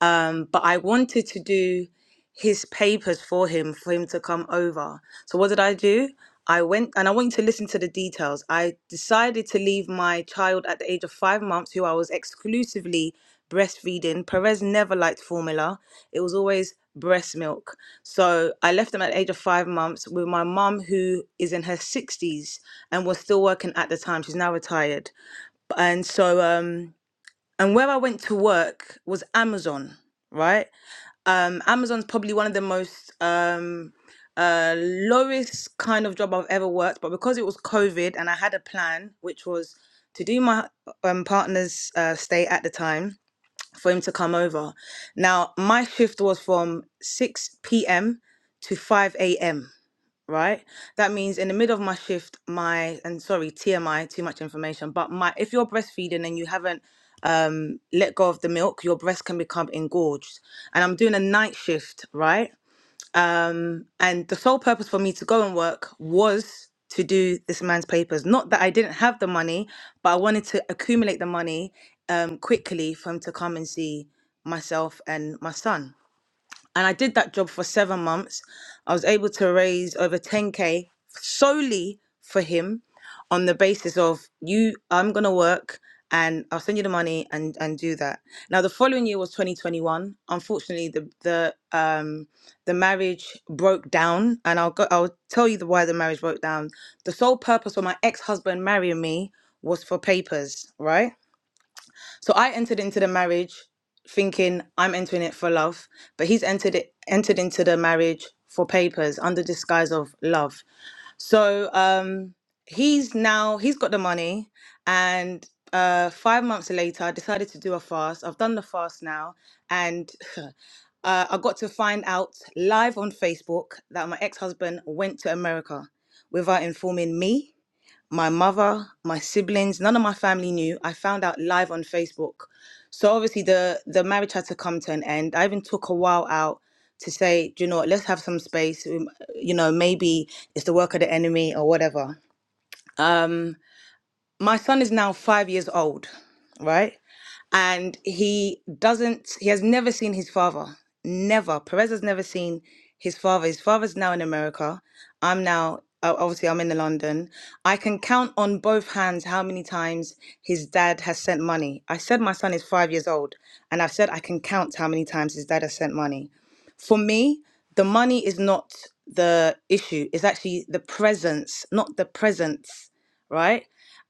I: Um, but I wanted to do his papers for him for him to come over. So what did I do? I went and I want you to listen to the details. I decided to leave my child at the age of five months, who I was exclusively breastfeeding. Perez never liked formula. It was always breast milk. So I left him at the age of five months with my mum who is in her sixties and was still working at the time. She's now retired. And so um and where I went to work was Amazon, right? um Amazon's probably one of the most um uh lowest kind of job I've ever worked, but because it was COVID and I had a plan, which was to do my um partner's uh, stay at the time for him to come over. Now my shift was from 6 p.m. to 5 a.m right? That means in the middle of my shift, my and sorry, TMI, too much information, but my if you're breastfeeding and you haven't um let go of the milk, your breast can become engorged. And I'm doing a night shift, right? Um and the sole purpose for me to go and work was to do this man's papers. Not that I didn't have the money, but I wanted to accumulate the money um quickly for him to come and see myself and my son and I did that job for seven months. I was able to raise over 10k solely for him on the basis of you, I'm gonna work and I'll send you the money and and do that. Now the following year was 2021. Unfortunately, the the um the marriage broke down, and I'll go. I'll tell you the why the marriage broke down. The sole purpose for my ex husband marrying me was for papers, right? So I entered into the marriage thinking I'm entering it for love, but he's entered it entered into the marriage for papers under disguise of love. So um he's now he's got the money and uh five months later I decided to do a fast. I've done the fast now and uh, I got to find out live on Facebook that my ex-husband went to America without informing me my mother, my siblings, none of my family knew. I found out live on Facebook. So obviously the the marriage had to come to an end. I even took a while out to say, "Do you know, what, let's have some space. Um, You know, maybe it's the work of the enemy or whatever. Um, My son is now five years old, right? and he doesn't he has never seen his father never perez has never seen his father his father's now in america i'm now uh, obviously i'm in london i can count on both hands how many times his dad has sent money i said my son is five years old and i've said i can count how many times his dad has sent money for me the money is not the issue it's actually the presence not the presence right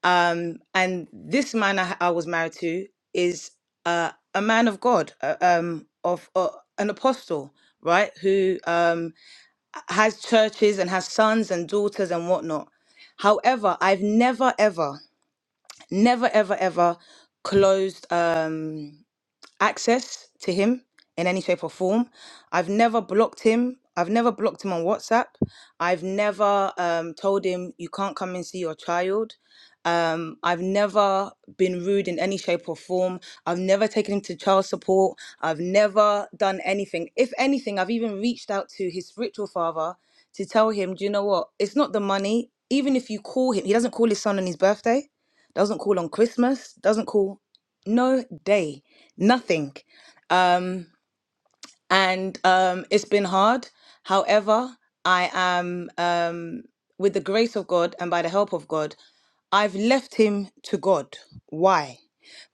I: um, and this man I, I was married to is uh, a man of God, uh, um, of uh, an apostle, right? Who um, has churches and has sons and daughters and whatnot. However, I've never, ever, never, ever, ever closed. Um, access to him in any shape or form. I've never blocked him. I've never blocked him on WhatsApp. I've never um, told him you can't come and see your child. Um, I've never been rude in any shape or form. I've never taken him to child support. I've never done anything. If anything, I've even reached out to his spiritual father to tell him, do you know what? It's not the money. Even if you call him, he doesn't call his son on his birthday, doesn't call on Christmas, doesn't call no day, nothing. Um, and um, it's been hard. However, I am, um, with the grace of God and by the help of God, I've left him to God. Why?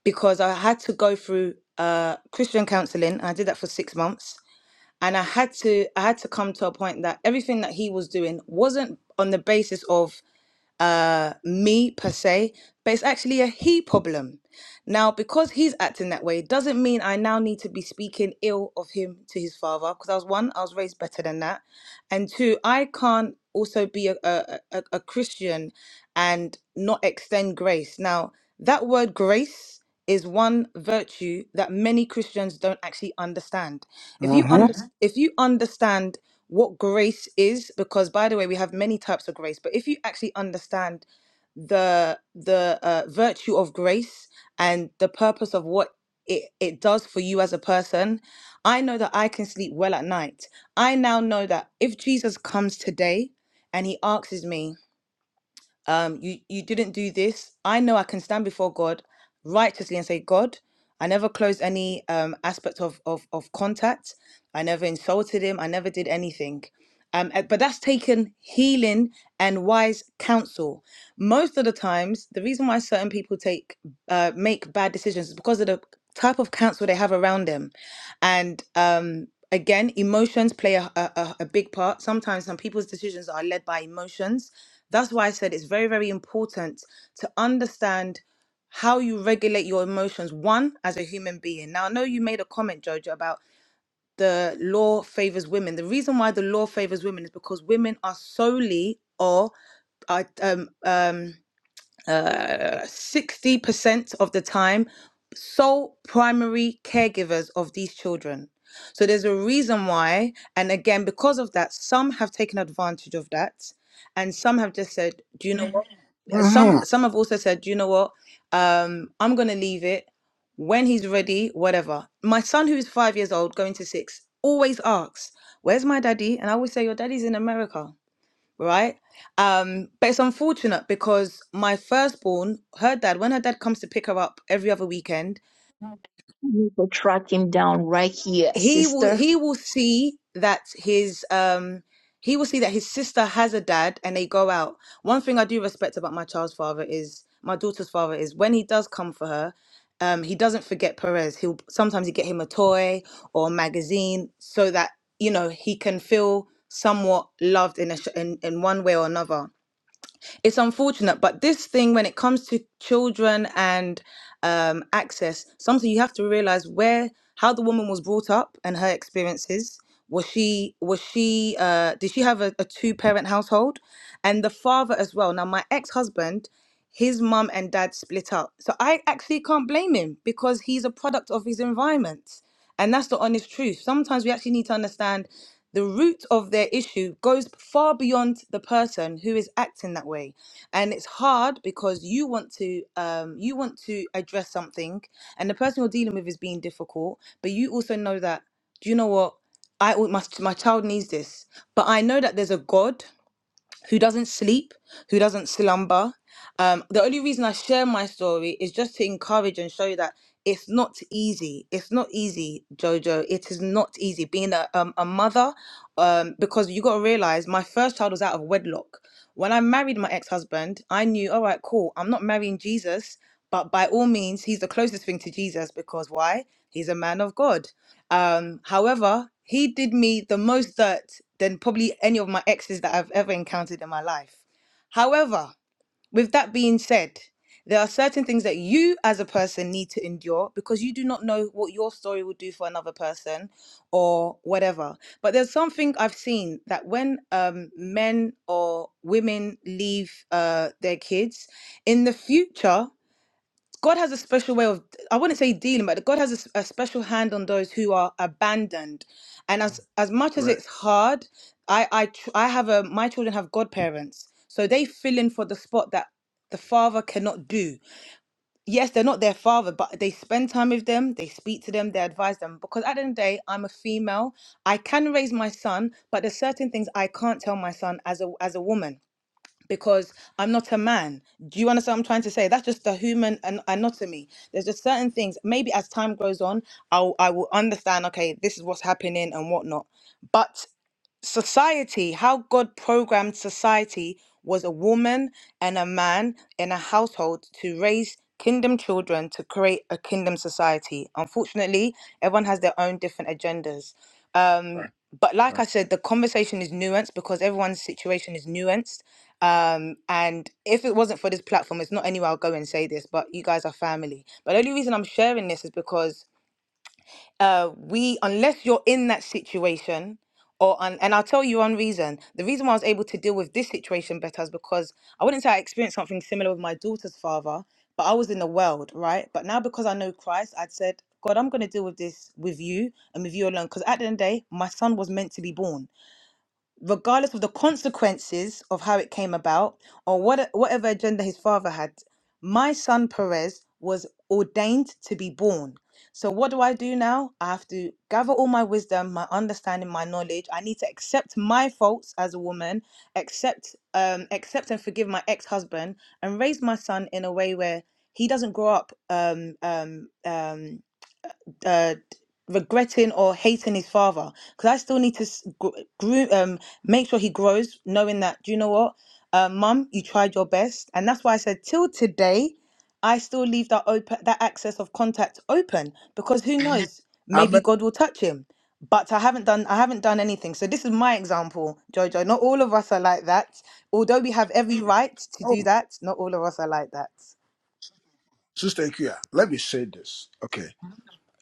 I: Because I had to go through uh, Christian counseling. I did that for six months. And I had to I had to come to a point that everything that he was doing wasn't on the basis of uh, me per se, but it's actually a he problem. Now, because he's acting that way, doesn't mean I now need to be speaking ill of him to his father. Because I was one, I was raised better than that, and two, I can't also be a a, a, a Christian and not extend grace. Now, that word grace is one virtue that many Christians don't actually understand. If you
H: huh.
I: under, if you understand what grace is because by the way we have many types of grace but if you actually understand the the uh, virtue of grace and the purpose of what it, it does for you as a person i know that i can sleep well at night i now know that if jesus comes today and he asks me um you you didn't do this i know i can stand before god righteously and say god i never closed any um aspect of of, of contact i never insulted him i never did anything um uh, but that's taken healing and wise counsel most of the times the reason why certain people take uh, make bad decisions is because of the type of counsel they have around them and um again emotions play a, a, a a big part sometimes some people's decisions are led by emotions that's why i said it's very very important to understand how you regulate your emotions one as a human being now i know you made a comment jojo about the law favors women the reason why the law favors women is because women are solely or are um um uh, sixty percent of the time sole primary caregivers of these children. So there's a reason why, and again, because of that, some have taken advantage of that, and some have just said, "Do you know what?" Mhm. Some
H: hmm
I: some have also said, "Do you know what? Um, I'm gonna leave it when he's ready, whatever." My son, who's five years old, going to six, always asks, "Where's my daddy?" And I always say, "Your daddy's in America." right? Um, but it's unfortunate because my firstborn, her dad, when her dad comes to pick her up every other weekend,
B: You could track him down, right,
I: he will
B: sister?
I: he will see that his um he will see that his sister has a dad and they go out. One thing I do respect about my child's father is my daughter's father is when he does come for her, um, he doesn't forget Perez. He'll sometimes he get him a toy or a magazine so that you know he can feel somewhat loved in a sh- in, in one way or another it's unfortunate, but this thing, when it comes to children and um, access, something you have to realize where how the woman was brought up and her experiences. Was she was she uh, did she have a, a two parent household, and the father as well? Now my ex husband, his mum and dad split up, so I actually can't blame him because he's a product of his environment. And that's the honest truth. Sometimes we actually need to understand the root of their issue goes far beyond the person who is acting that way. And it's hard because you want to um, you want to address something and the person you're dealing with is being difficult, but you also know that, do you know what? I my, my child needs this. But I know that there's a God who doesn't sleep, who doesn't slumber. Um, the only reason I share my story is just to encourage and show you that it's not easy. It's not easy, Jojo. It is not easy being a, um, a mother um, because you got to realize my first child was out of wedlock. When I married my ex husband, I knew, all right, cool, I'm not marrying Jesus, but by all means, he's the closest thing to Jesus because why? He's a man of God. Um, however, he did me the most dirt than probably any of my exes that I've ever encountered in my life. However, with that being said, there are certain things that you as a person need to endure because you do not know what your story will do for another person or whatever. But there's something I've seen that when um, men or women leave uh, their kids, in the future, God has a special way of, I wouldn't say dealing, but God has a, s- a special hand on those who are abandoned. And as as much as
H: Right.
I: it's hard, I I tr- I have a my children have godparents, so they fill in for the spot that the father cannot do. Yes, they're not their father, but they spend time with them, they speak to them, they advise them. Because at the end of the day, I'm a female. I can raise my son, but there's certain things I can't tell my son as a as a woman because I'm not a man. Do you understand what I'm trying to say? That's just the human an- anatomy. There's just certain things. Maybe as time goes on, I'll I will understand. Okay, this is what's happening and whatnot. But society, how God programmed society was a woman and a man in a household to raise kingdom children to create a kingdom society. Unfortunately, everyone has their own different agendas but like
H: Right.
I: I said, the conversation is nuanced because everyone's situation is nuanced. Um, and if it wasn't for this platform, it's not anywhere I'll go and say this, but you guys are family. But the only reason I'm sharing this is because uh, we, unless you're in that situation, or un- and I'll tell you one reason. The reason why I was able to deal with this situation better is because I wouldn't say I experienced something similar with my daughter's father, but I was in the world, right? But now because I know Christ, I'd said, God, I'm going to deal with this with you and with you alone. Because at the end of the day, my son was meant to be born regardless of the consequences of how it came about or what whatever agenda his father had my son perez was ordained to be born so what do i do now i have to gather all my wisdom my understanding my knowledge i need to accept my faults as a woman accept um accept and forgive my ex-husband and raise my son in a way where he doesn't grow up um um um uh, regretting or hating his father because I still need to s- gr- groom, um, make sure he grows, knowing that do you know what, uh, mum, you tried your best, and that's why I said till today, I still leave that open, that access of contact open because who Mhm. knows,
H: I
I: maybe
H: mean,
I: God will touch him. But I haven't done I haven't done anything. So this is my example, Jojo. Not all of us are like that. Although we have every Mm. right to do
H: oh,
I: that, not all of us are like that.
H: Sister Ikea, let me say this. Okay.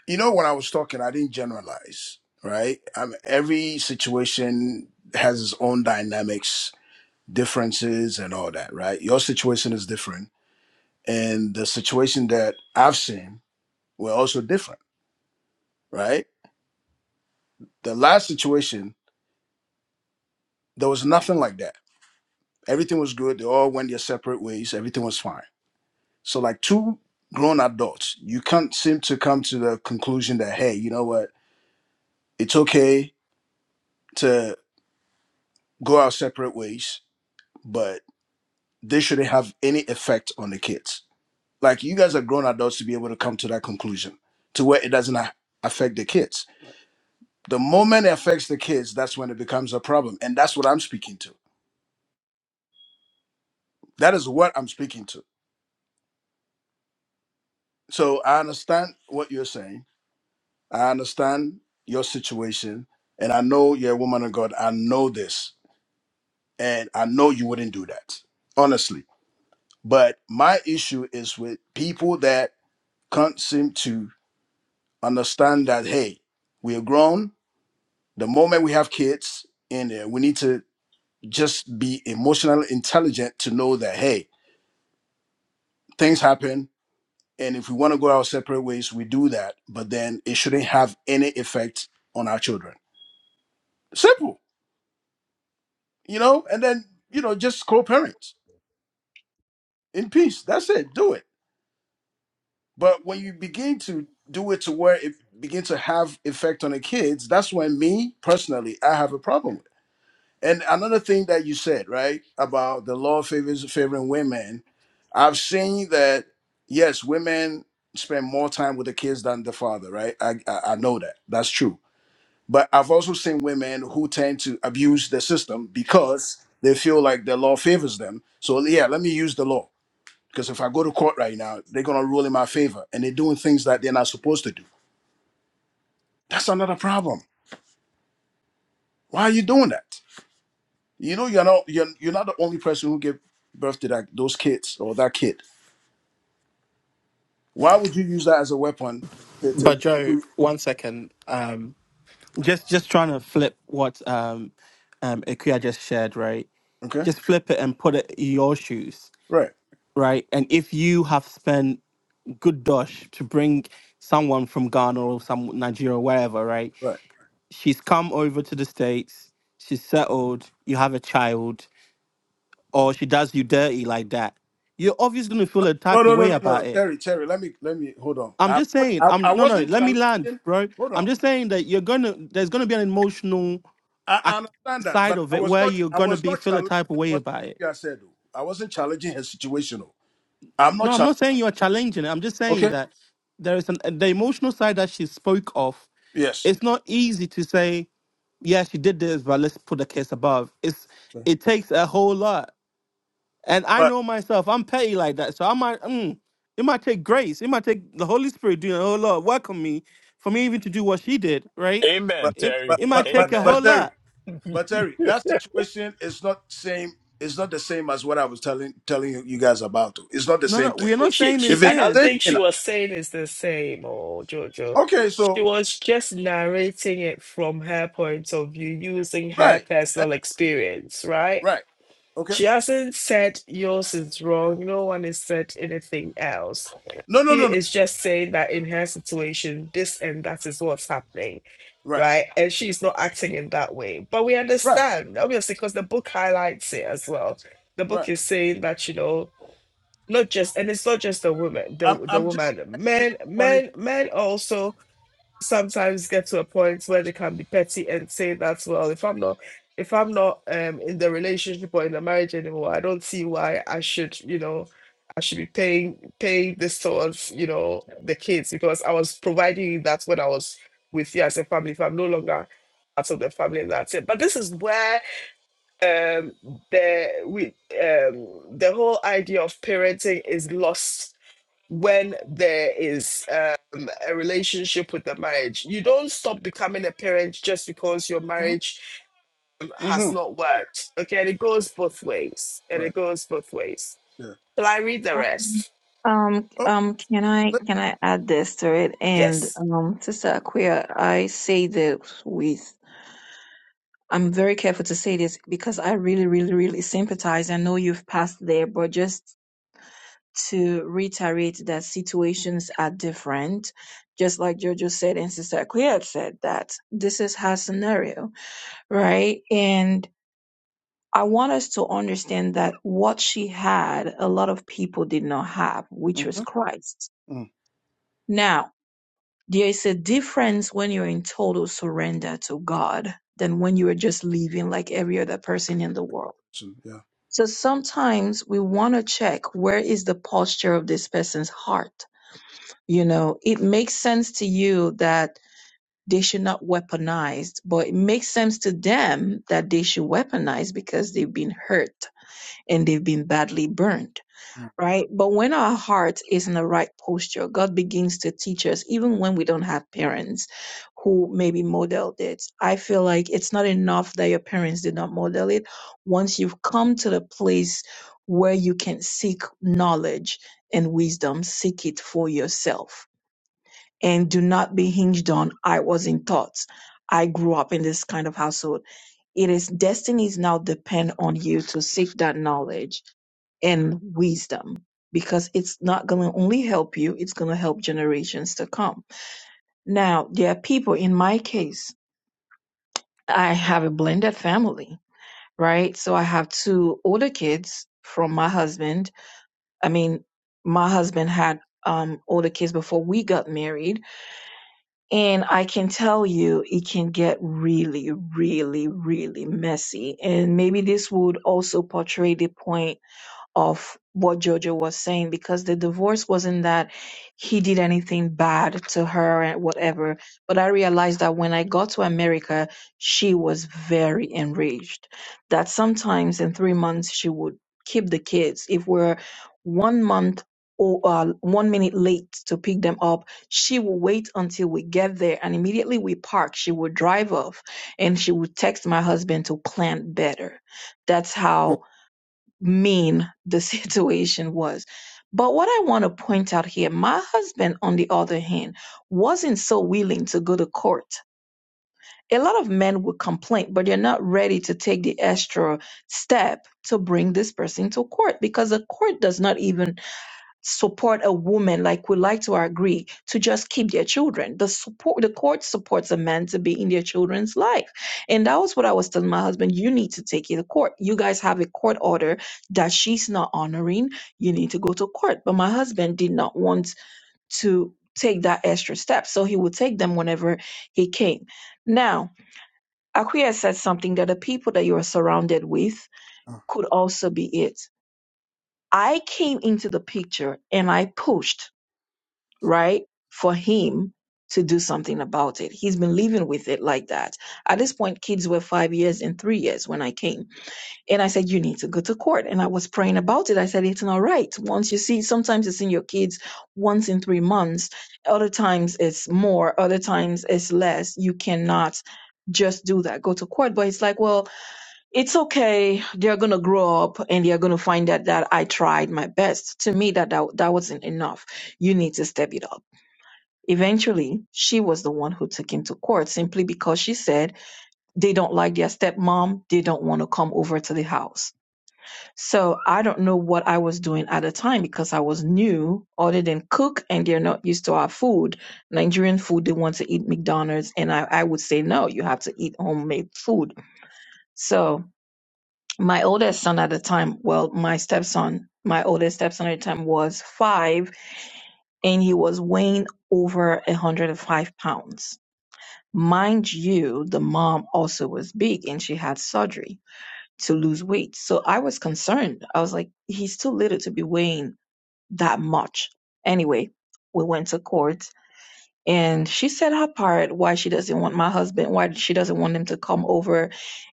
H: You know, when I was talking, I didn't generalize, right? I mean, every situation has its own dynamics differences and all that, right? Your situation is different. And the situation that I've seen were also different, right? The last situation, there was nothing like that. Everything was good. They all went their separate ways. Everything was fine. So, like two grown adults, you can't seem to come to the conclusion that, hey, you know what? It's okay to go our separate ways, but they shouldn't have any effect on the kids. Like, you guys are grown adults to be able to come to that conclusion to where it doesn't a- affect the kids The moment it affects the kids, that's when it becomes a problem. And that's what I'm speaking to. That is what I'm speaking to. So I understand what you're saying. I understand your situation. And I know you're a woman of God. I know this. And I know you wouldn't do that, honestly. But my issue is with people that can't seem to understand that, hey, we are grown. The moment we have kids in there, we need to just be emotionally intelligent to know that, hey, things happen And if we want to go our separate ways, we do that. But then it shouldn't have any effect on our children. Simple, you know? And then, you know, just co parents in peace. That's it. Do it. But when you begin to do it to where it begin to have effect on the kids, that's when me personally, I have a problem with. And another thing that you said, right, about the law favors favoring women, I've seen that yes, women spend more time with the kids than the father, right? I I, I know that. That's true But I've also seen women who tend to abuse the system because they feel like the law favors them. So yeah, let me use the law because if I go to court right now, they're gonna rule in my favor, and they're doing things that they're not supposed to do. That's another problem. Why are you doing that? You know, you're not you're, you're not the only person who gave birth to that those kids or that kid. Why would you use that as a weapon to, to
D: But Joe, one second. Um just just trying to flip what um um Ikuya just shared, right?
H: okay?
D: Just flip it and put it in your shoes
H: Right,
D: right? And if you have spent good dosh to bring someone from Ghana or some Nigeria, wherever, right?
H: right.
D: She's come over to the States, she's settled, you have a child, or she does you dirty like that. You're obviously gonna feel a
H: No,
D: type of
H: no, no,
D: way
H: no, no.
D: about it.
H: Terry, Terry, let me let me hold on.
D: I'm
H: I
D: just saying,
H: I,
D: I'm
H: I
D: no no,
H: wasn't
D: let me land,
H: challenging.
D: bro.
H: Hold on.
D: I'm just saying that you're gonna there's gonna be an emotional
H: I,
D: ac-
H: I understand that,
D: side
H: but
D: of
H: I
D: it
H: was
D: where
H: not.
D: you're
H: I
D: gonna
H: was
D: be
H: not
D: feel a
H: challenging
D: type of way
H: what
D: about it.
H: Ikea said. oh. I wasn't challenging her situation. oh. I'm not
D: No, I'm
H: challenging.
D: not saying you are challenging it. I'm just saying
H: Okay.
D: that there is an the emotional side that she spoke of.
H: Yes.
D: It's not easy to say, yeah, she did this, but let's put the case above. It's
H: Okay.
D: it takes a whole lot, and I
H: But
D: know myself. I'm petty like that, so I might. Mm, it might take grace. It might take the Holy Spirit doing a whole lot of work on me for me even to do what she did. Right?
H: but
F: Amen,
D: It
H: but
F: Terry.
D: it might
H: but but
D: take a whole
H: but
F: Amen.
H: Terry,
D: lot.
H: but Terry, that situation is not same. It's not the same as what I was telling telling you you guys about. oh. It's not the
D: No,
H: same
D: no,
H: thing.
D: we're
A: Well,
D: not
A: She,
D: saying
A: she,
H: If
D: it
A: I
H: it's
A: don't
H: the same
D: is.
A: think
H: thing,
A: she was saying it's the same, or Jojo.
H: okay.
A: She
H: So
A: was just narrating it from her point of view, using her
H: right, eh,
A: personal experience, right?
H: right. Okay.
A: She hasn't said yours is wrong. No one has said anything else.
H: No no
A: She
H: no no.
A: is just saying that in her situation, this and that is what's happening,
H: Right
A: right? And she's not acting in that way. But we
H: right
A: understand, obviously, because the book highlights it as well. The book
H: right.
A: is saying that, you know, not just and it's not just the woman, the
H: I'm
A: the
H: I'm just
A: woman, men,
H: responding.
A: men, men also sometimes get to a point where they can be petty and say that well if i'm not if i'm not um in the relationship or in the marriage anymore i don't see why i should you know i should be paying paying this towards you know the kids because i was providing you that when i was with you as a family if i'm no longer part of the family that's it but this is where um the we um the whole idea of parenting is lost when there is um, a relationship with the marriage. You don't stop becoming a parent just because your
H: Mm-hmm,
A: marriage um,
H: mm-hmm,
A: has not worked. Okay, and it goes both ways. And
H: Right.
A: it goes both ways.
H: Yeah.
A: Shall I read the rest?
B: Um,
H: Oh,
B: um, can I
H: but,
B: can I add this to it? And
A: Yes.
B: um, Sister Aquia, I say this with I'm very careful to say this because I really, really, really sympathize. I know you've passed there, but just to reiterate that situations are different. Just like Jojo said and Sister Aquia said that this is her scenario, right? And I want us to understand that what she had, a lot of people did not have, which was
H: mhm,
B: Christ.
H: mhm.
B: Now, there is a difference when you're in total surrender to God than when you are just living like every other person in the world.
H: So, yeah.
B: So sometimes we want to check where is the posture of this person's heart. You know, it makes sense to you that they should not weaponize, but it makes sense to them that they should weaponize because they've been hurt and they've been badly burned. right? But when our heart is in the right posture, God begins to teach us, even when we don't have parents who maybe modeled it. I feel like it's not enough that your parents did not model it. Once you've come to the place where you can seek knowledge and wisdom, seek it for yourself and do not be hinged on, I wasn't taught. I grew up in this kind of household. It is destinies now depend on you to seek that knowledge and wisdom because it's not going to only help you, it's going to help generations to come. Now, there are people, in my case, I have a blended family, right? So I have two older kids from my husband. I mean, my husband had um, older kids before we got married And I can tell you, it can get really, really, really messy. And maybe this would also portray the point of what Jojo was saying because the divorce wasn't that he did anything bad to her and whatever. But I realized that when I got to America, she was very enraged. That sometimes in three months she would keep the kids. If we're one month or uh, one minute late to pick them up, she will wait until we get there and immediately we park. She would drive off and she would text my husband to plan better. That's
H: Mm.
B: how mean the situation was. But what I want to point out here, my husband, on the other hand, wasn't so willing to go to court. A lot of men would complain, but they're not ready to take the extra step to bring this person to court because the court does not even support a woman like we like to agree to just keep their children the support the court supports a man to be in their children's life and that was what i was telling my husband you need to take it to court you guys have a court order that she's not honoring you need to go to court but my husband did not want to take that extra step so he would take them whenever he came now aquia said something that the people that you are surrounded with could also be it i came into the picture and i pushed right? For him to do something about it. He's been living with it like that. At this point, kids were five years and three years when I came. And I said, You need to go to court. And I was praying about it. I said, It's not right. Once you see, sometimes it's in your kids once in three months, other times it's more, other times it's less. You cannot just do that go to court but it's like well it's okay they're gonna grow up and they're gonna find out that i tried my best to me that that, that wasn't enough you need to step it up Eventually, she was the one who took him to court simply because she said they don't like their stepmom. They don't want to come over to the house. So I don't know what I was doing at the time because I was new, other than cook, and they're not used to our food. Nigerian food, they want to eat McDonald's. And I, I would say, no, you have to eat homemade food. So my oldest son at the time, well, my stepson, my oldest stepson at the time was five, and he was weighing over 105 pounds Mind you, the mom also was big and she had surgery to lose weight. So I was concerned. I was like, he's too little to be weighing that much. Anyway, we went to court and she said her part why she doesn't want my husband, why she doesn't want him to come over.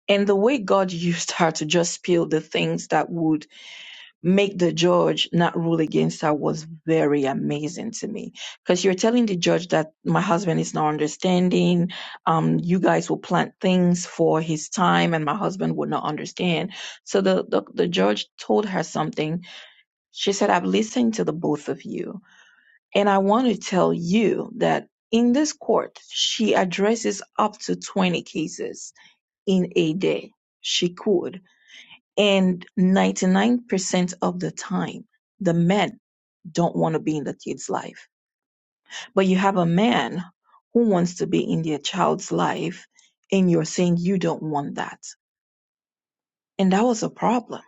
B: And the way God used her to just spill the things that would make the judge not rule against her was very amazing to me because you're telling the judge that my husband is not understanding um you guys will plant things for his time and my husband would not understand so the the, the judge told her something she said i've listened to the both of you and i want to tell you that in this court she addresses up to 20 cases in a day she could and 99% of the time, the men don't want to be in the kid's life. But you have a man who wants to be in their child's life, and you're saying you don't want that. And that was a problem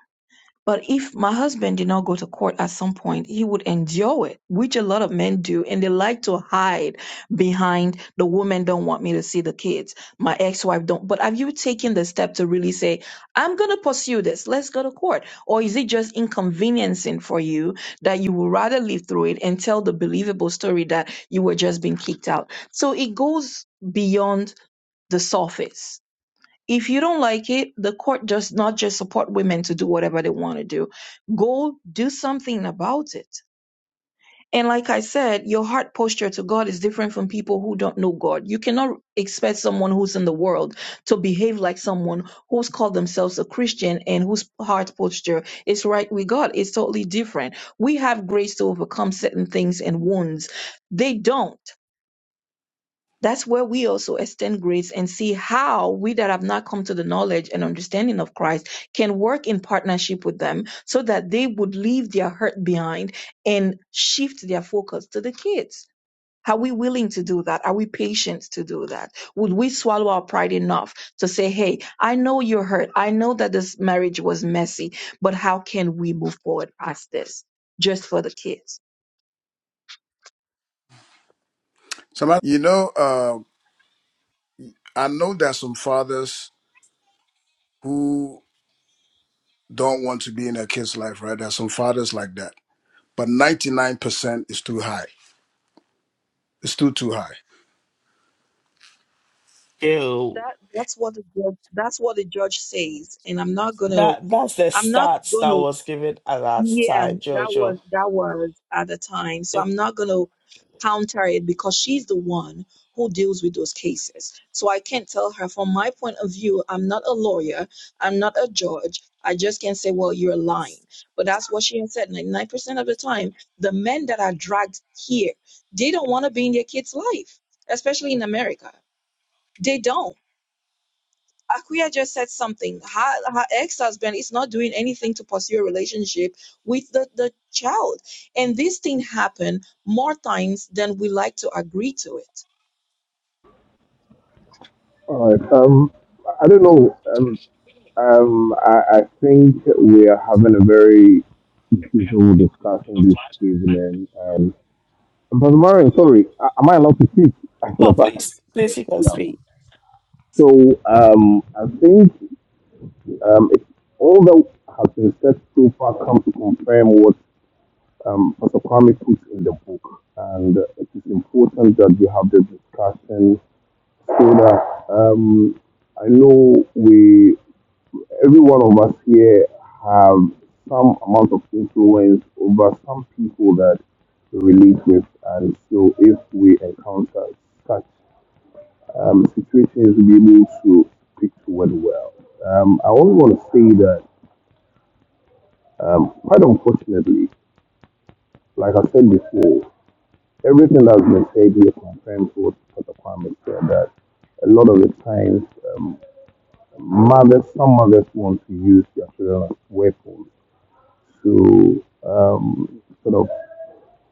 B: but if my husband did not go to court at some point, he would endure it, which a lot of men do. And they like to hide behind the woman don't want me to see the kids. My ex-wife don't. But have you taken the step to really say, I'm going to pursue this. Let's go to court. Or is it just inconveniencing for you that you would rather live through it and tell the believable story that you were just being kicked out? So it goes beyond the surface if you don't like it, the court does not just support women to do whatever they want to do. Go do something about it. And like I said, your heart posture to God is different from people who don't know God. You cannot expect someone who's in the world to behave like someone who's called themselves a Christian and whose heart posture is right with God. It's totally different. We have grace to overcome certain things and wounds. They don't. That's where we also extend grace and see how we that have not come to the knowledge and understanding of Christ can work in partnership with them so that they would leave their hurt behind and shift their focus to the kids. Are we willing to do that? Are we patient to do that? Would we swallow our pride enough to say, Hey, I know you're hurt. I know that this marriage was messy, but how can we move forward past this just for the kids?
H: Somebody, you know, uh, I know there's some fathers who don't want to be in their kids' life, right? There's some fathers like that, but 99% is too high. It's too too high.
A: Ew.
B: that that's what the judge, that's what the judge says and i'm not gonna
A: That that's the
B: i'm not
A: stats that
B: gonna
A: was given at that
B: yeah
A: time,
B: that was
A: Jojo.
B: that was at the time so
A: Eh,
B: i'm not gonna counter it because she's the one who deals with those cases so i can't tell her from my point of view i'm not a lawyer i'm not a judge i just can't say well you're lying but that's what she has said 99% of the time the men that are dragged here they don't want to be in their kids life especially in america they don't Akuya just said something. Her, her ex-husband is not doing anything to pursue a relationship with the, the child. And this thing happen more times than we like to agree to it.
G: All right. Um, I don't know. Um, um, I, I think we are having a very civil discussion this evening. Um, Brother Marion, sorry, a- am I allowed to speak? I should
A: Oh,
G: have asked.
A: please, please, you can
G: Yeah.
A: speak.
G: So um, I think um, it's all that has been said so far come to confirm what um, Pastor Kwame puts in the book, and it is important that we have this discussion so that um, I know we every one of us here have some amount of influence over some people that we relate with. And so if we encounter such um, situations, we'll be able to speak to it well. Um, I only want to say that, um, quite unfortunately, like I said before, everything that's been said here confirms what Dr. Kwame said that a lot of the times, um, mothers, some mothers want to use their children as weapons to um, sort of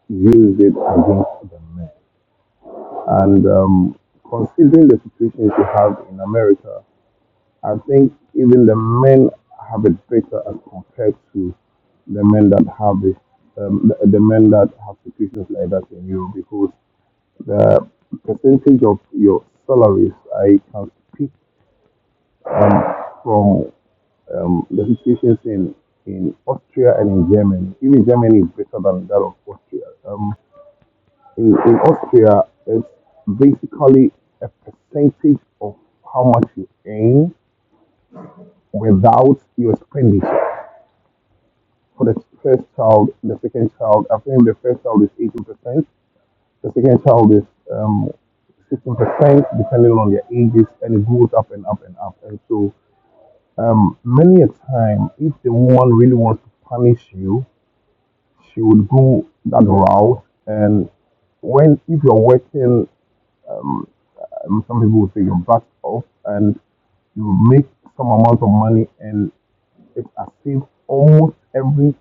G: use it against the men. And um, considering the situations you have in America, I think even the men have it better as compared to the men that have this, um, the, the men that have situations like that in Europe because the percentage of your salaries, I can speak um, from um, the situations in, in Austria and in Germany. Even Germany is better than that of Austria. Um, in, in Austria, it's basically a percentage of how much you earn without your expenditure. For the first child, the second child, I think the first child is 18%, the second child is um, 16%, depending on their ages, and it goes up and up and up. And so, um, many a time, if the woman really wants to punish you, she would go that route. And when, if you're working Um, some people would say you're backed off and you make some amount of money and it's as if almost every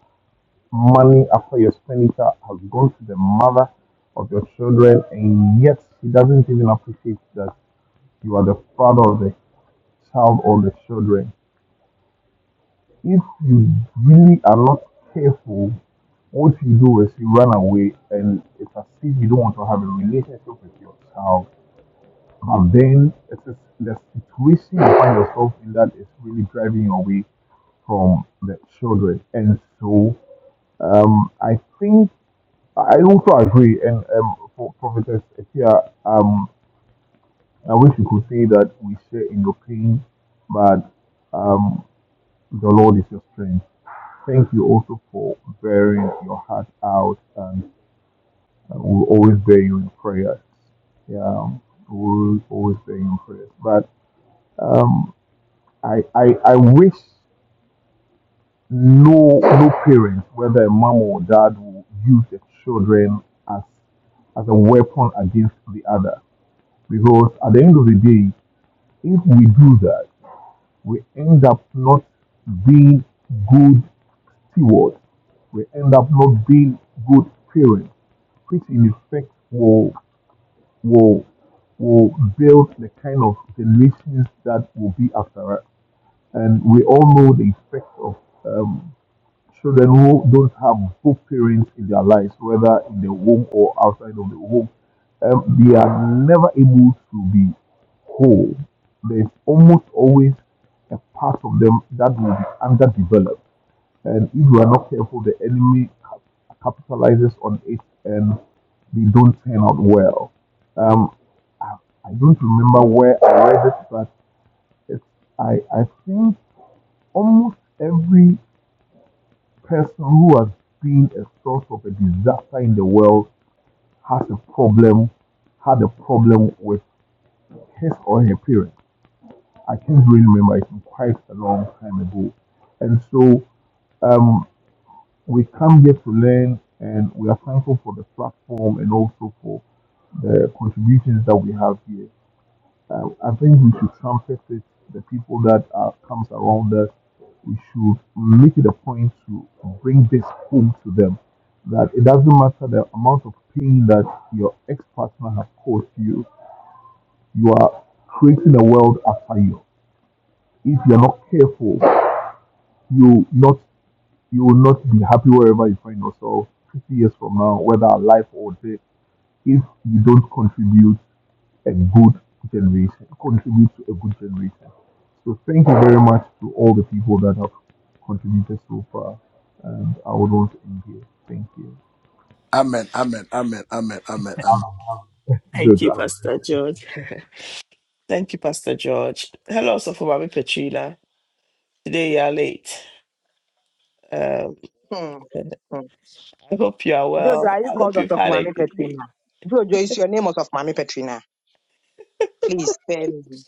G: money after your expenditure has gone to the mother of your children and yet she doesn't even appreciate that you are the father of the child or the children. If you really are not careful, what you do is you run away and it's as if you don't want to have a relationship with your child And then it is the situation you find yourself in that is really driving you away from the children. And so um, I think I also agree. And um, for Professor Etia, um, I wish you could say that we share in your pain, but um, the Lord is your strength. Thank you also for bearing your heart out, and uh, we'll always bear you in prayer. Yeah, we'll always bear you in prayer. But um, I, I, I wish no no parent, whether a mom or dad, will use their children as as a weapon against the other. Because at the end of the day, if we do that, we end up not being good stewards. We end up not being good parents, which in effect will will will build the kind of generations that will be after us. And we all know the effect of um, Children who don't have both parents in their lives, whether in the home or outside of the home, um, they are never able to be whole. There's almost always a part of them that will be underdeveloped. And if you are not careful, the enemy cap- capitalizes on it and they don't turn out well. Um, I, I don't remember where I read it, but it's, I, I think almost every person who has been a source of a disaster in the world has a problem, had a problem with his or her parents. I can't really remember, it's been quite a long time ago. And so um, we come here to learn, and we are thankful for the platform and also for the contributions that we have here. Uh, I think we should trumpet it. The people that are, comes around us, we should make it a point to bring this home to them. That it doesn't matter the amount of pain that your ex-partner has caused you. You are creating a world after you. If you're not careful, you not you will not be happy wherever you find yourself 50 years from now, whether alive or dead, if you don't contribute a good generation, contribute to a good generation. So thank you very much to all the people that have contributed so far. And I would want to end here. Thank you.
H: Amen. Amen. Amen. Amen. Amen. Amen.
A: Thank
G: Good.
A: you,
G: Uh,
A: Pastor George. Thank you, Pastor George. Hello, also for Mami Petrina. Today you are late. Um,
J: Hmm. Hmm.
A: I hope you are
J: Jojo,
A: well.
J: are you
A: I
J: called
A: hope
J: us
A: you've
J: of
A: had a
J: Mami
A: good week.
J: Petrina? Jojo, is your name us of Mami Petrina? Please spare me.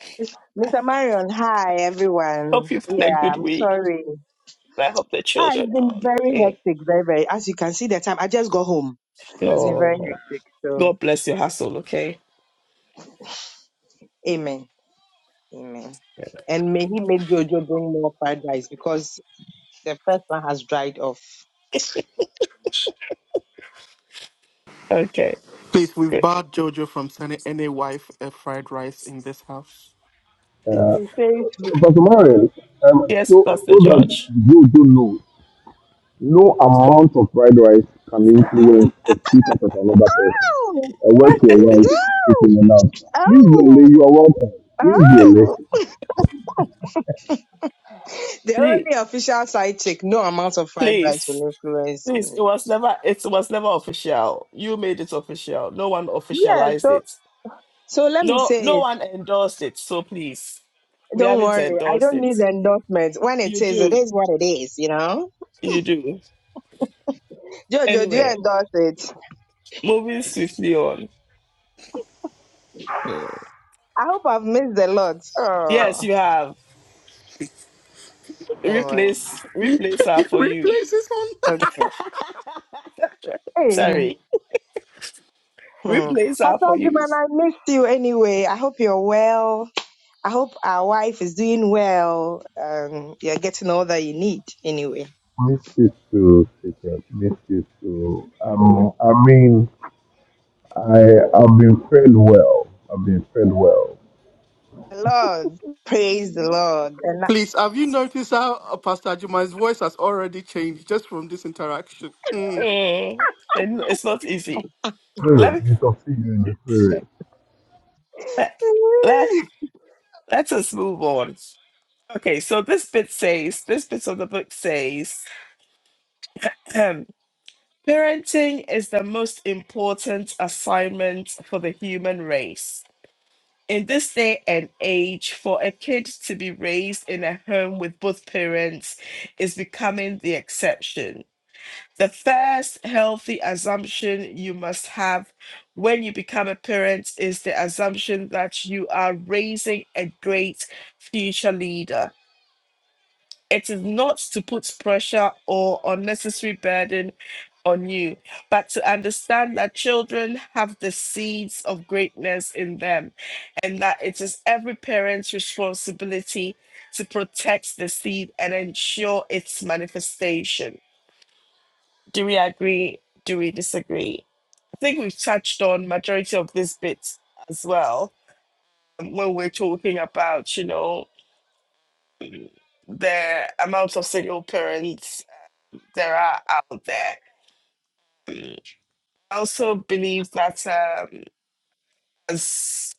J: Mr. Marion, hi
A: I
J: everyone.
A: hope you've had
J: Yeah,
A: a good
J: I'm
A: week.
J: sorry.
A: And I hope the
J: Ah,
A: children
J: it's
A: are
J: been
A: all
J: very
A: okay.
J: hectic, very, very. As you can see, the time I just got home. It's been very
A: So
J: hectic. So,
A: God bless your hustle, okay?
J: amen, amen. And may he make Jojo bring more fried rice because the first one has dried off.
A: Okay.
D: Please, we've
A: Good.
D: barred Jojo from sending any wife a fried rice in this house.
J: He says,
G: Pastor Marius, um,
A: Yes,
G: so, so
A: Pastor
G: that
A: George.
G: you do know, no amount of fried rice can influence the speakers of another person.
J: "Oh,
G: A word
J: that's
G: to a word,
J: it.
G: speaking enough. Please, Yole,
J: oh, oh."
G: you are welcome. Please,
J: oh.
G: Yole.
J: The
A: Please
J: only official side chick, no amount of fried rice
A: please.
J: will influence me.
A: Please. It was never it was never official. You made it official. No one
J: Yeah,
A: officialized
J: so
A: it.
J: so let me
A: No
J: say
A: no
J: it.
A: one endorsed it. So please. We
J: Don't
A: haven't
J: worry, I
A: endorsed
J: don't
A: it.
J: need endorsement. When it
A: You
J: is, it
A: do.
J: is what it is, you know?
A: You do.
J: Jojo, do you
A: Anyway,
J: endorse it?
A: moving swiftly on.
J: I hope I've missed a lot.
A: Yes,
J: Oh,
A: you have.
J: don't worry.
A: replace replace her for you.
J: Okay. Hey,
A: Sorry,
J: hmm.
A: replace her for
J: Pastor
A: you.
J: Jiman, I missed you anyway. I hope you're well. I hope our wife is doing well. Um, you're getting all that you need anyway.
G: Miss you too, Secret. Miss you too. Um, I mean, I I've been fed well. I've been fed well.
J: Lord, praise the Lord. And
D: Please, have you noticed how uh, Pastor Ajuma's voice has already changed just from this interaction? Hmm.
A: Mm, and it's not easy. Let
G: Spirit,
A: me
G: we shall see you in the spirit.
A: let,
J: I-
A: let let us move on. Okay, so this bit says this bit of the book says um, parenting is the most important assignment for the human race. In this day and age, for a kid to be raised in a home with both parents is becoming the exception. The first healthy assumption you must have when you become a parent is the assumption that you are raising a great future leader. It is not to put pressure or unnecessary burden on you, but to understand that children have the seeds of greatness in them and that it is every parent's responsibility to protect the seed and ensure its manifestation do we agree? Do we disagree? I think we've touched on majority of this bit as well um, when we're talking about you know the amount of single parents there are out there. I also believe that um, as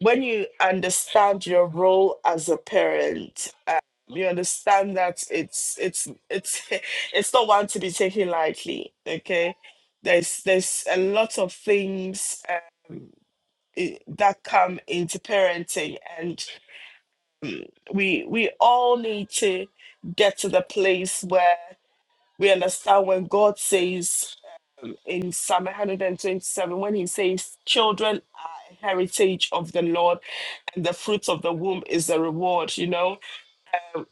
A: when you understand your role as a parent, um, you understand that it's it's it's it's not one to be taken lightly. Okay, there's there's a lot of things i- that come into parenting and we we all need to get to the place where we understand when god says in psalm 127 when he says children are a heritage of the lord and the fruit of the womb is the reward you know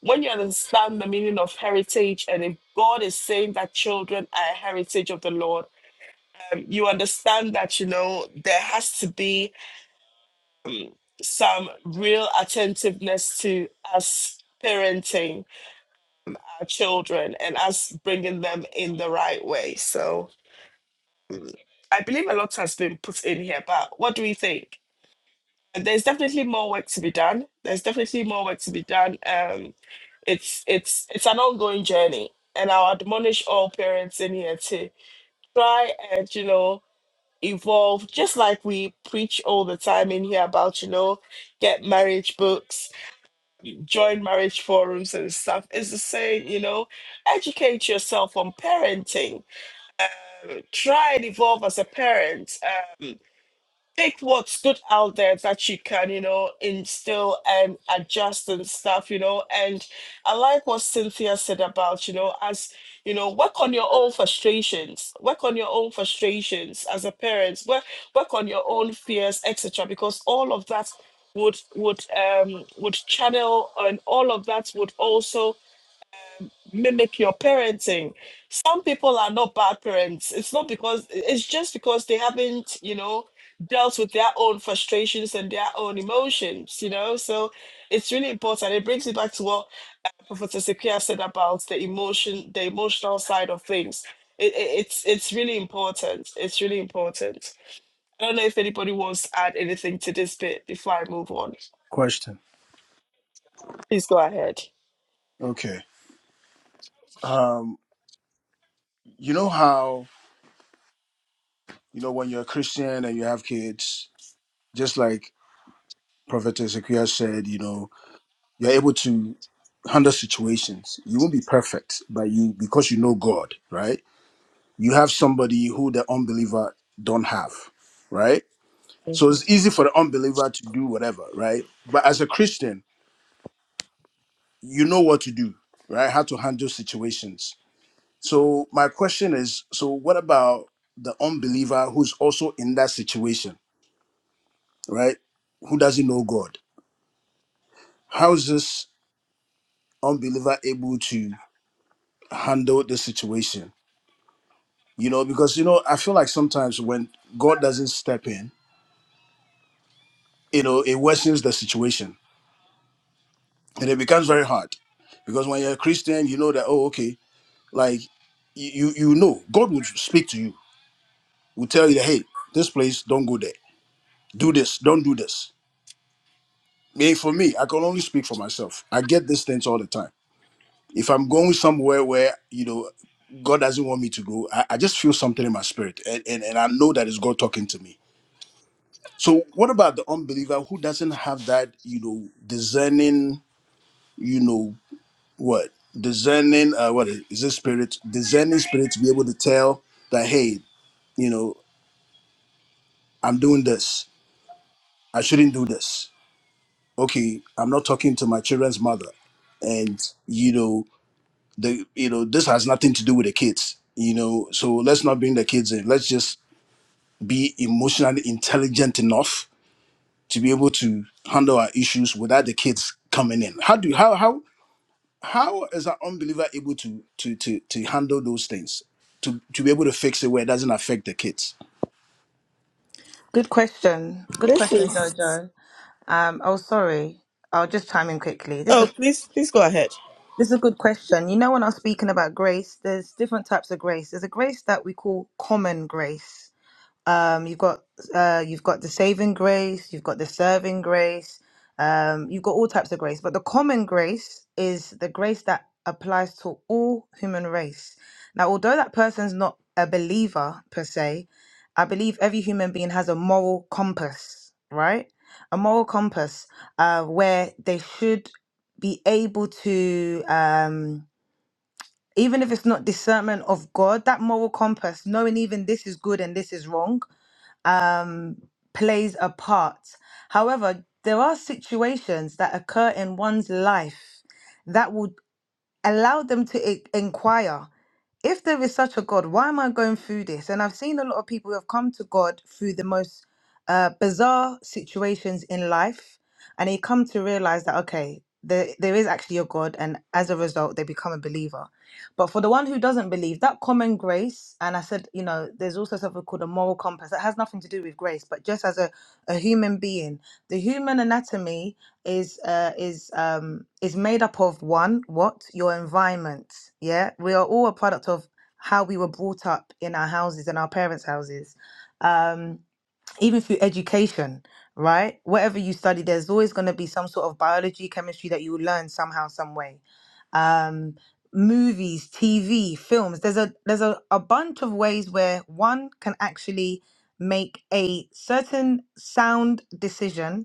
A: when you understand the meaning of heritage and if god is saying that children are a heritage of the lord um, you understand that you know there has to be some real attentiveness to us parenting our children and us bringing them in the right way. So I believe a lot has been put in here, but what do we think? There's definitely more work to be done. There's definitely more work to be done. Um, it's it's it's an ongoing journey, and I'll admonish all parents in here to try and you know evolve, just like we preach all the time in here about you know get marriage books join marriage forums and stuff is the same, you know, educate yourself on parenting, Uh, try and evolve as a parent. Um, take what's good out there that you can, you know, instill and adjust and stuff, you know. And I like what Cynthia said about, you know, as you know, work on your own frustrations, work on your own frustrations as a parent, work work on your own fears, etc. Because all of that would would um would channel and all of that would also mimic your parenting. Some people are not bad parents. It's not because it's just because they haven't, you know, dealt with their own frustrations and their own emotions, you know. So it's really important. It brings me back to what Professor Sekia said about the emotion, the emotional side of things. It, it, it's it's really important. It's really important. I don't know if anybody wants to add anything to this bit before I move on.
H: Question.
A: Please go ahead.
H: Okay. Um, you know how you know when you're a Christian and you have kids, just like Prophet Ezekiel said, you know, you're able to handle situations. You won't be perfect, but you because you know God, right? you have somebody who the unbeliever don't have, right? So it's easy for the unbeliever to do whatever, right? But as a Christian, you know what to do, right? How to handle situations. So my question is, so what about the unbeliever who's also in that situation, right? Who doesn't know God? How is this unbeliever able to handle the situation? You know, because you know, I feel like sometimes when God doesn't step in, you know, it worsens the situation and it becomes very hard because when you're a christian you know that oh okay like you you know god will speak to you will tell you that hey this place don't go there do this don't do this me for me i can only speak for myself i get these things all the time if i'm going somewhere where you know god doesn't want me to go i, I just feel something in my spirit and, and and i know that it's god talking to me so what about the unbeliever who doesn't have that you know discerning you know what discerning uh what is is this spirit discerning spirit to be able to tell that hey you know i'm doing this i shouldn't do this okay i'm not talking to my children's mother and you know the you know this has nothing to do with the kids you know so let's not bring the kids in let's just be emotionally intelligent enough to be able to handle our issues without the kids coming in how do how how how is an unbeliever able to to to to handle those things to to be able to fix it where it doesn't affect the kids
I: Good question. Good
A: This
I: question,
A: is.
I: Jojo. Um, oh, sorry. I'll just chime in quickly. This
A: Oh,
I: is a,
A: please, please go ahead.
I: this is a good question. You know, when I was speaking about grace, there's different types of grace. There's a grace that we call common grace, um, you've got uh, you've got the saving grace, you've got the serving grace, um, you've got all types of grace. But the common grace is the grace that applies to all human race. Now, although that person's not a believer per se, I believe every human being has a moral compass, right? A moral compass uh, where they should be able to. Um, even if it's not discernment of God, that moral compass, knowing even this is good and this is wrong, um, plays a part. However, there are situations that occur in one's life allow them to i- inquire if there is such a God, why am I going through this? And I've seen a lot of people who have come to God through the most uh, bizarre situations in life, and they come to realize that, okay, there, there is actually a God, and as a result, they become a believer. But for the one who doesn't believe, that common grace, and I said, you know, there's also something called a moral compass that has nothing to do with grace, but just as a, a human being, the human anatomy is uh, is um, is made up of one what your environment yeah we are all a product of how we were brought up in our houses and our parents houses um, even through education, right? Whatever you study, there's always going to be some sort of biology, chemistry that you will learn somehow, some way. Um, movies, TV, films. There's a there's a, a bunch of ways where one can actually make a certain sound decision,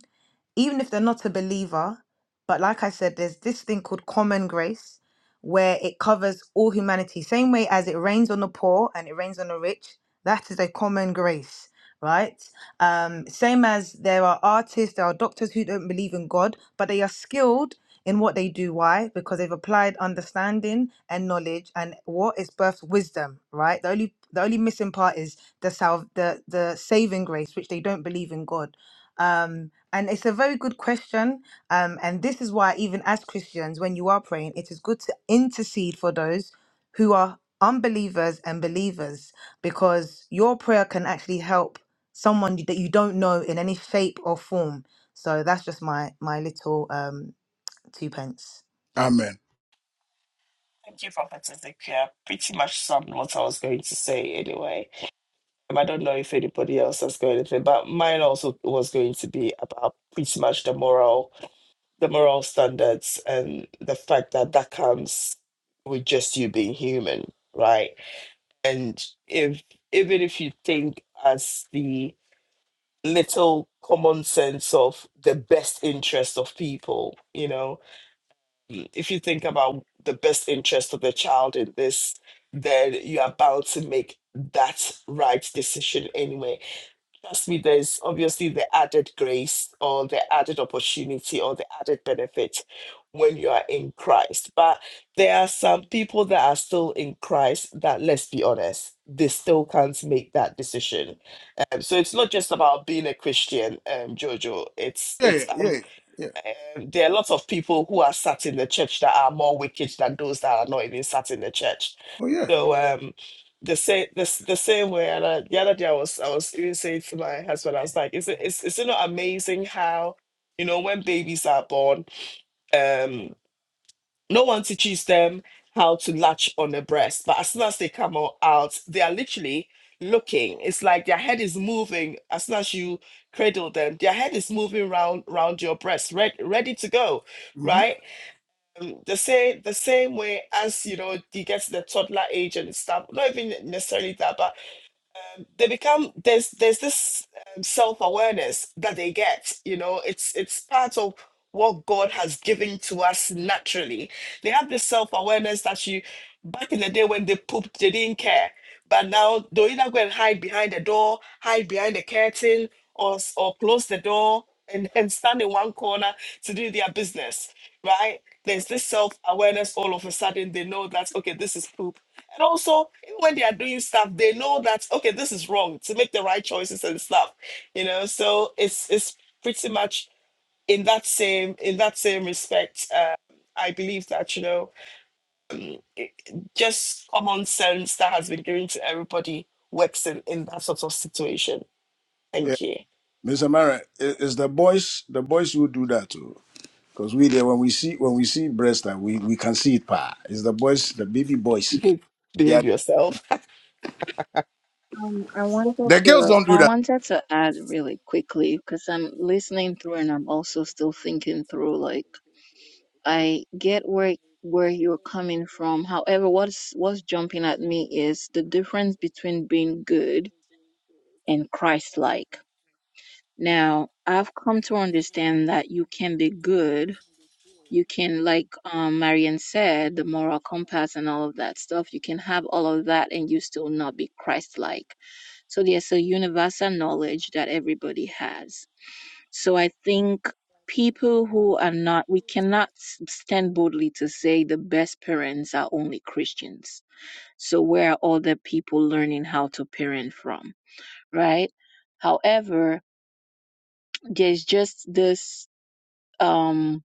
I: even if they're not a believer. But like I said, there's this thing called common grace, where it covers all humanity. Same way as it rains on the poor and it rains on the rich, that is a common grace right? Um, same as there are artists, there are doctors who don't believe in God, but they are skilled in what they do. Why? Because they've applied understanding and knowledge, and what is birth wisdom, right? The only the only missing part is the salve, the the saving grace, which they don't believe in God. Um, and it's a very good question. Um, and this is why, even as Christians, when you are praying, it is good to intercede for those who are unbelievers and believers, because your prayer can actually help someone you- that you don't know in any shape or form. So that's just my my little um two pence.
H: amen
A: Thank you, Prophet Ezekiel. Pretty much summed what I was going to say anyway. Um, I don't know if anybody else has got anything, but mine also was going to be about pretty much the moral, the moral standards, and the fact that that comes with just you being human, right? And if even if you think as the little common sense of the best interest of people, you know, if you think about the best interest of the child in this, then you are bound to make that right decision anyway. Trust me, there's obviously the added grace or the added opportunity or the added benefit when you are in Christ. But there are some people that are still in Christ that, let's be honest, they still can't make that decision. Um, so it's not just about being a Christian, um, Jojo. It's
H: yeah yeah
A: it's
H: yeah
A: I'm
H: yeah yeah.
A: um, there are lots of people who are sat in the church that are more wicked than those that are not even sat in the church.
H: oh yeah
A: So um, the same the, s- the same way. And I, the other day I was I was even saying to my husband, I was like, is it is, is it not amazing how you know when babies are born? Um, no one teaches them how to latch on a breast, but as soon as they come o- out, they are literally looking. It's like their head is moving as soon as you cradle them. Their head is moving round round your breast, ready ready to go,
H: hmm
A: right? Um, the same the same way as you know you get to the toddler age and stuff. Not even necessarily that, but they become there's there's this um, self-awareness that they get you know it's it's part of what god has given to us naturally they have this self-awareness that you back in the day when they pooped they didn't care but now they'll either go and hide behind the door hide behind the curtain or s- or close the door and, and stand in one corner to do their business right there's this self-awareness all of a sudden they know that okay this is poop and also, even when they are doing stuff, they know that okay, this is wrong to make the right choices and stuff. You know, so it's it's pretty much in that same in that same respect. Uh, I believe that you know, it, just common sense that has been given to everybody works in in that sort of situation.
H: yeah
A: Thank you.
H: mr mara it, it's the boys the boys who do that too because we there when we see when we see breast uh, we we can see it pa it's the boys the baby boys
A: Behave,
H: yeah
A: behave yourself.
B: Um, I wanted
H: the girls
B: to
H: don't do
B: I
H: that
B: wanted to add really quickly because I'm listening through and I'm also still thinking through like I get where where you're coming from. However, what's what's jumping at me is the difference between being good and Christ-like. Now, I've come to understand that you can be good. You can, like um, Marian said, the moral compass and all of that stuff, you can have all of that and you still not be Christ-like. So there's a universal knowledge that everybody has. So I think people who are not, we cannot s- stand boldly to say the best parents are only Christians. So where are other people learning how to parent from, right? However, there's just this um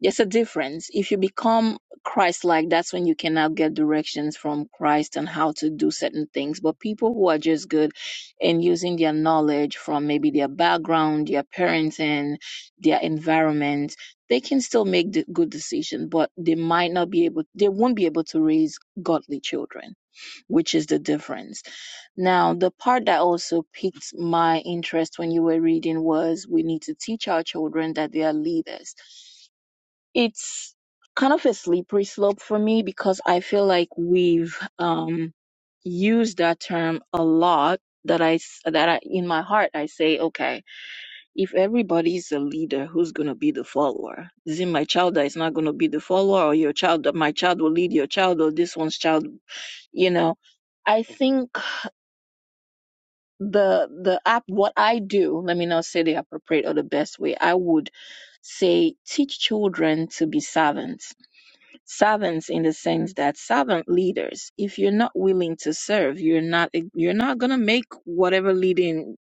B: there's a difference if you become christ like that's when you can now get directions from christ on how to do certain things but people who are just good in using their knowledge from maybe their background their parenting their environment they can still make the good decision but they might not be able they won't be able to raise godly children which is the difference. Now, the part that also piqued my interest when you were reading was we need to teach our children that they are leaders. It's kind of a slippery slope for me because I feel like we've um, used that term a lot. That I s- that I in my heart I say okay if everybody's a leader, who's gonna be the follower? Is it my child that is not gonna be the follower, or your child that my child will lead your child, or this one's child? You know, I think the the app what I do. Let me not say the appropriate or the best way. I would say teach children to be servants. Servants in the sense that servant leaders. If you're not willing to serve, you're not you're not gonna make whatever leading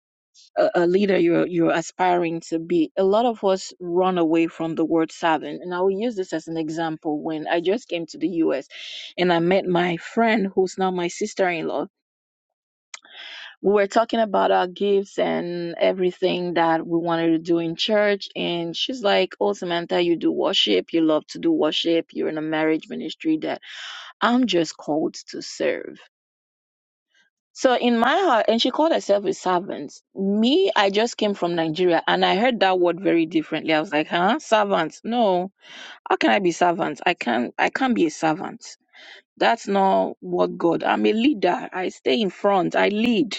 B: a, a leader you're you're aspiring to be a lot of us run away from the word servant and i will use this as an example when i just came to the us and i met my friend who's now my sister-in-law we were talking about our gifts and everything that we wanted to do in church and she's like oh samantha you do worship you love to do worship you're in a marriage ministry that i'm just called to serve So in my heart, and she called herself a servant. Me, I just came from Nigeria and I heard that word very differently. I was like, huh? Servant. No. How can I be servant? I can't I can't be a servant. That's not what God. I'm a leader. I stay in front. I lead.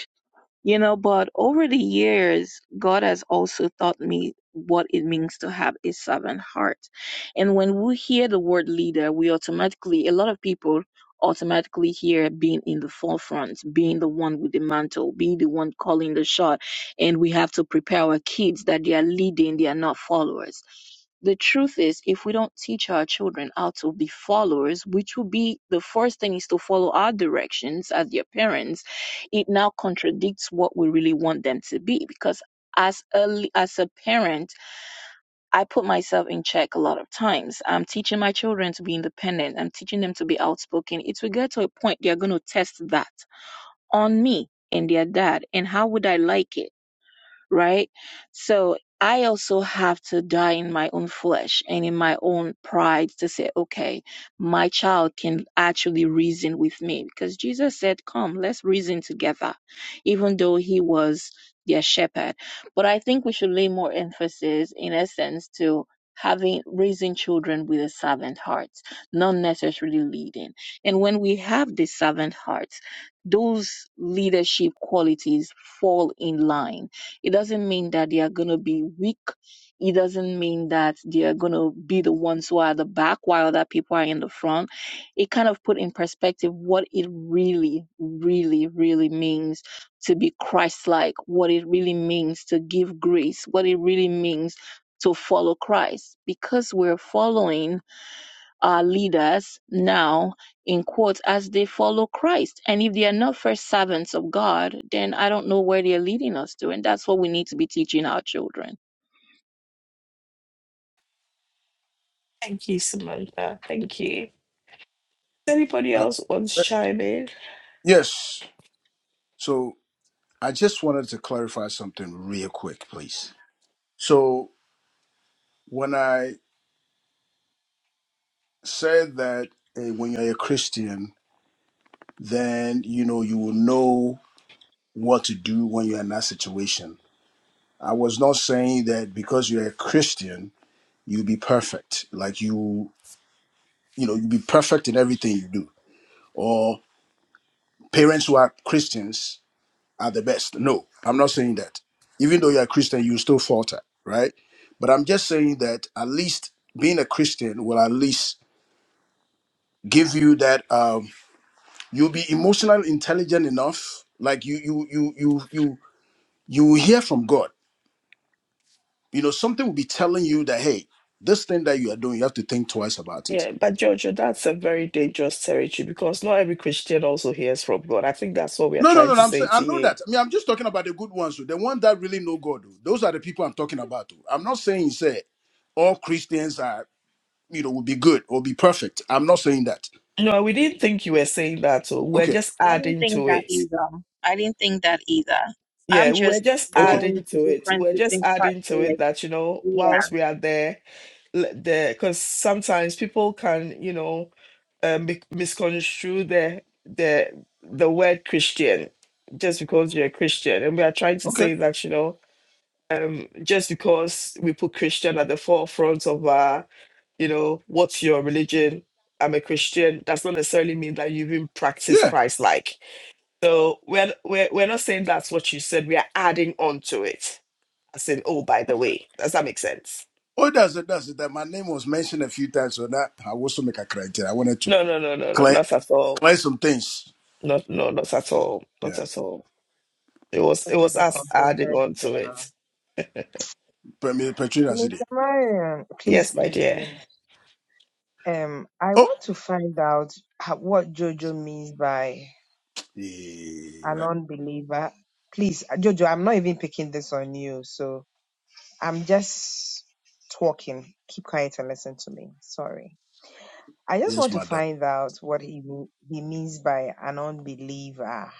B: You know, but over the years, God has also taught me what it means to have a servant heart. And when we hear the word leader, we automatically, a lot of people automatically hear being in the forefront, being the one with the mantle, being the one calling the shot. And we have to prepare our kids that they are leading, they are not followers. The truth is, if we don't teach our children how to be followers, which will be the first thing is to follow our directions as their parents it now contradicts what we really want them to be because as a as a parent i put myself in check a lot of times i'm teaching my children to be independent i'm teaching them to be outspoken it will get to a point they're going to test that on me and their dad and how would i like it right? So I also have to die in my own flesh and in my own pride to say, okay, my child can actually reason with me because Jesus said, come, let's reason together, even though he was their shepherd. But I think we should lay more emphasis, in essence, to having raising children with a servant heart, not necessarily leading. And when we have the servant heart, those leadership qualities fall in line it doesn't mean that they are going to be weak. It doesn't mean that they are going to be the ones who are at the back while other people are in the front. It kind of put in perspective what it really, really, really means to be Christ like, what it really means to give grace, what it really means to follow Christ. Because we're following our leaders now in quotes as they follow Christ. And if they are not first servants of God, then I don't know where they're leading us to. And that's what we need to be teaching our children.
A: Thank you, Samantha. Thank you. Does anybody
H: Uh,
A: else wants
H: uh,
A: to chime in?
H: yes so i just wanted to clarify something real quick please so when i said that eh, when you're a Christian, then you know you will know what to do when you're in that situation. I was not saying that because you're a Christian, you'll be perfect. Like you, you know, you'll be perfect in everything you do. Or parents who are Christians are the best. No, I'm not saying that. Even though you're a Christian, you still falter, right? But I'm just saying that at least being a Christian will at least give you that. Um, you'll be emotional intelligent enough like you you you you you you will hear from god you know something will be telling you that hey this thing that you are doing you have to think twice about it
A: Yeah, but Giorgio, that's a very dangerous territory because not every Christian also hears from God. I think that's what we are
H: no no
A: trying
H: no no,
A: to
H: i'm saying
A: say
H: i
A: to
H: know
A: you.
H: that i mean i'm just talking about the good ones the one that really know god oh. those are the people i'm talking about oh. i'm not saying say all christians are you know will be good or be perfect i'm not saying that
A: No, we didn't think you were saying that. So We're
H: okay
A: just
B: I didn't
A: adding
B: think
A: to
B: that
A: it.
B: either. I didn't think that either. I'm
A: Yeah, we we're
B: just
A: just
H: okay
B: going
A: adding to it.
B: different
A: We're just
B: between
A: adding to it
B: practice.
A: that, you know,
B: Yeah.
A: whilst we are there, l- there, because sometimes people can, you know, uh, mi- misconstrue the the the word Christian just because you're a Christian, and we are trying to
H: okay
A: say that, you know um, just because we put Christian at the forefront of our, you know, what's your religion? I'm a Christian. Does not necessarily mean that you even practice
H: yeah
A: Christ like. So we're, we're we're not saying that's what you said. We are adding on to it. As in, oh, by the
H: okay
A: way, does that make sense?
H: oh that's it that's it that my name was mentioned a few times so that i also make a criteria i wanted to
A: No, no, no, no, no,
H: clear
A: not at all.
H: clear some things
A: Not no, not at all. Not
H: Yeah.
A: at all. It was it
J: to
A: was
J: the
A: us adding on to
J: controversial.
A: it.
H: Premier Petrina City.
J: Minister Marion, please,
A: Yes, my
J: please,
A: dear.
J: please. Um, I
H: Oh,
J: want to find out ho- what Jojo means by
H: yeah,
J: a
H: right.
J: non-believer. Please, uh, Jojo, I'm not even picking this on you, so I'm just talking. Keep quiet and listen to me. Sorry. I just
H: Yes,
J: want to
H: madam.
J: find out what he mean- he means by an unbeliever,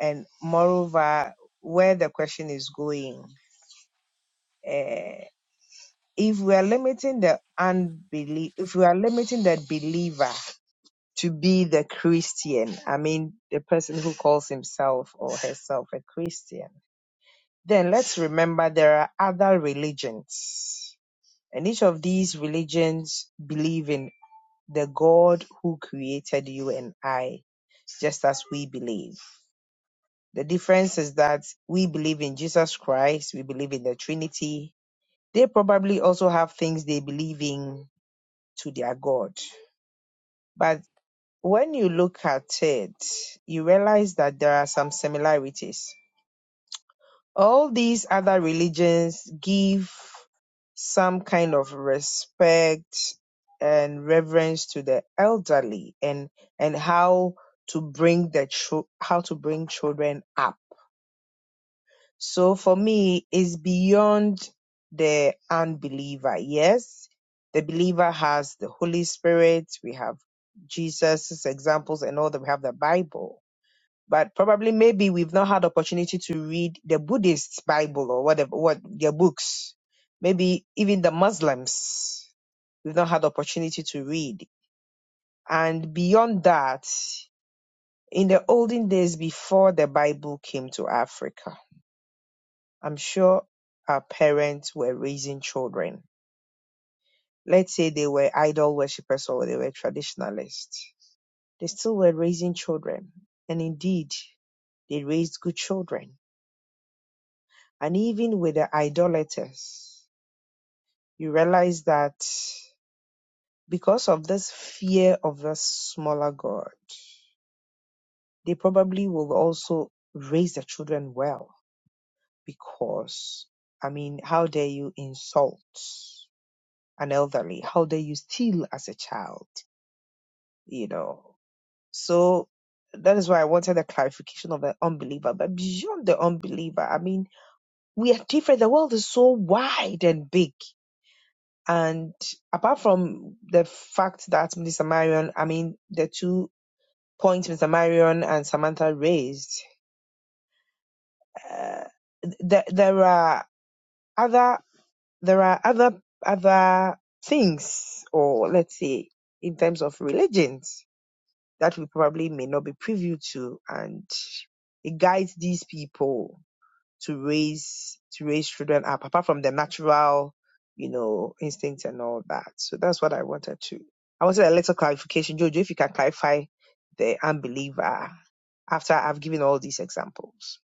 J: and moreover, where the question is going. eh, if we are limiting the unbelief, if we are limiting the believer to be the Christian, I mean, the person who calls himself or herself a Christian, then let's remember there are other religions. And each of these religions believe in the God who created you and I, just as we believe. The difference is that we believe in Jesus Christ, we believe in the Trinity. They probably also have things they believe in to their God. But when you look at it, you realize that there are some similarities. All these other religions give some kind of respect and reverence to the elderly and and how to bring the chil- how to bring children up So for me, it's beyond the unbeliever. Yes, the believer has the Holy Spirit. We have Jesus' examples and all that. We have the Bible. But probably maybe we've not had opportunity to read the Buddhist Bible or whatever, what their books. Maybe even the Muslims. We've not had opportunity to read. And beyond that, in the olden days before the Bible came to Africa, I'm sure our parents were raising children. Let's say they were idol worshippers or they were traditionalists. They still were raising children. And indeed, they raised good children. And even with the idolaters, you realize that because of this fear of the smaller God, they probably will also raise their children well. Because, I mean, how dare you insult an elderly? How dare you steal as a child? you know. So that is why I wanted a clarification of the unbeliever. But beyond the unbeliever, I mean, we are different. The world is so wide and big. And apart from the fact that Mr. Marion, I mean, the two points Mr. Marion and Samantha raised, uh, th- there are other, there are other, other things, or let's say, in terms of religions that we probably may not be privy to and it guides these people to raise to raise children up apart from the natural you know instincts and all that so that's what i wanted to i wanted a little clarification jojo if you can clarify the unbeliever after i've given all these examples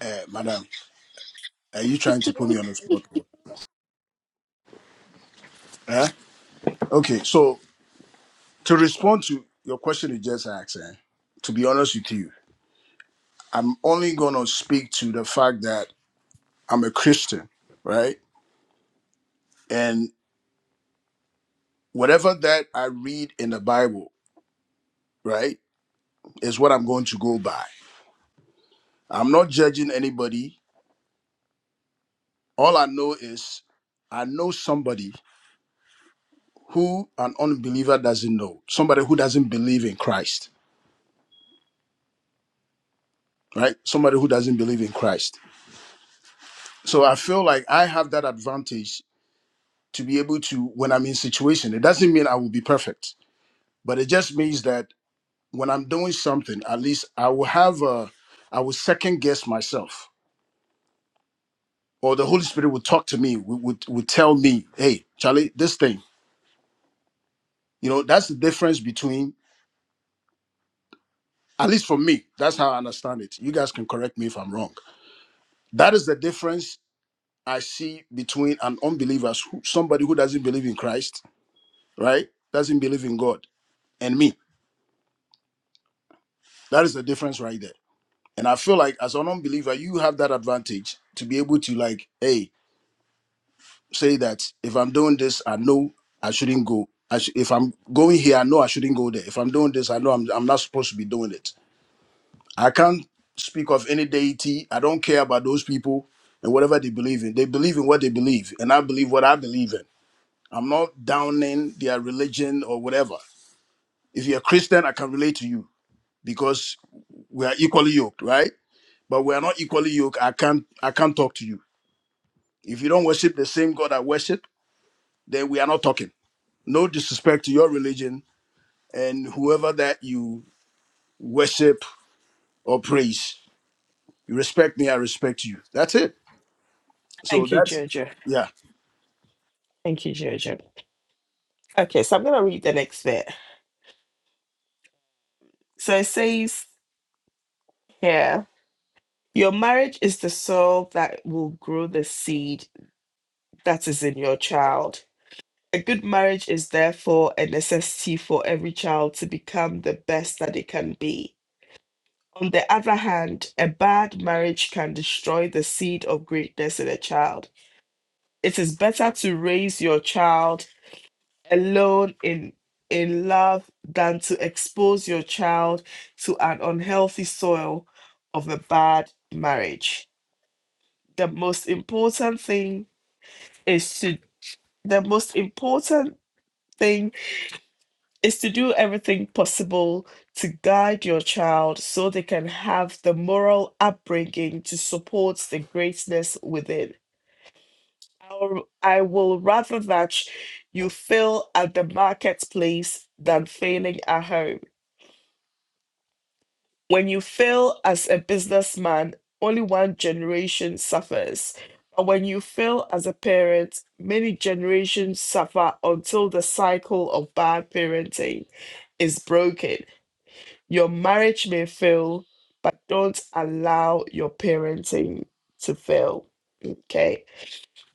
H: Uh, madam, are you trying to put me on the spot? bro? Eh? Okay, so to respond to your question you just asked, eh, to be honest with you, I'm only going to speak to the fact that I'm a Christian, right? And whatever that I read in the Bible, right, is what I'm going to go by. I'm not judging anybody. All I know is I know somebody who an unbeliever doesn't know, somebody who doesn't believe in Christ, right? Somebody who doesn't believe in Christ. So I feel like I have that advantage to be able to, when I'm in situation, it doesn't mean I will be perfect, but it just means that when I'm doing something, at least I will have a, I will second guess myself, or the Holy Spirit will talk to me, would, would, would tell me, hey, Charlie, this thing, you know, that's the difference between, at least for me, that's how I understand it. You guys can correct me if I'm wrong. That is the difference I see between an unbeliever, who- somebody who doesn't believe in Christ, right? Doesn't believe in God, and me. That is the difference right there. And I feel like as an unbeliever, you have that advantage to be able to, like, hey, say that if I'm doing this, I know I shouldn't go. I sh- if I'm going here, I know I shouldn't go there. If I'm doing this, I know I'm, I'm not supposed to be doing it. I can't speak of any deity. I don't care about those people and whatever they believe in. They believe in what they believe, and I believe what I believe in. I'm not downing their religion or whatever. If you're a Christian, I can relate to you because we are equally yoked, right? But we are not equally yoked. I can't I can't talk to you. If you don't worship the same God I worship, then we are not talking. No disrespect to your religion and whoever that you worship or praise. You respect me, I respect you. That's it. So
A: Thank you,
H: that's
A: Jojo.
H: yeah.
A: Thank you, Jojo. Okay, so I'm gonna read the next bit. So it says here Your marriage is the soil that will grow the seed that is in your child. A good marriage is therefore a necessity for every child to become the best that it can be. On the other hand, a bad marriage can destroy the seed of greatness in a child. It is better to raise your child alone in in love than to expose your child to an unhealthy soil of a bad marriage. The most important thing is to the most important thing is to do everything possible to guide your child so they can have the moral upbringing to support the greatness within. I'll- I will rather that you fail at the marketplace than failing at home. When you fail as a businessman, only one generation suffers. But when you fail as a parent, many generations suffer until the cycle of bad parenting is broken. Your marriage may fail, but don't allow your parenting to fail. Okay,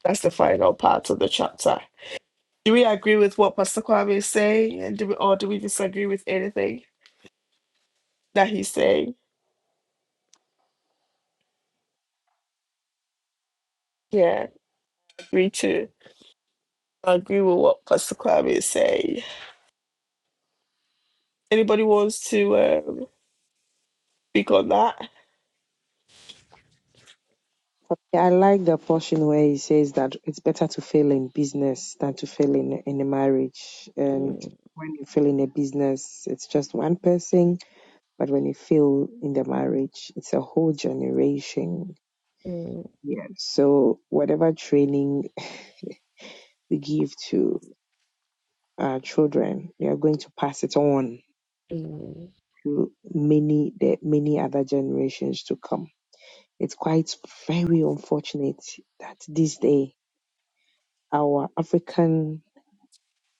A: that's the final part of the chapter. Do we agree with what Pastor Kwame is saying, and do we, or do we disagree with anything that he's saying? Yeah, agree too. I agree with what Pastor Clam is saying. Anybody wants to um, speak on that?
J: Yeah, I like the portion where he says that it's better to fail in business than to fail in in a marriage. And
A: Mm,
J: when you fail in a business, it's just one person, but when you fail in the marriage, it's a whole generation.
A: mm,
J: Yeah. So whatever training we give to our children, they are going to pass it on
A: mm.
J: to many the many other generations to come. It's quite very unfortunate that this day our African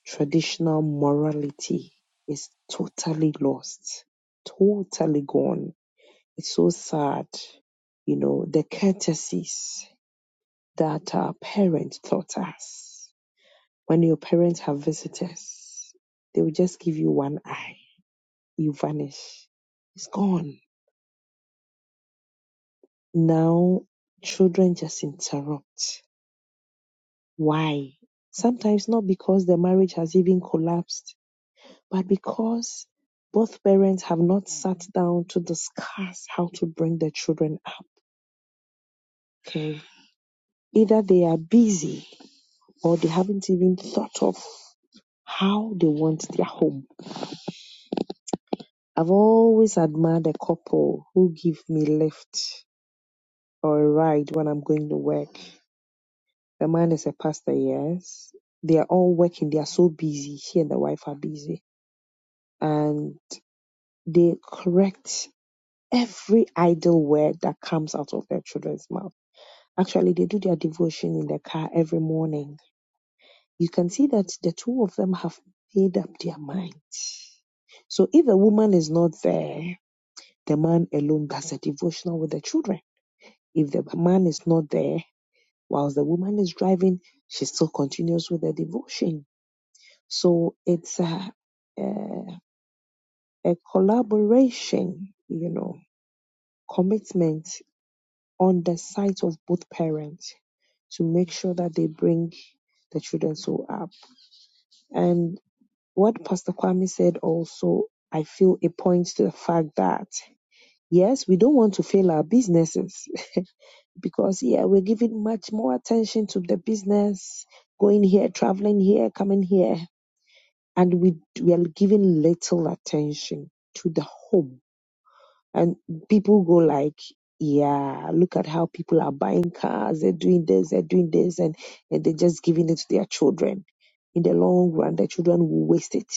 J: Traditional morality is totally lost, totally gone. It's so sad, you know, the courtesies that our parents taught us. When your parents have visitors, they will just give you one eye, you vanish. It's gone. Now, children just interrupt. Why? Sometimes not because the marriage has even collapsed But because both parents have not sat down to discuss how to bring their children up, okay, either they are busy or they haven't even thought of how they want their home. I've always admired a couple who give me a lift or a ride when I'm going to work. The man is a pastor, yes. They are all working, they are so busy. She and the wife are busy. And they correct every idle word that comes out of their children's mouth Actually, they do their devotion in the car every morning. You can see that the two of them have made up their minds. So if a woman is not there, the man alone does a devotional with the children. If the man is not there, whilst the woman is driving, she still continues with the devotion. So it's a, a, a collaboration, you know, commitment on the side of both parents to make sure that they bring the children so up. And what Pastor Kwame said also, I feel it points to the fact that yes, we don't want to fail our businesses because yeah, we're giving much more attention to the business, going here, traveling here, coming here, and we we are giving little attention to the home and people go like yeah look at how people are buying cars they're doing this they're doing this and, and they're just giving it to their children in the long run their children will waste it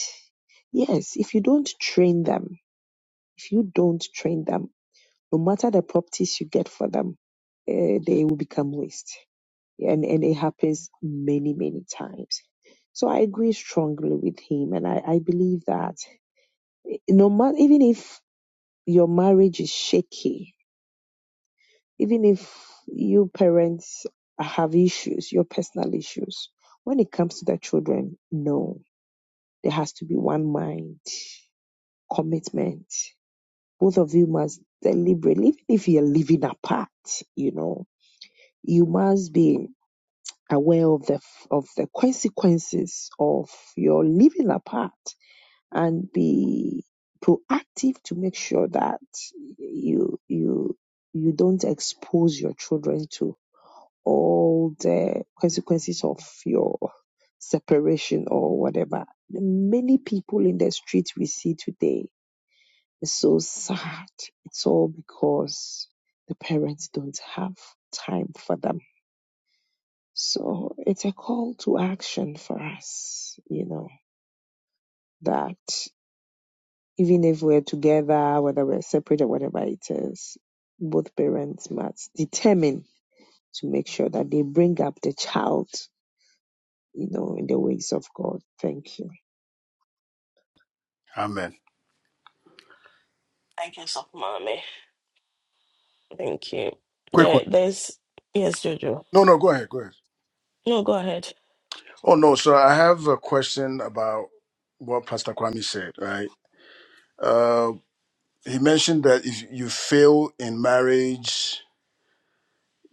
J: yes if you don't train them if you don't train them no matter the properties you get for them uh, they will become waste and and it happens many many times so i agree strongly with him and i, I believe that no matter even if your marriage is shaky even if you parents have issues, your personal issues, when it comes to the children, no, there has to be one mind, commitment. Both of you must deliberately, even if you're living apart, you know, you must be aware of the of the consequences of your living apart and be proactive to make sure that you you you don't expose your children to all the consequences of your separation or whatever. Many people in the street we see today is so sad. It's all because the parents don't have time for them. So it's a call to action for us, you know, that even if we're together, whether we're separate or whatever it is, both parents must determine to make sure that they bring up the child you know, in the ways of God. Thank you.
H: Amen.
A: Thank you, so mommy. Thank you.
H: Quick one.
A: There, there's yes, Jojo.
H: No, no, go ahead. Go ahead.
A: No, go ahead.
H: Oh no, so I have a question about what Pastor Kwame said, right? Uh, he mentioned that if you fail in marriage,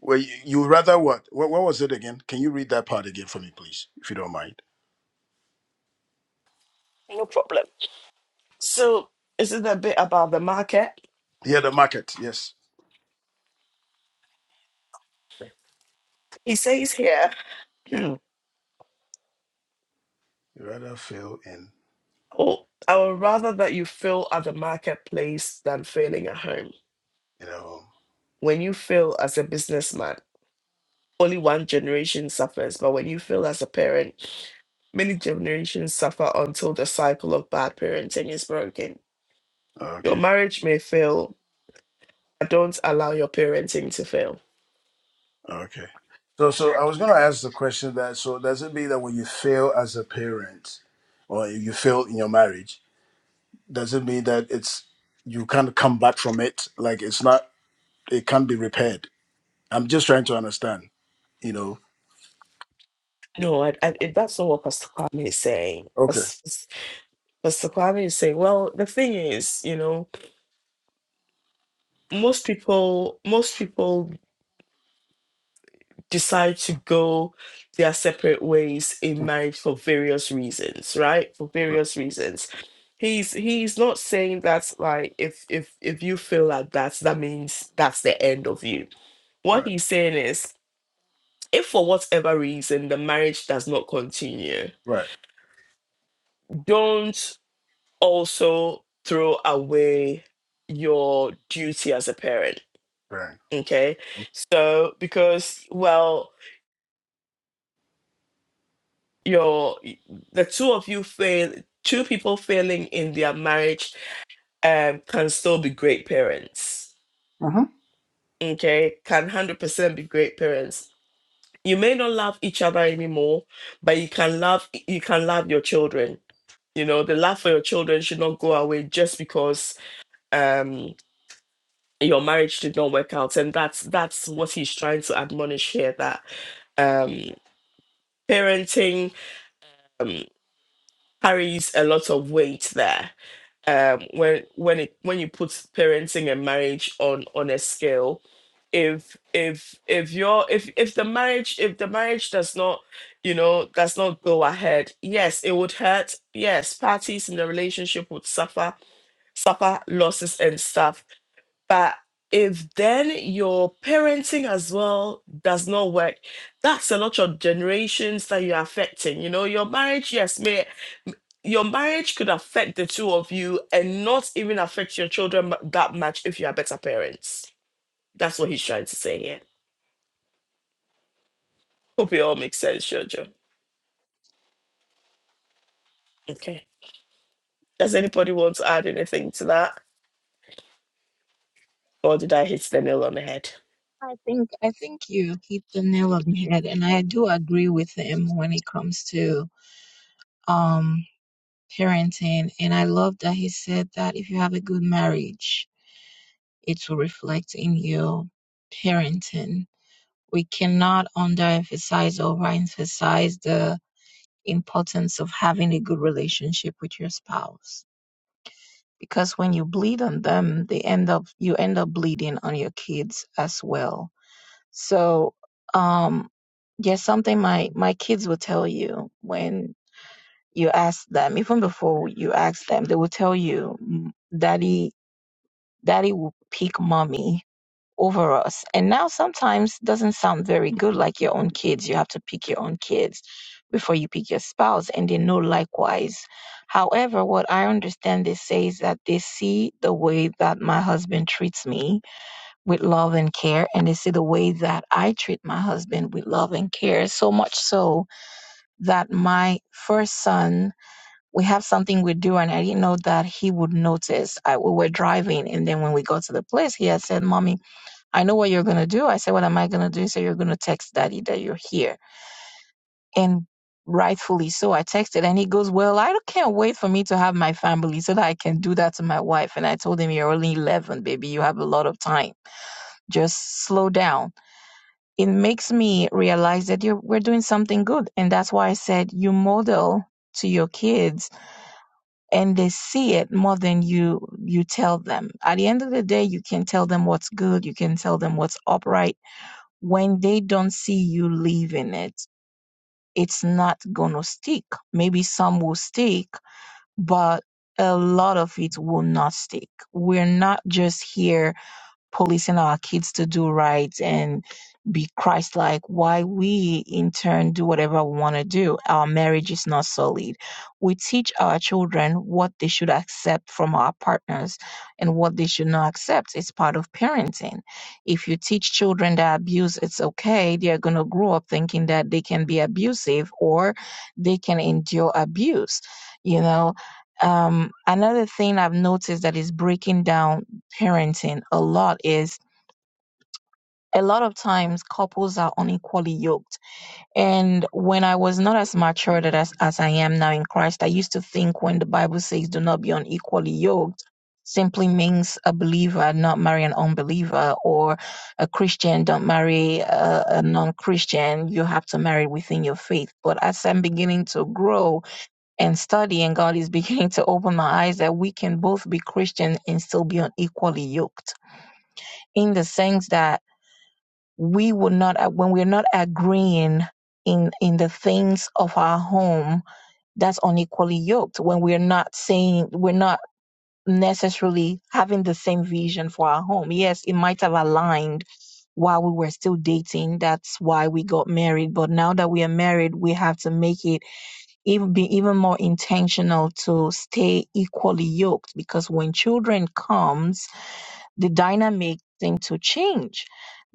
H: well, you, you rather what? what? What was it again? Can you read that part again for me, please, if you don't mind?
A: No problem. So this is a bit about the market.
H: Yeah, the market. Yes,
A: He says here,
H: you rather fail in
A: oh, I would rather that you fail at the marketplace than failing at home.
H: in a home.
A: When you fail as a businessman. only one generation suffers, but when you fail as a parent, many generations suffer until the cycle of bad parenting is broken. Your
H: Okay,
A: marriage may fail, but don't allow your parenting to fail.
H: okay. So, so I was going to ask the question that so does it mean that when you fail as a parent, or if you fail in your marriage, does it mean that it's you can't come back from it? Like it's not, it can't be repaired. I'm just trying to understand. You know.
A: No, I, I, it- that's not what Pastor Kwame is saying.
H: Okay.
A: Pas- pas- Pastor Kwame is saying, well, the thing is, you know, most people, most people decide to go their separate ways in
H: Mm, right.
A: marriage for various reasons right for various reasons he's he's not saying that like if if if you feel like that that means that's the end of you what
H: Right.
A: he's saying is if for whatever reason the marriage does not continue
H: Right.
A: don't also throw away your duty as a parent
H: Right.
A: okay so because well your the two of you fail two people failing in their marriage um can still be great parents
H: Uh-huh.
A: okay can 100% be great parents you may not love each other anymore but you can love you can love your children you know the love for your children should not go away just because um your marriage did not work out and that's that's what he's trying to admonish here that um parenting um carries a lot of weight there um when when it when you put parenting and marriage on on a scale if if if you're if if the marriage if the marriage does not you know does not go ahead yes it would hurt yes parties in the relationship would suffer suffer losses and stuff but if then your parenting as well does not work that's a lot of generations that you're affecting you know your marriage yes may your marriage could affect the two of you and not even affect your children mu- that much if you are better parents. That's what he's trying to say here. Hope it all makes sense, Jojo. Okay. Does anybody want to add anything to that? Or did I hit the nail on the head?
B: I think I think you hit the nail on the head, and I do agree with him when it comes to um parenting. And I love that he said that if you have a good marriage, it will reflect in your parenting. We cannot underemphasize or overemphasize the importance of having a good relationship with your spouse. Because when you bleed on them, they end up you end up bleeding on your kids as well So, um, yes, something my my kids will tell you when you ask them, even before you ask them, they will tell you, "M- "Daddy, Daddy will pick mommy over us." And now sometimes doesn't sound very good, like your own kids. You have to pick your own kids before you pick your spouse, and they know likewise. However, what I understand they say is that they see the way that my husband treats me with love and care. And they see the way that I treat my husband with love and care, so much so that my first son, we have something we do, and I didn't know that he would notice. I, we were driving, and then when we got to the place, he had said, Mommy, I know what you're going to do. I said, What am I going to do? He said, You're going to text daddy that you're here. And rightfully so, I texted, and he goes, Well, I can't wait for me to have my family so that I can do that to my wife. And I told him, You're only 11, baby. You have a lot of time. Just slow down it makes me realize that you're, we're doing something good. And that's why I said you model to your kids and they see it more than you you tell them. At the end of the day, you can tell them what's good, you can tell them what's upright. When they don't see you live in it, it's not gonna stick. Maybe some will stick, but a lot of it will not stick. We're not just here policing our kids to do right and be Christ like, why we in turn do whatever we want to do. Our marriage is not solid. We teach our children what they should accept from our partners and what they should not accept. It's part of parenting. If you teach children that abuse it's okay, they are going to grow up thinking that they can be abusive or they can endure abuse. You know, um, another thing I've noticed that is breaking down parenting a lot is a lot of times couples are unequally yoked. And when I was not as mature that as, as I am now in Christ, I used to think when the Bible says do not be unequally yoked, simply means a believer not marry an unbeliever or a Christian don't marry a, a non-Christian. You have to marry within your faith. But as I'm beginning to grow and study and God is beginning to open my eyes that we can both be Christian and still be unequally yoked in the sense that we would not uh, when we're not agreeing in in the things of our home that's unequally yoked when we're not saying we're not necessarily having the same vision for our home yes it might have aligned while we were still dating that's why we got married but now that we are married we have to make it even be even more intentional to stay equally yoked because when children comes the dynamic thing to change.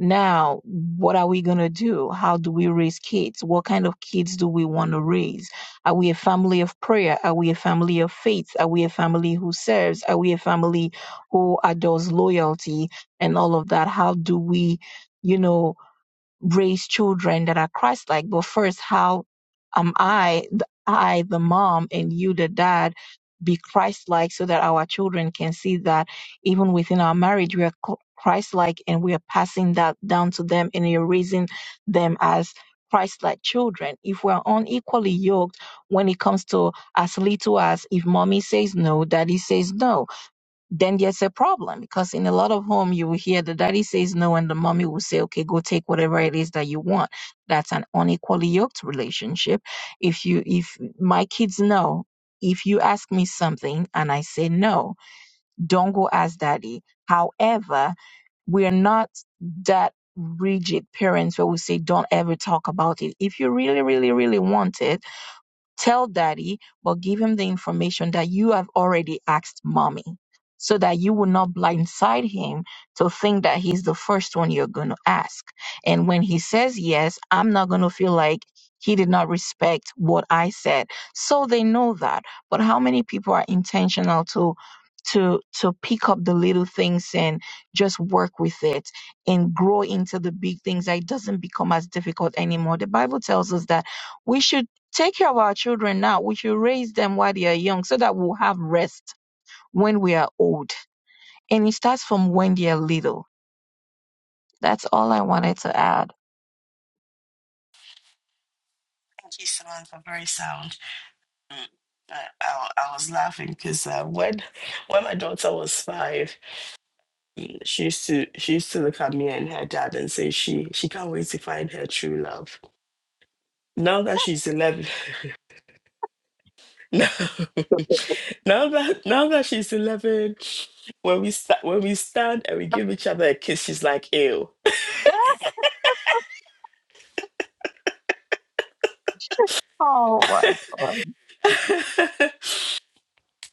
B: Now, what are we going to do? How do we raise kids? What kind of kids do we want to raise? Are we a family of prayer? Are we a family of faith? Are we a family who serves? Are we a family who adores loyalty and all of that? How do we, you know, raise children that are Christ like. But first, how am I, the, I, the mom, and you, the dad, be Christ like so that our children can see that even within our marriage, we are Christ like and we are passing that down to them and you're raising them as Christ like children. If we're unequally yoked when it comes to as little as if mommy says no, daddy says no then there's a problem because in a lot of home you will hear the daddy says no and the mommy will say okay go take whatever it is that you want that's an unequally yoked relationship if you if my kids know if you ask me something and i say no don't go ask daddy however we're not that rigid parents where we say don't ever talk about it if you really really really want it Tell daddy, but give him the information that you have already asked mommy so that you will not blindside him to think that he's the first one you're going to ask. And when he says yes, I'm not going to feel like he did not respect what I said. So they know that. But how many people are intentional to to to pick up the little things and just work with it and grow into the big things that it doesn't become as difficult anymore. The Bible tells us that we should Take care of our children now. We should raise them while they are young so that we'll have rest when we are old. And it starts from when they are little. That's all I wanted to add.
A: Thank you, Samantha. Very sound. Mm. I, I, I was laughing because uh, when when my daughter was five, mm, she used to she used to look at me and her dad and say she she can't wait to find her true love. Now that she's 11, No, now that now that she's eleven, when we sta- when we stand and we give each other a kiss, she's like, "Ew."
B: Oh my.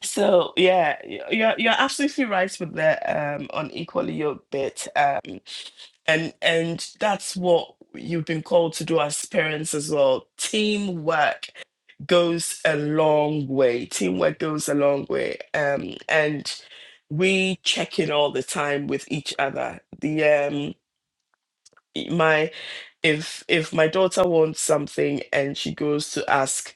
A: so yeah, y- you're you're absolutely right with the um unequally yoked bit, um, and and that's what you've been called to do as parents as well. Teamwork goes a long way. Teamwork goes a long way, um, and we check in all the time with each other. The um my if if my daughter wants something and she goes to ask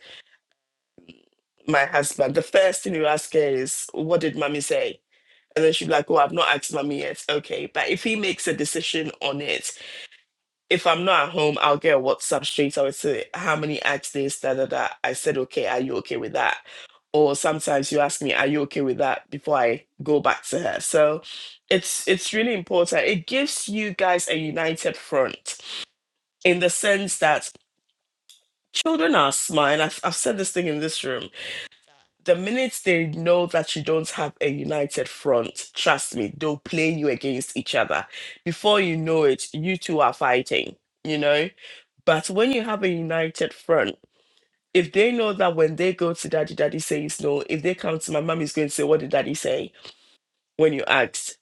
A: my husband, the first thing you ask her is, "What did mommy say?" And then she's like, "Oh, I've not asked mommy yet." Okay, but if he makes a decision on it, if I'm not at home, I'll get a WhatsApp straight. I would say, "How many asked this?" Da da da. I said, "Okay, are you okay with that?" Or sometimes you ask me, "Are you okay with that?" Before I go back to her. So, it's it's really important. It gives you guys a united front in the sense that Children are smart, and I've, I've said this thing in this room. The minute they know that you don't have a united front, trust me, they'll play you against each other. Before you know it, you two are fighting, you know? But when you have a united front, if they know that when they go to daddy, daddy says no, if they come to my mom is going to say, What did daddy say when you asked?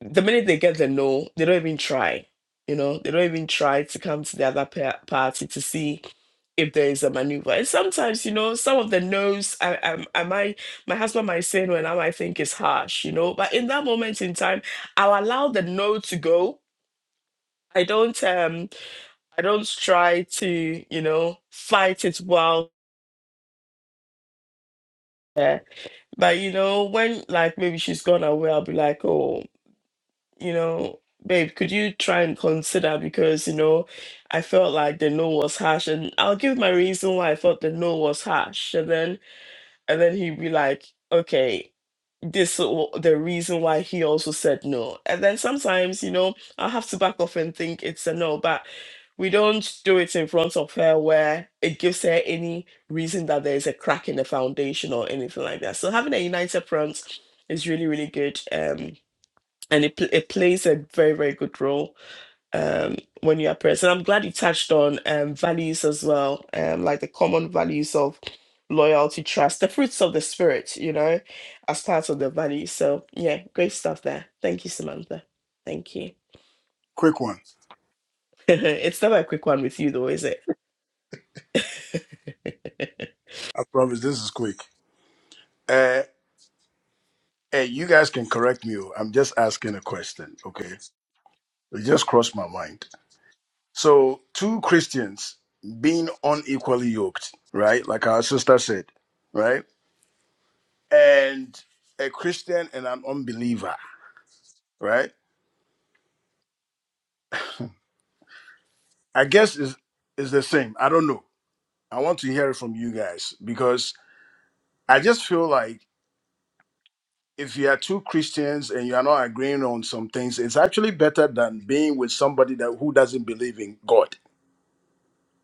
A: The minute they get the no, they don't even try. You know, they don't even try to come to the other pa- party to see if there is a maneuver. And sometimes, you know, some of the no's I, I, I might, my husband might say no, and I might think it's harsh, you know. But in that moment in time, I'll allow the no to go. I don't, um, I don't try to, you know, fight it while there. But you know, when like maybe she's gone away, I'll be like, oh, you know, babe, could you try and consider because you know, I felt like the no was harsh, and I'll give my reason why I felt the no was harsh, and then and then he'd be like, okay, this is wh- the reason why he also said no. And then sometimes, you know, I have to back off and think it's a no, but we don't do it in front of her where it gives her any reason that there's a crack in the foundation or anything like that. So having a united front is really, really good. Um, and it, pl- it plays a very, very good role um, when you are present. I'm glad you touched on um, values as well, um, like the common values of loyalty, trust, the fruits of the spirit, you know, as part of the values. So, yeah, great stuff there. Thank you, Samantha. Thank you.
H: Quick one.
A: it's never a quick one with you, though, is it?
H: I promise this is quick. Uh, hey, you guys can correct me. oh, I'm just asking a question. Okay. It just crossed my mind. So, two Christians being unequally yoked, right? Like our sister said, right? And a Christian and an unbeliever, right? I guess is is the same. I don't know. I want to hear it from you guys because I just feel like if you are two Christians and you are not agreeing on some things, it's actually better than being with somebody that who doesn't believe in God.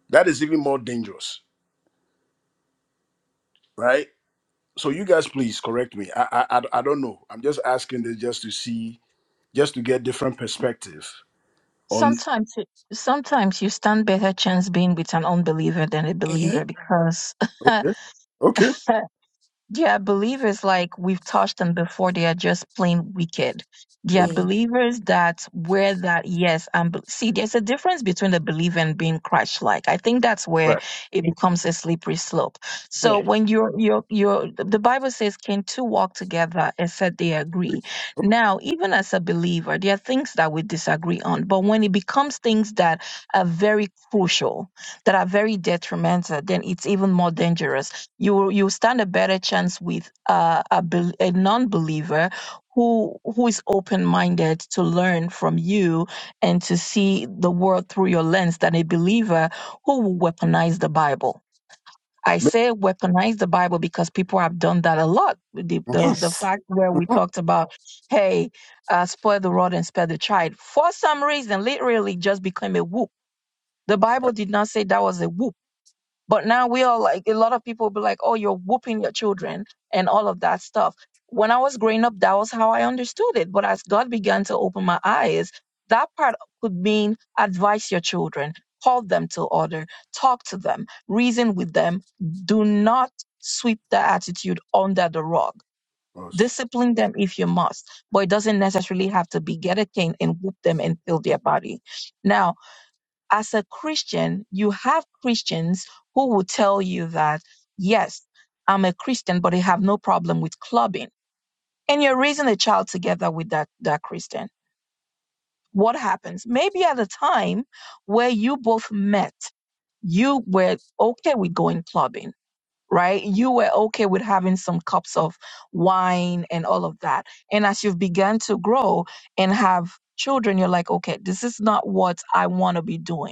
H: That is even more dangerous, right? So you guys, please correct me. I I, I I don't know. I'm just asking this just to see, just to get different perspective on.
B: Sometimes, it- sometimes you stand better chance being with an unbeliever than a believer
A: Mm-hmm.
B: because
H: Okay, okay,
B: They are believers like we've touched on before. They are just plain wicked. They are
H: okay,
A: Mm.
B: believers that wear that, yes. And see, there's a difference between a believer and being Christ-like. I think that's where
H: right.
B: it becomes a slippery slope. So
A: Yeah.
B: when you're, you're, you're, the Bible says, can two walk together except they agree? Now, even as a believer, there are things that we disagree on. But when it becomes things that are very crucial, that are very detrimental, then it's even more dangerous you will- you stand a better chance with uh, a, bel a non-believer who who is open-minded to learn from you and to see the world through your lens than a believer who will weaponize the Bible. I
H: Mi-
B: say weaponize the Bible because people have done that a lot. The the,
H: mhm,
B: the
A: Yes.
B: fact where we
H: mhm,
B: talked about, hey, uh, spoil the rod and spare the child, for some reason, literally just became a whoop. The Bible
H: Right,
B: did not say that was a whoop but now we all like a lot of people be like, oh, you're whooping your children and all of that stuff. When I was growing up, that was how I understood it. But as God began to open my eyes, that part could mean advise your children, call them to order, talk to them, reason with them. Do not sweep that attitude under the rug.
H: Yes.
B: Discipline them if you must, but it doesn't necessarily have to be get a cane and whoop them and fill their body. Now, as a Christian, you have Christians who will tell you that, yes, I'm a Christian, but I have no problem with clubbing. And you're raising a child together with that, that Christian. What happens? Maybe at a time where you both met, you were okay with going clubbing, right? You were okay with having some cups of wine and all of that. And as you've begun to grow and have children, you're like, okay, this is not what I want to be doing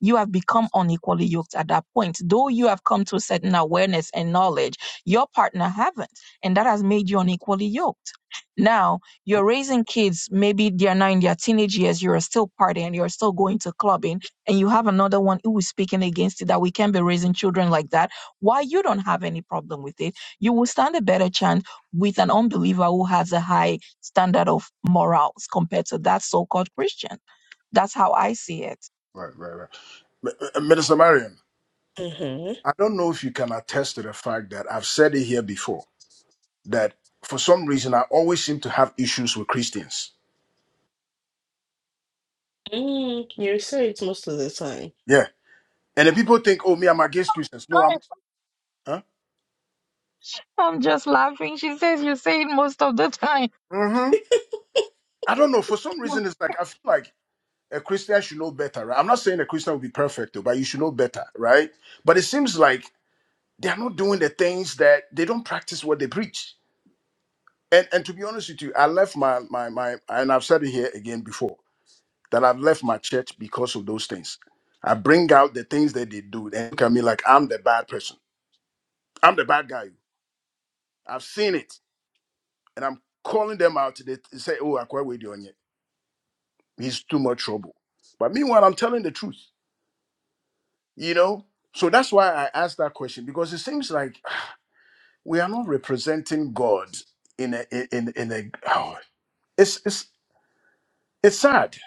B: you have become unequally yoked at that point. Though you have come to a certain awareness and knowledge, your partner haven't, and that has made you unequally yoked. Now you're raising kids, maybe they're now in their teenage years, you're still partying, you're still going to clubbing, and you have another one who is speaking against it that we can't be raising children like that. Why you don't have any problem with it? You will stand a better chance with an unbeliever who has a high standard of morals compared to that so-called Christian. That's how I see it.
H: right, right. right. Mi- uh, Minister Marion,
A: Mm-hmm.
H: I don't know if you can attest to the fact that I've said it here before that for some reason I always seem to have issues with Christians.
A: Mm, you say it most of the time.
H: Yeah. And then people think, oh, me, I'm against Christians. No, I'm huh?
B: I'm just laughing. She says you say it most of the time.
H: Mm-hmm. I am huh hmm i do not know. For some
B: Yeah.
H: reason, it's like I feel like a Christian should know better, right? I'm not saying a Christian will be perfect, though, but you should know better, right? But it seems like they're not doing the things that they don't practice what they preach. And and to be honest with you, I left my my my and I've said it here again before that I've left my church because of those things. I bring out the things that they do and look at me like I'm the bad person. I'm the bad guy I've seen it, and I'm calling them out today to say, "Oh, Akwa Wade on it. He's too much trouble." But meanwhile, I'm telling the truth, you know. So that's why I asked that question because it seems like we are not representing God in a in in a. Oh, it's it's it's sad.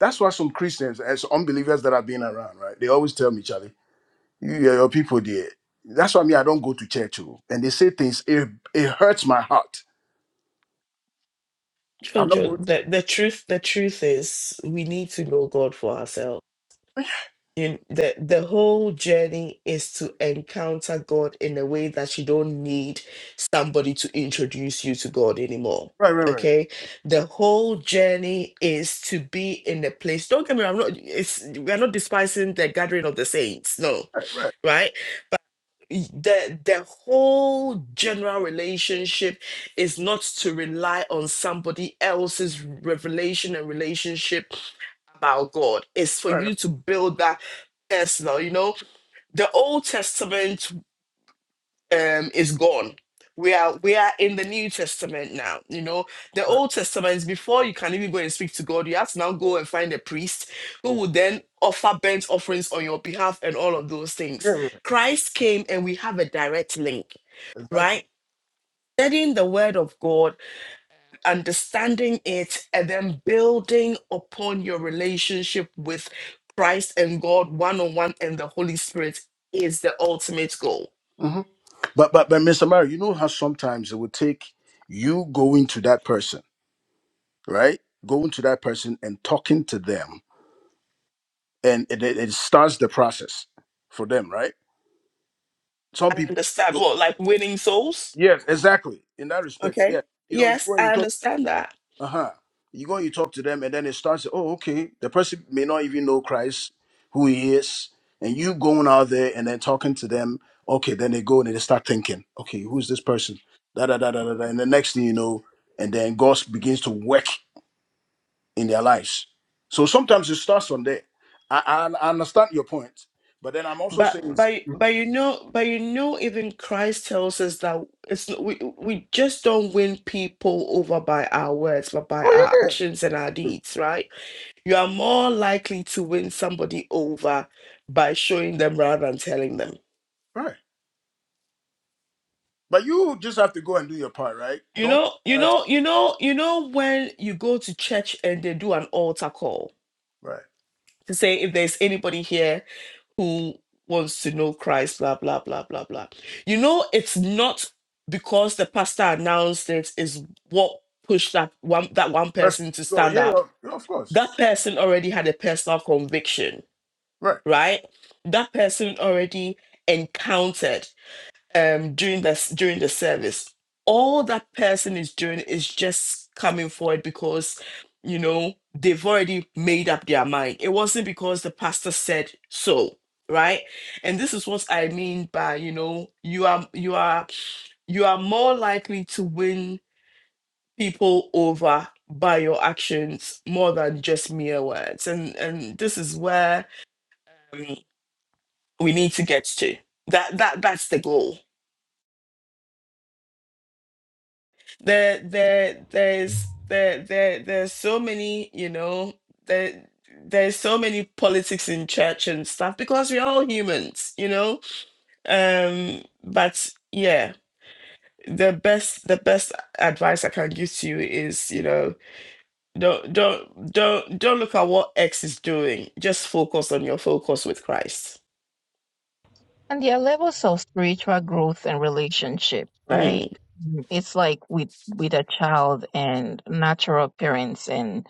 H: That's why some Christians and some unbelievers that I've been around, right? They always tell me, Charlie, you, you're your people there. That's why me, I don't go to church, oh. and they say things. It it hurts my heart. I'm not
A: Jojo,
H: going. To,
A: the, the truth, the truth is we need to know God for ourselves you the the whole journey is to encounter God in a way that you don't need somebody to introduce you to God anymore.
H: right, right, right,
A: Okay, the whole journey is to be in a place. Don't get me wrong. I'm not. It's we are not despising the gathering of the saints. No,
H: right, right,
A: right? Y- The the whole general relationship is not to rely on somebody else's revelation and relationship about God. It's for
H: right, right.
A: you to build that personal. You know, the Old Testament um, is gone. We are we are in the New Testament now. You know, the
H: right.
A: Old Testament is before you can even go and speak to God. You have to now go and find a priest who will then offer burnt offerings on your behalf and all of those things.
H: Yeah, yeah,
A: Christ came and we have a direct link,
H: exactly.
A: right? Studying the Word of God understanding it and then building upon your relationship with Christ and God one on one and the Holy Spirit is the ultimate goal.
H: hmm But but but Mr. Mario, you know how sometimes it would take you going to that person, right? Going to that person and talking to them, and it, it, it starts the process for them, right? Some
A: I
H: people,
A: understand what like winning souls.
H: yes, exactly. In that respect,
A: Okay.
H: yeah. You know, you
A: Yes,
H: go and you
A: I
H: talk.
A: understand that.
H: uh-huh you go you talk to them and then it starts oh okay the person may not even know christ who he is and you going out there and then talking to them okay then they go and they start thinking okay who's this person da da da da da da. and the next thing you know and then god begins to work in their lives so sometimes it starts from there i i, I understand your point but then i'm also
A: But
H: saying
A: but but you know but you know even Christ tells us that it's n- we we just don't win people over by our words but by
H: oh
A: our
H: yeah yeah,
A: actions and our deeds, right? You are more likely to win somebody over by showing them rather than telling them.
H: yeah, right but you just have to go and do your part right
A: You
H: don't
A: know, you
H: right
A: know, you know, you know when you go to church and they do an altar call
H: right
A: to say if there's anybody here who wants to know Christ, blah blah blah blah blah. You know, it's not because the pastor announced it is what pushed that one that one
H: Press-
A: person to
H: go
A: stand
H: yeah
A: up.
H: yeah, yeah, of course
A: That person already had a personal conviction,
H: right
A: right? That person already encountered um during this during the service all that person is doing is just coming forward because you know they've already made up their mind it wasn't because the pastor said so right and this is what i mean by you know you are you are you are more likely to win people over by your actions more than just mere words and and this is where um, we need to get to that that that's the goal There, there, there's there, there, there's so many, you know, there, there's so many politics in church and stuff because we're all humans, you know. Um, but yeah, the best, the best advice I can give to you is, you know, don't, don't, don't, don't look at what X is doing. Just focus on your focus with Christ.
B: And there are levels of spiritual growth and relationship, right?
A: Mm.
B: Mm. It's like with with a child and natural parents and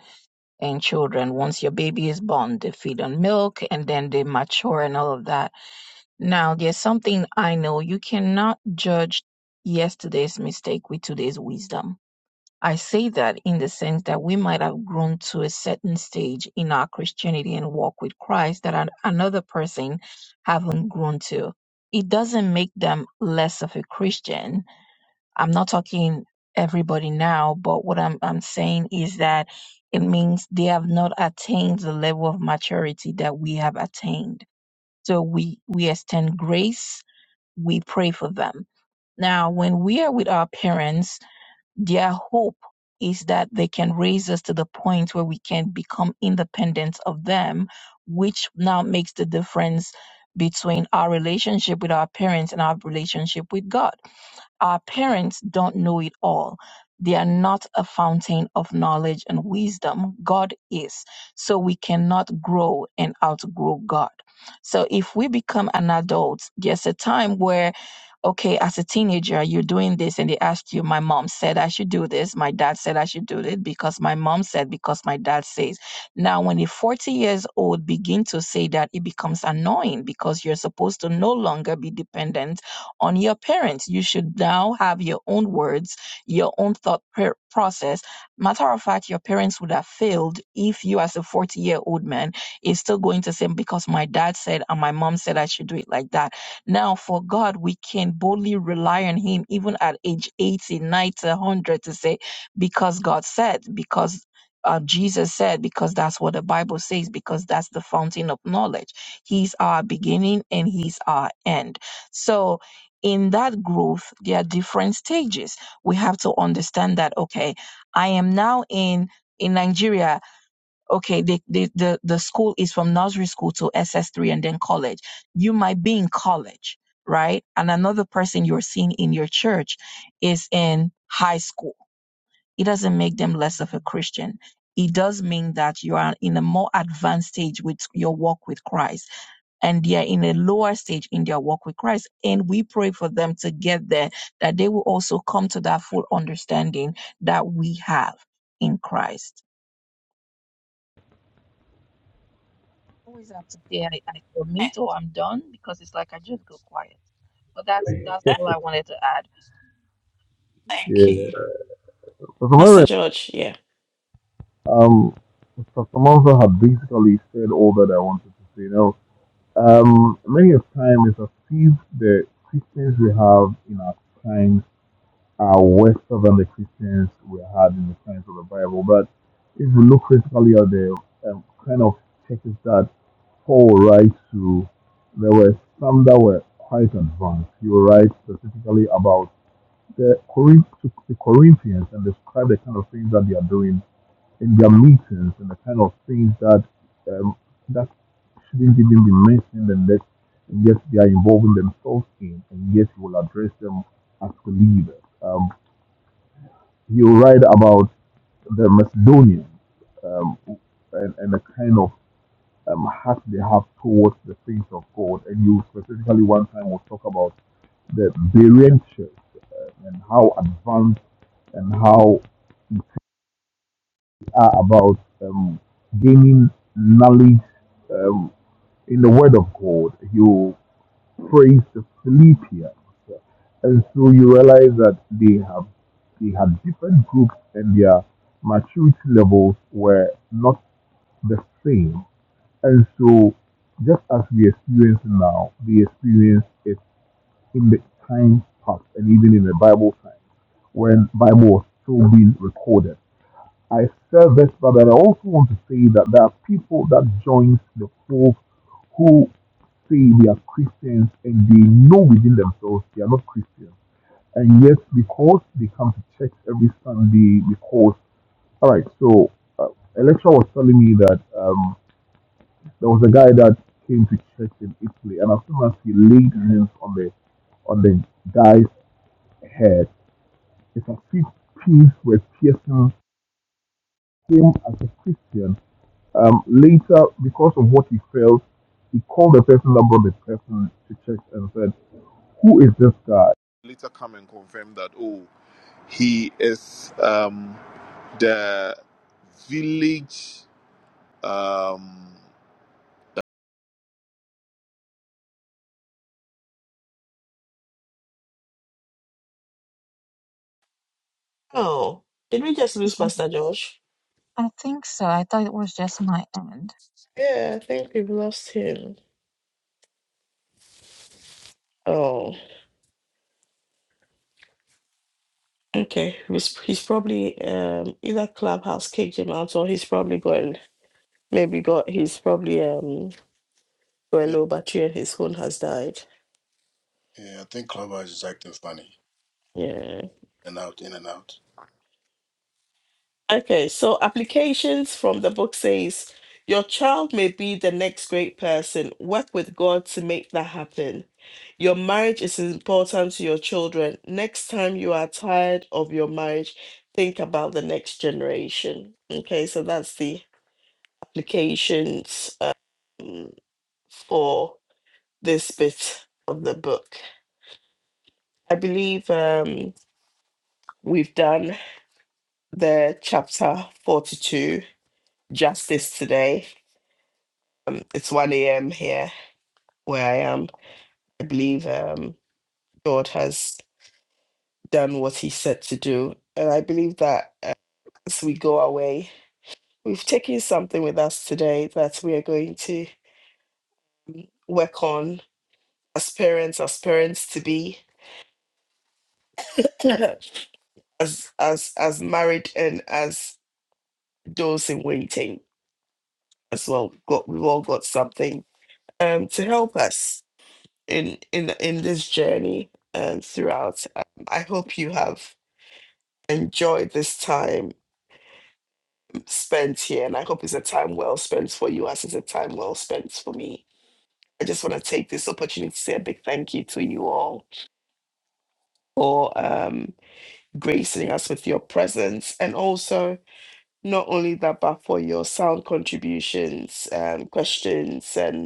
B: and children. Once your baby is born, they feed on milk and then they mature and all of that. Now there's something I know. You cannot judge yesterday's mistake with today's wisdom I say that in the sense that we might have grown to a certain stage in our Christianity and walk with Christ that an- another person haven't grown to. It doesn't make them less of a Christian. I'm not talking everybody now, but what I'm, I'm saying is that it means they have not attained the level of maturity that we have attained. So we, we extend grace, we pray for them. Now, when we are with our parents, their hope is that they can raise us to the point where we can become independent of them, which now makes the difference between our relationship with our parents and our relationship with God our parents don't know it all. They are not a fountain of knowledge and wisdom. God is. So we cannot grow and outgrow God. So if we become an adult, there's a time where okay, as a teenager, you're doing this, and they ask you, my mom said I should do this, my dad said I should do it because my mom said, because my dad says. Now, when a 40 years old begin to say that, it becomes annoying because you're supposed to no longer be dependent on your parents. You should now have your own words, your own thought per- process. Matter of fact, your parents would have failed if you, as a 40 year old man, is still going to say, because my dad said and my mom said I should do it like that now, for God, we can boldly rely on Him even at age 80, 90, 100 to say, because God said, because uh, Jesus said, because that's what the Bible says, because that's the fountain of knowledge. He's our beginning and He's our end. So, in that growth, there are different stages. We have to understand that, okay, I am now in. In Nigeria, okay, the, the, the, the school is from nursery school to SS3 and then college. You might be in college, right? And another person you're seeing in your church is in high school. It doesn't make them less of a Christian. It does mean that you are in a more advanced stage with your walk with Christ and they are in a lower stage in their walk with Christ. And we pray for them to get there, that they will also come to that full understanding that we have in Christ. always have to say I, I submit or I'm done because it's like I just go quiet. But that's that's all I wanted to add.
A: Thank
G: yeah.
A: you.
G: But
A: Pastor
G: Myron,
A: George, yeah.
G: um, Dr. Monzo had basically said all that I wanted to say. Now, um, many a time it's as if the Christians we have in our times are worse than the Christians we had in the times of the Bible. But if you look critically at the um, kind of churches that poll rights to. there were some that were quite advanced. He will write specifically about the, Corinth, the Corinthians and describe the kind of things that they are doing in their meetings and the kind of things that um, that shouldn't even be mentioned and that and yet they are involving themselves in and yet he will address them as believers. Um, he will write about the Macedonians um, and, and the kind of um, heart they have towards the things of God. And you specifically one time will talk about the Berean church and how advanced and how they are about um, gaining knowledge um, in the Word of God. You praise the Philippians, and so you realize that they have they had different groups and their maturity levels were not the same And so, just as we experience now, we experience it in the time past and even in the Bible time when Bible was still being recorded. I said this, but I also want to say that there are people that join the fold who say they are Christians and they know within themselves they are not Christians. And yet, because they come to church every Sunday, because, all right, so uh, a lecturer was telling me that. Um, there was a guy that came to church in Italy, and as soon as he laid hands on the on the guy's head, it's as if peace were piercing him as a Christian. Um, later, because of what he felt, he called the person that brought the person to church and said, "Who is this guy?"
A: Oh, did we just lose
B: Is that-
A: Pastor George?
B: I think so. I thought it was just my end.
A: Yeah, I think we've lost him. Oh. Okay, he's, he's probably um either Clubhouse kicked him out or he's probably going maybe got he's probably um got a low battery and his phone has died.
H: Yeah, I think Clubhouse is acting funny.
A: Yeah.
H: In and out, in and out.
A: Okay, so applications from the book says your child may be the next great person. Work with God to make that happen. Your marriage is important to your children. Next time you are tired of your marriage, think about the next generation. Okay, so that's the applications. um, for this bit of the book. I believe um, we've done the chapter 42 justice today. Um, it's 1 a.m. here where I am. I believe um, God has done what he said to do. And I believe that uh, as we go away, we've taken something with us today that we are going to work on as parents, as parents to be, as as as married and as those in waiting as well got we've all got something um to help us in in in this journey um throughout um, i hope you have enjoyed this time spent here and i hope it's a time well spent for you as it's a time well spent for me i just want to take this opportunity to say a big thank you to you all for um gracing us with your presence and also not only that but for your sound contributions um questions and.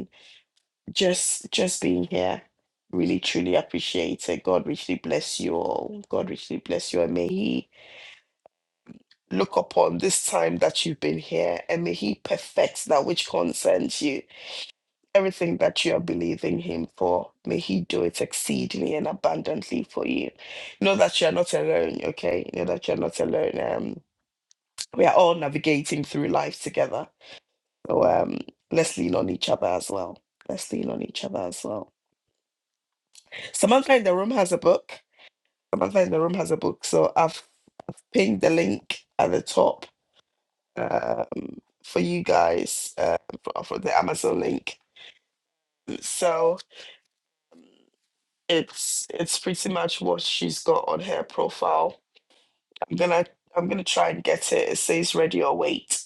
A: just just being here. Really truly appreciate it. God richly bless you all. God richly bless you. And may he look upon this time that you've been here and may he perfect that which concerns you. Everything that you are believing him for, may he do it exceedingly and abundantly for you. Know that you are not alone, okay? Know that you're not alone. Um we are all navigating through life together. So um let's lean on each other as well. Let's lean on each other as well. Samantha in the room has a book. Samantha in the room has a book, so I've pinned the link at the top um, for you guys uh, for, for the Amazon link. So it's it's pretty much what she's got on her profile. I'm gonna I'm gonna try and get it. It says ready or wait.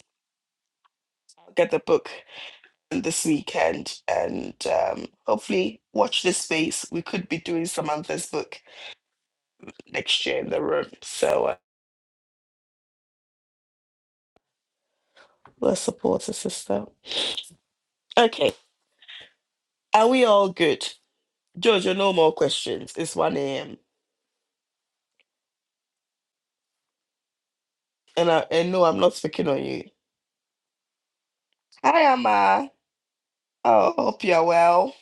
A: I'll get the book this weekend and um, hopefully watch this space. We could be doing Samantha's book next year in the room. So uh, let's support her sister. Okay, are we all good? Jojo, no more questions. It's 1 a.m. And I and no, I'm not speaking on you. Hi, Amma. Oh, hope you're well.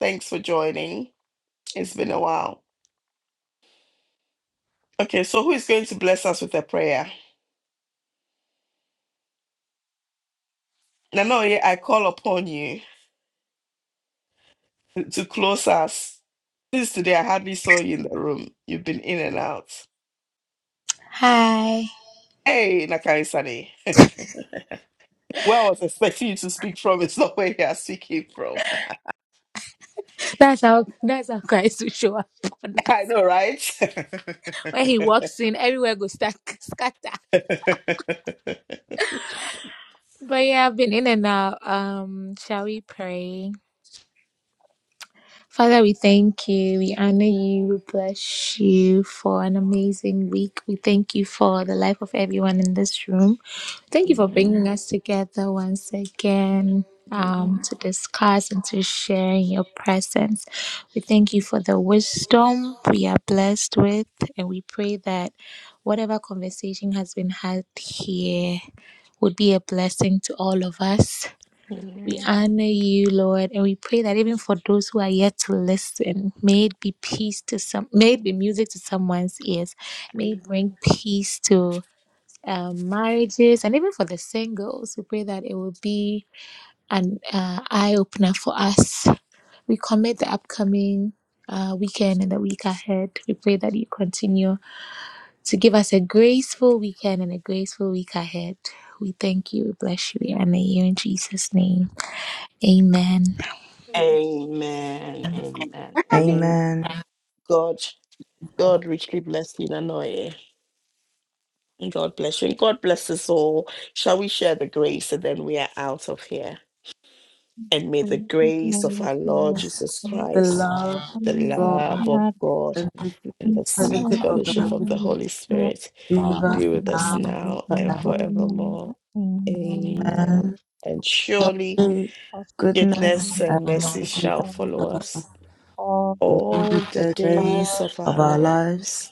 A: Thanks for joining. It's been a while. Okay, so who is going to bless us with a prayer? Nano, I call upon you to to close us. Since today I hardly saw you in the room. You've been in and out.
K: Hi.
A: Hey, Nakari Sane. Where I was expecting you to speak from, it's not where you are speaking from.
K: That's how that's how Christ will show up. on that.
A: I know, right?
K: When he walks in, everywhere goes stack, scatter. But yeah, I've been in and out. Um, shall we pray? Father, we thank you. We honor you. We bless you for an amazing week. We thank you for the life of everyone in this room. Thank you for bringing us together once again
A: Mm.
K: um, to discuss and to share in your presence. We thank you for the wisdom we are blessed with, and we pray that whatever conversation has been had here would be a blessing to all of us. We honor you, Lord, and we pray that even for those who are yet to listen, may it be peace to some, may it be music to someone's ears, may it bring peace to um, marriages, and even for the singles. We pray that it will be an uh, eye opener for us. We commit the upcoming uh, weekend and the week ahead. We pray that you continue to give us a graceful weekend and a graceful week ahead. We thank you. We bless you. We honor you in Jesus' name. Amen.
A: Amen. Amen. Amen.
I: Amen.
A: God, God richly bless you, Nanoye. God bless you. And God bless us all. Shall we share the grace and then we are out of here? And may the grace of our Lord Jesus Christ, the love of God, and the sweet fellowship of the Holy Spirit
I: Be us
A: be with us
I: now
A: now and
I: forever.
A: forevermore. Amen. And surely
I: Amen. Goodness
A: goodness and
I: and
A: mercy
I: mercy to
A: shall follow us
I: all
A: all the
I: the days
A: days of
I: of our
A: our
I: lives,
A: lives,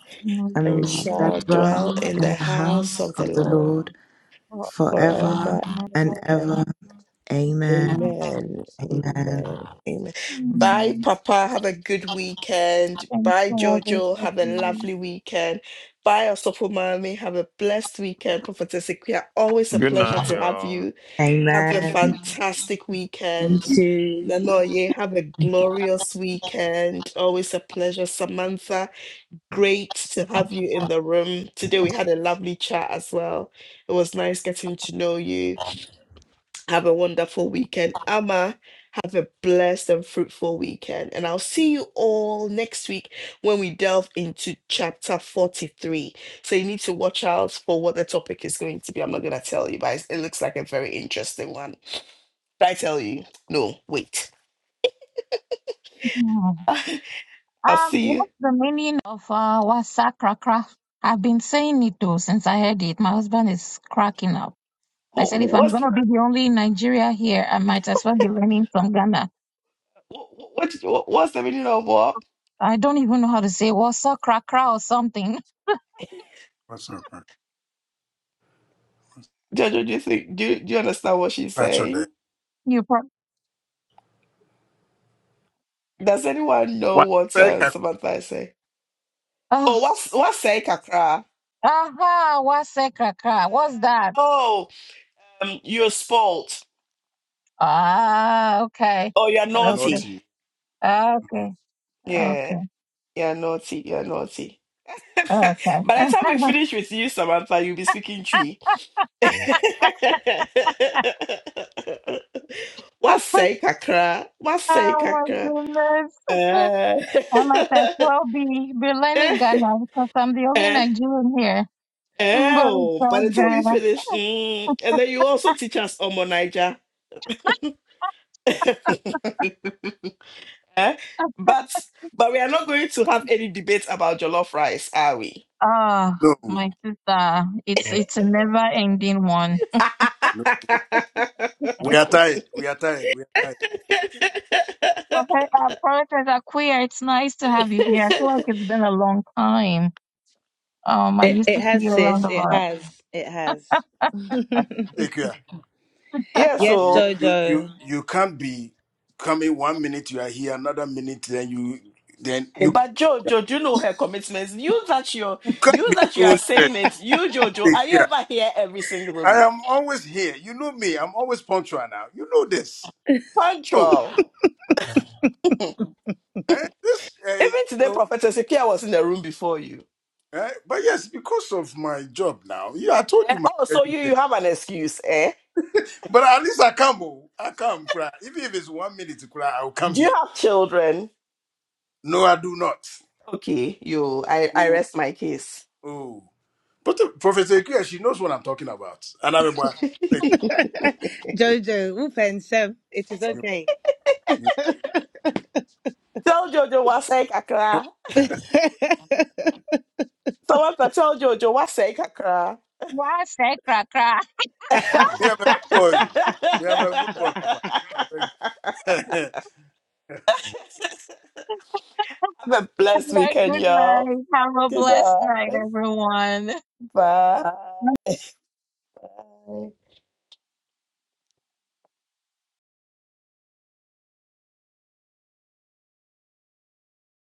A: and
I: and
A: we
I: we shall
A: shall dwell
I: dwell
A: in
I: in
A: the
I: the
A: house
I: house
A: of the
I: of the
A: Lord
I: Lord forever
A: forever and
I: and
A: ever.
I: ever. Amen.
A: Amen.
I: Amen.
A: Amen. Amen. Bye,
B: Mm,
A: Papa. Have a good weekend.
B: Thanks
A: Bye,
B: for
A: Jojo. Have a
B: everything.
A: lovely weekend. Bye, Osofo Mami. Have a blessed weekend. Prophetess Equia, always a
F: Good
A: pleasure
F: night,
A: to have
F: y'all.
A: you. Have a
I: Amen.
A: fantastic
I: You
A: weekend.
I: too.
A: Nanoye, have a glorious weekend. Always a pleasure, Samantha. Great to have you in the room. Today we had a lovely chat as well. It was nice getting to know you. Have a wonderful weekend. Amma, have a blessed and fruitful weekend. And I'll see you all next week when we delve into chapter 43. So you need to watch out for what the topic is going to be. I'm not going to tell you, but it's- it looks like a very interesting one. Did I tell you? No, wait.
B: Yeah. Um,
A: I'll see you.
B: what's the meaning of uh, wasakra crack? I've been saying it too since I heard it. My husband is cracking up. I
A: What,
B: said, if I'm going
A: what's
B: to be the only in Nigeria here, I might as well be learning from Ghana.
A: what, what, what's the meaning of what?
B: I don't even know how to say wasakra crack or something.
H: What's up, man?
A: Jojo, do you think do you, do you understand what she's
H: Patch your day.
A: saying?
B: You probably.
A: Does anyone know
H: What's
A: what uh,
H: up,
A: Samantha is saying?
B: Oh,
A: Oh, what's what's saying, Kakra?
B: aha, wasakra crack. What's that?
A: Oh, um, you're spoilt.
B: Ah, okay.
A: Oh, you're
B: Okay.
A: naughty.
H: Naughty.
B: Okay.
H: Mhm.
A: Yeah,
B: Okay.
A: you're naughty. You're naughty. By the time we
B: Okay.
A: finish with you, Samantha, you'll be speaking tree. what's say, Kakra? What's say,
B: Oh my
A: Kakra?
B: goodness. I might as well be Berlani Ghana because I'm the only
A: Uh,
B: Nigerian here. Mm, But it's
A: Oh, by
B: so
A: the time we
B: good.
A: finish, mm, and then you also teach us Omo Niger. Eh? but but we are not going to have any debates about jollof rice, are we?
B: Oh,
H: No,
B: my sister. It's it's a never ending one.
H: no. We are tired. We are tired. We are tired.
B: Prophet- Uh, Prophetess Akuya, it's nice to have you here. I feel like it's been a long time. Um, I
I: It,
B: used
I: it
B: to see
I: has,
B: you
I: sis.
B: around a
I: It
B: lot.
I: has. It has.
H: Take care.
A: yeah,
I: Yes,
H: You,
A: so
H: you, you,
I: Jojo.
H: you can't be coming one minute you are here, another minute then you, then
A: eh,
H: you,
A: but
H: you
A: Jojo, do you know her commitments? You that you're
H: can't
A: you
H: be
A: that you are
H: doing this.
A: saying it, you Jojo,
H: Take
A: are you
H: care.
A: ever here every single
H: I
A: week?
H: am always here. You know me. I'm always punctual now. You know this. Oh,
A: Punctual.
H: eh, this. Eh, you
A: Even today,
H: know.
A: Prophetess Ikea was in the room before
H: Eh, but yes, because of my job now, yeah, I told
A: Eh,
H: you my
A: oh, so
H: schedule
A: you
H: thing.
A: you have an excuse, eh?
H: But at least I come, oh, I come, cry. Even if it's one minute to cry, I'll come
A: Do you
H: here.
A: have children?
H: No, I do not.
A: Okay, you. I I
H: Oh,
A: rest my case.
H: oh. but the, Professor Ikea, she knows what I'm talking about. And I'm a boy. Thank
I: Jojo, whoop and self. It is
H: you.
I: okay.
H: you-
A: tell Jojo what's like Accra. Someone to tell Jojo what's like Accra.
B: Yes, say cra cra.
A: have
H: Me, I'm a good boy. oh. Me, I'm a good boy, Papa. I beg you.
A: a blessed
B: All right,
A: weekend,
B: good
A: y'all.
B: night. Have a
A: Good
B: blessed night,
A: night.
B: everyone.
A: Bye.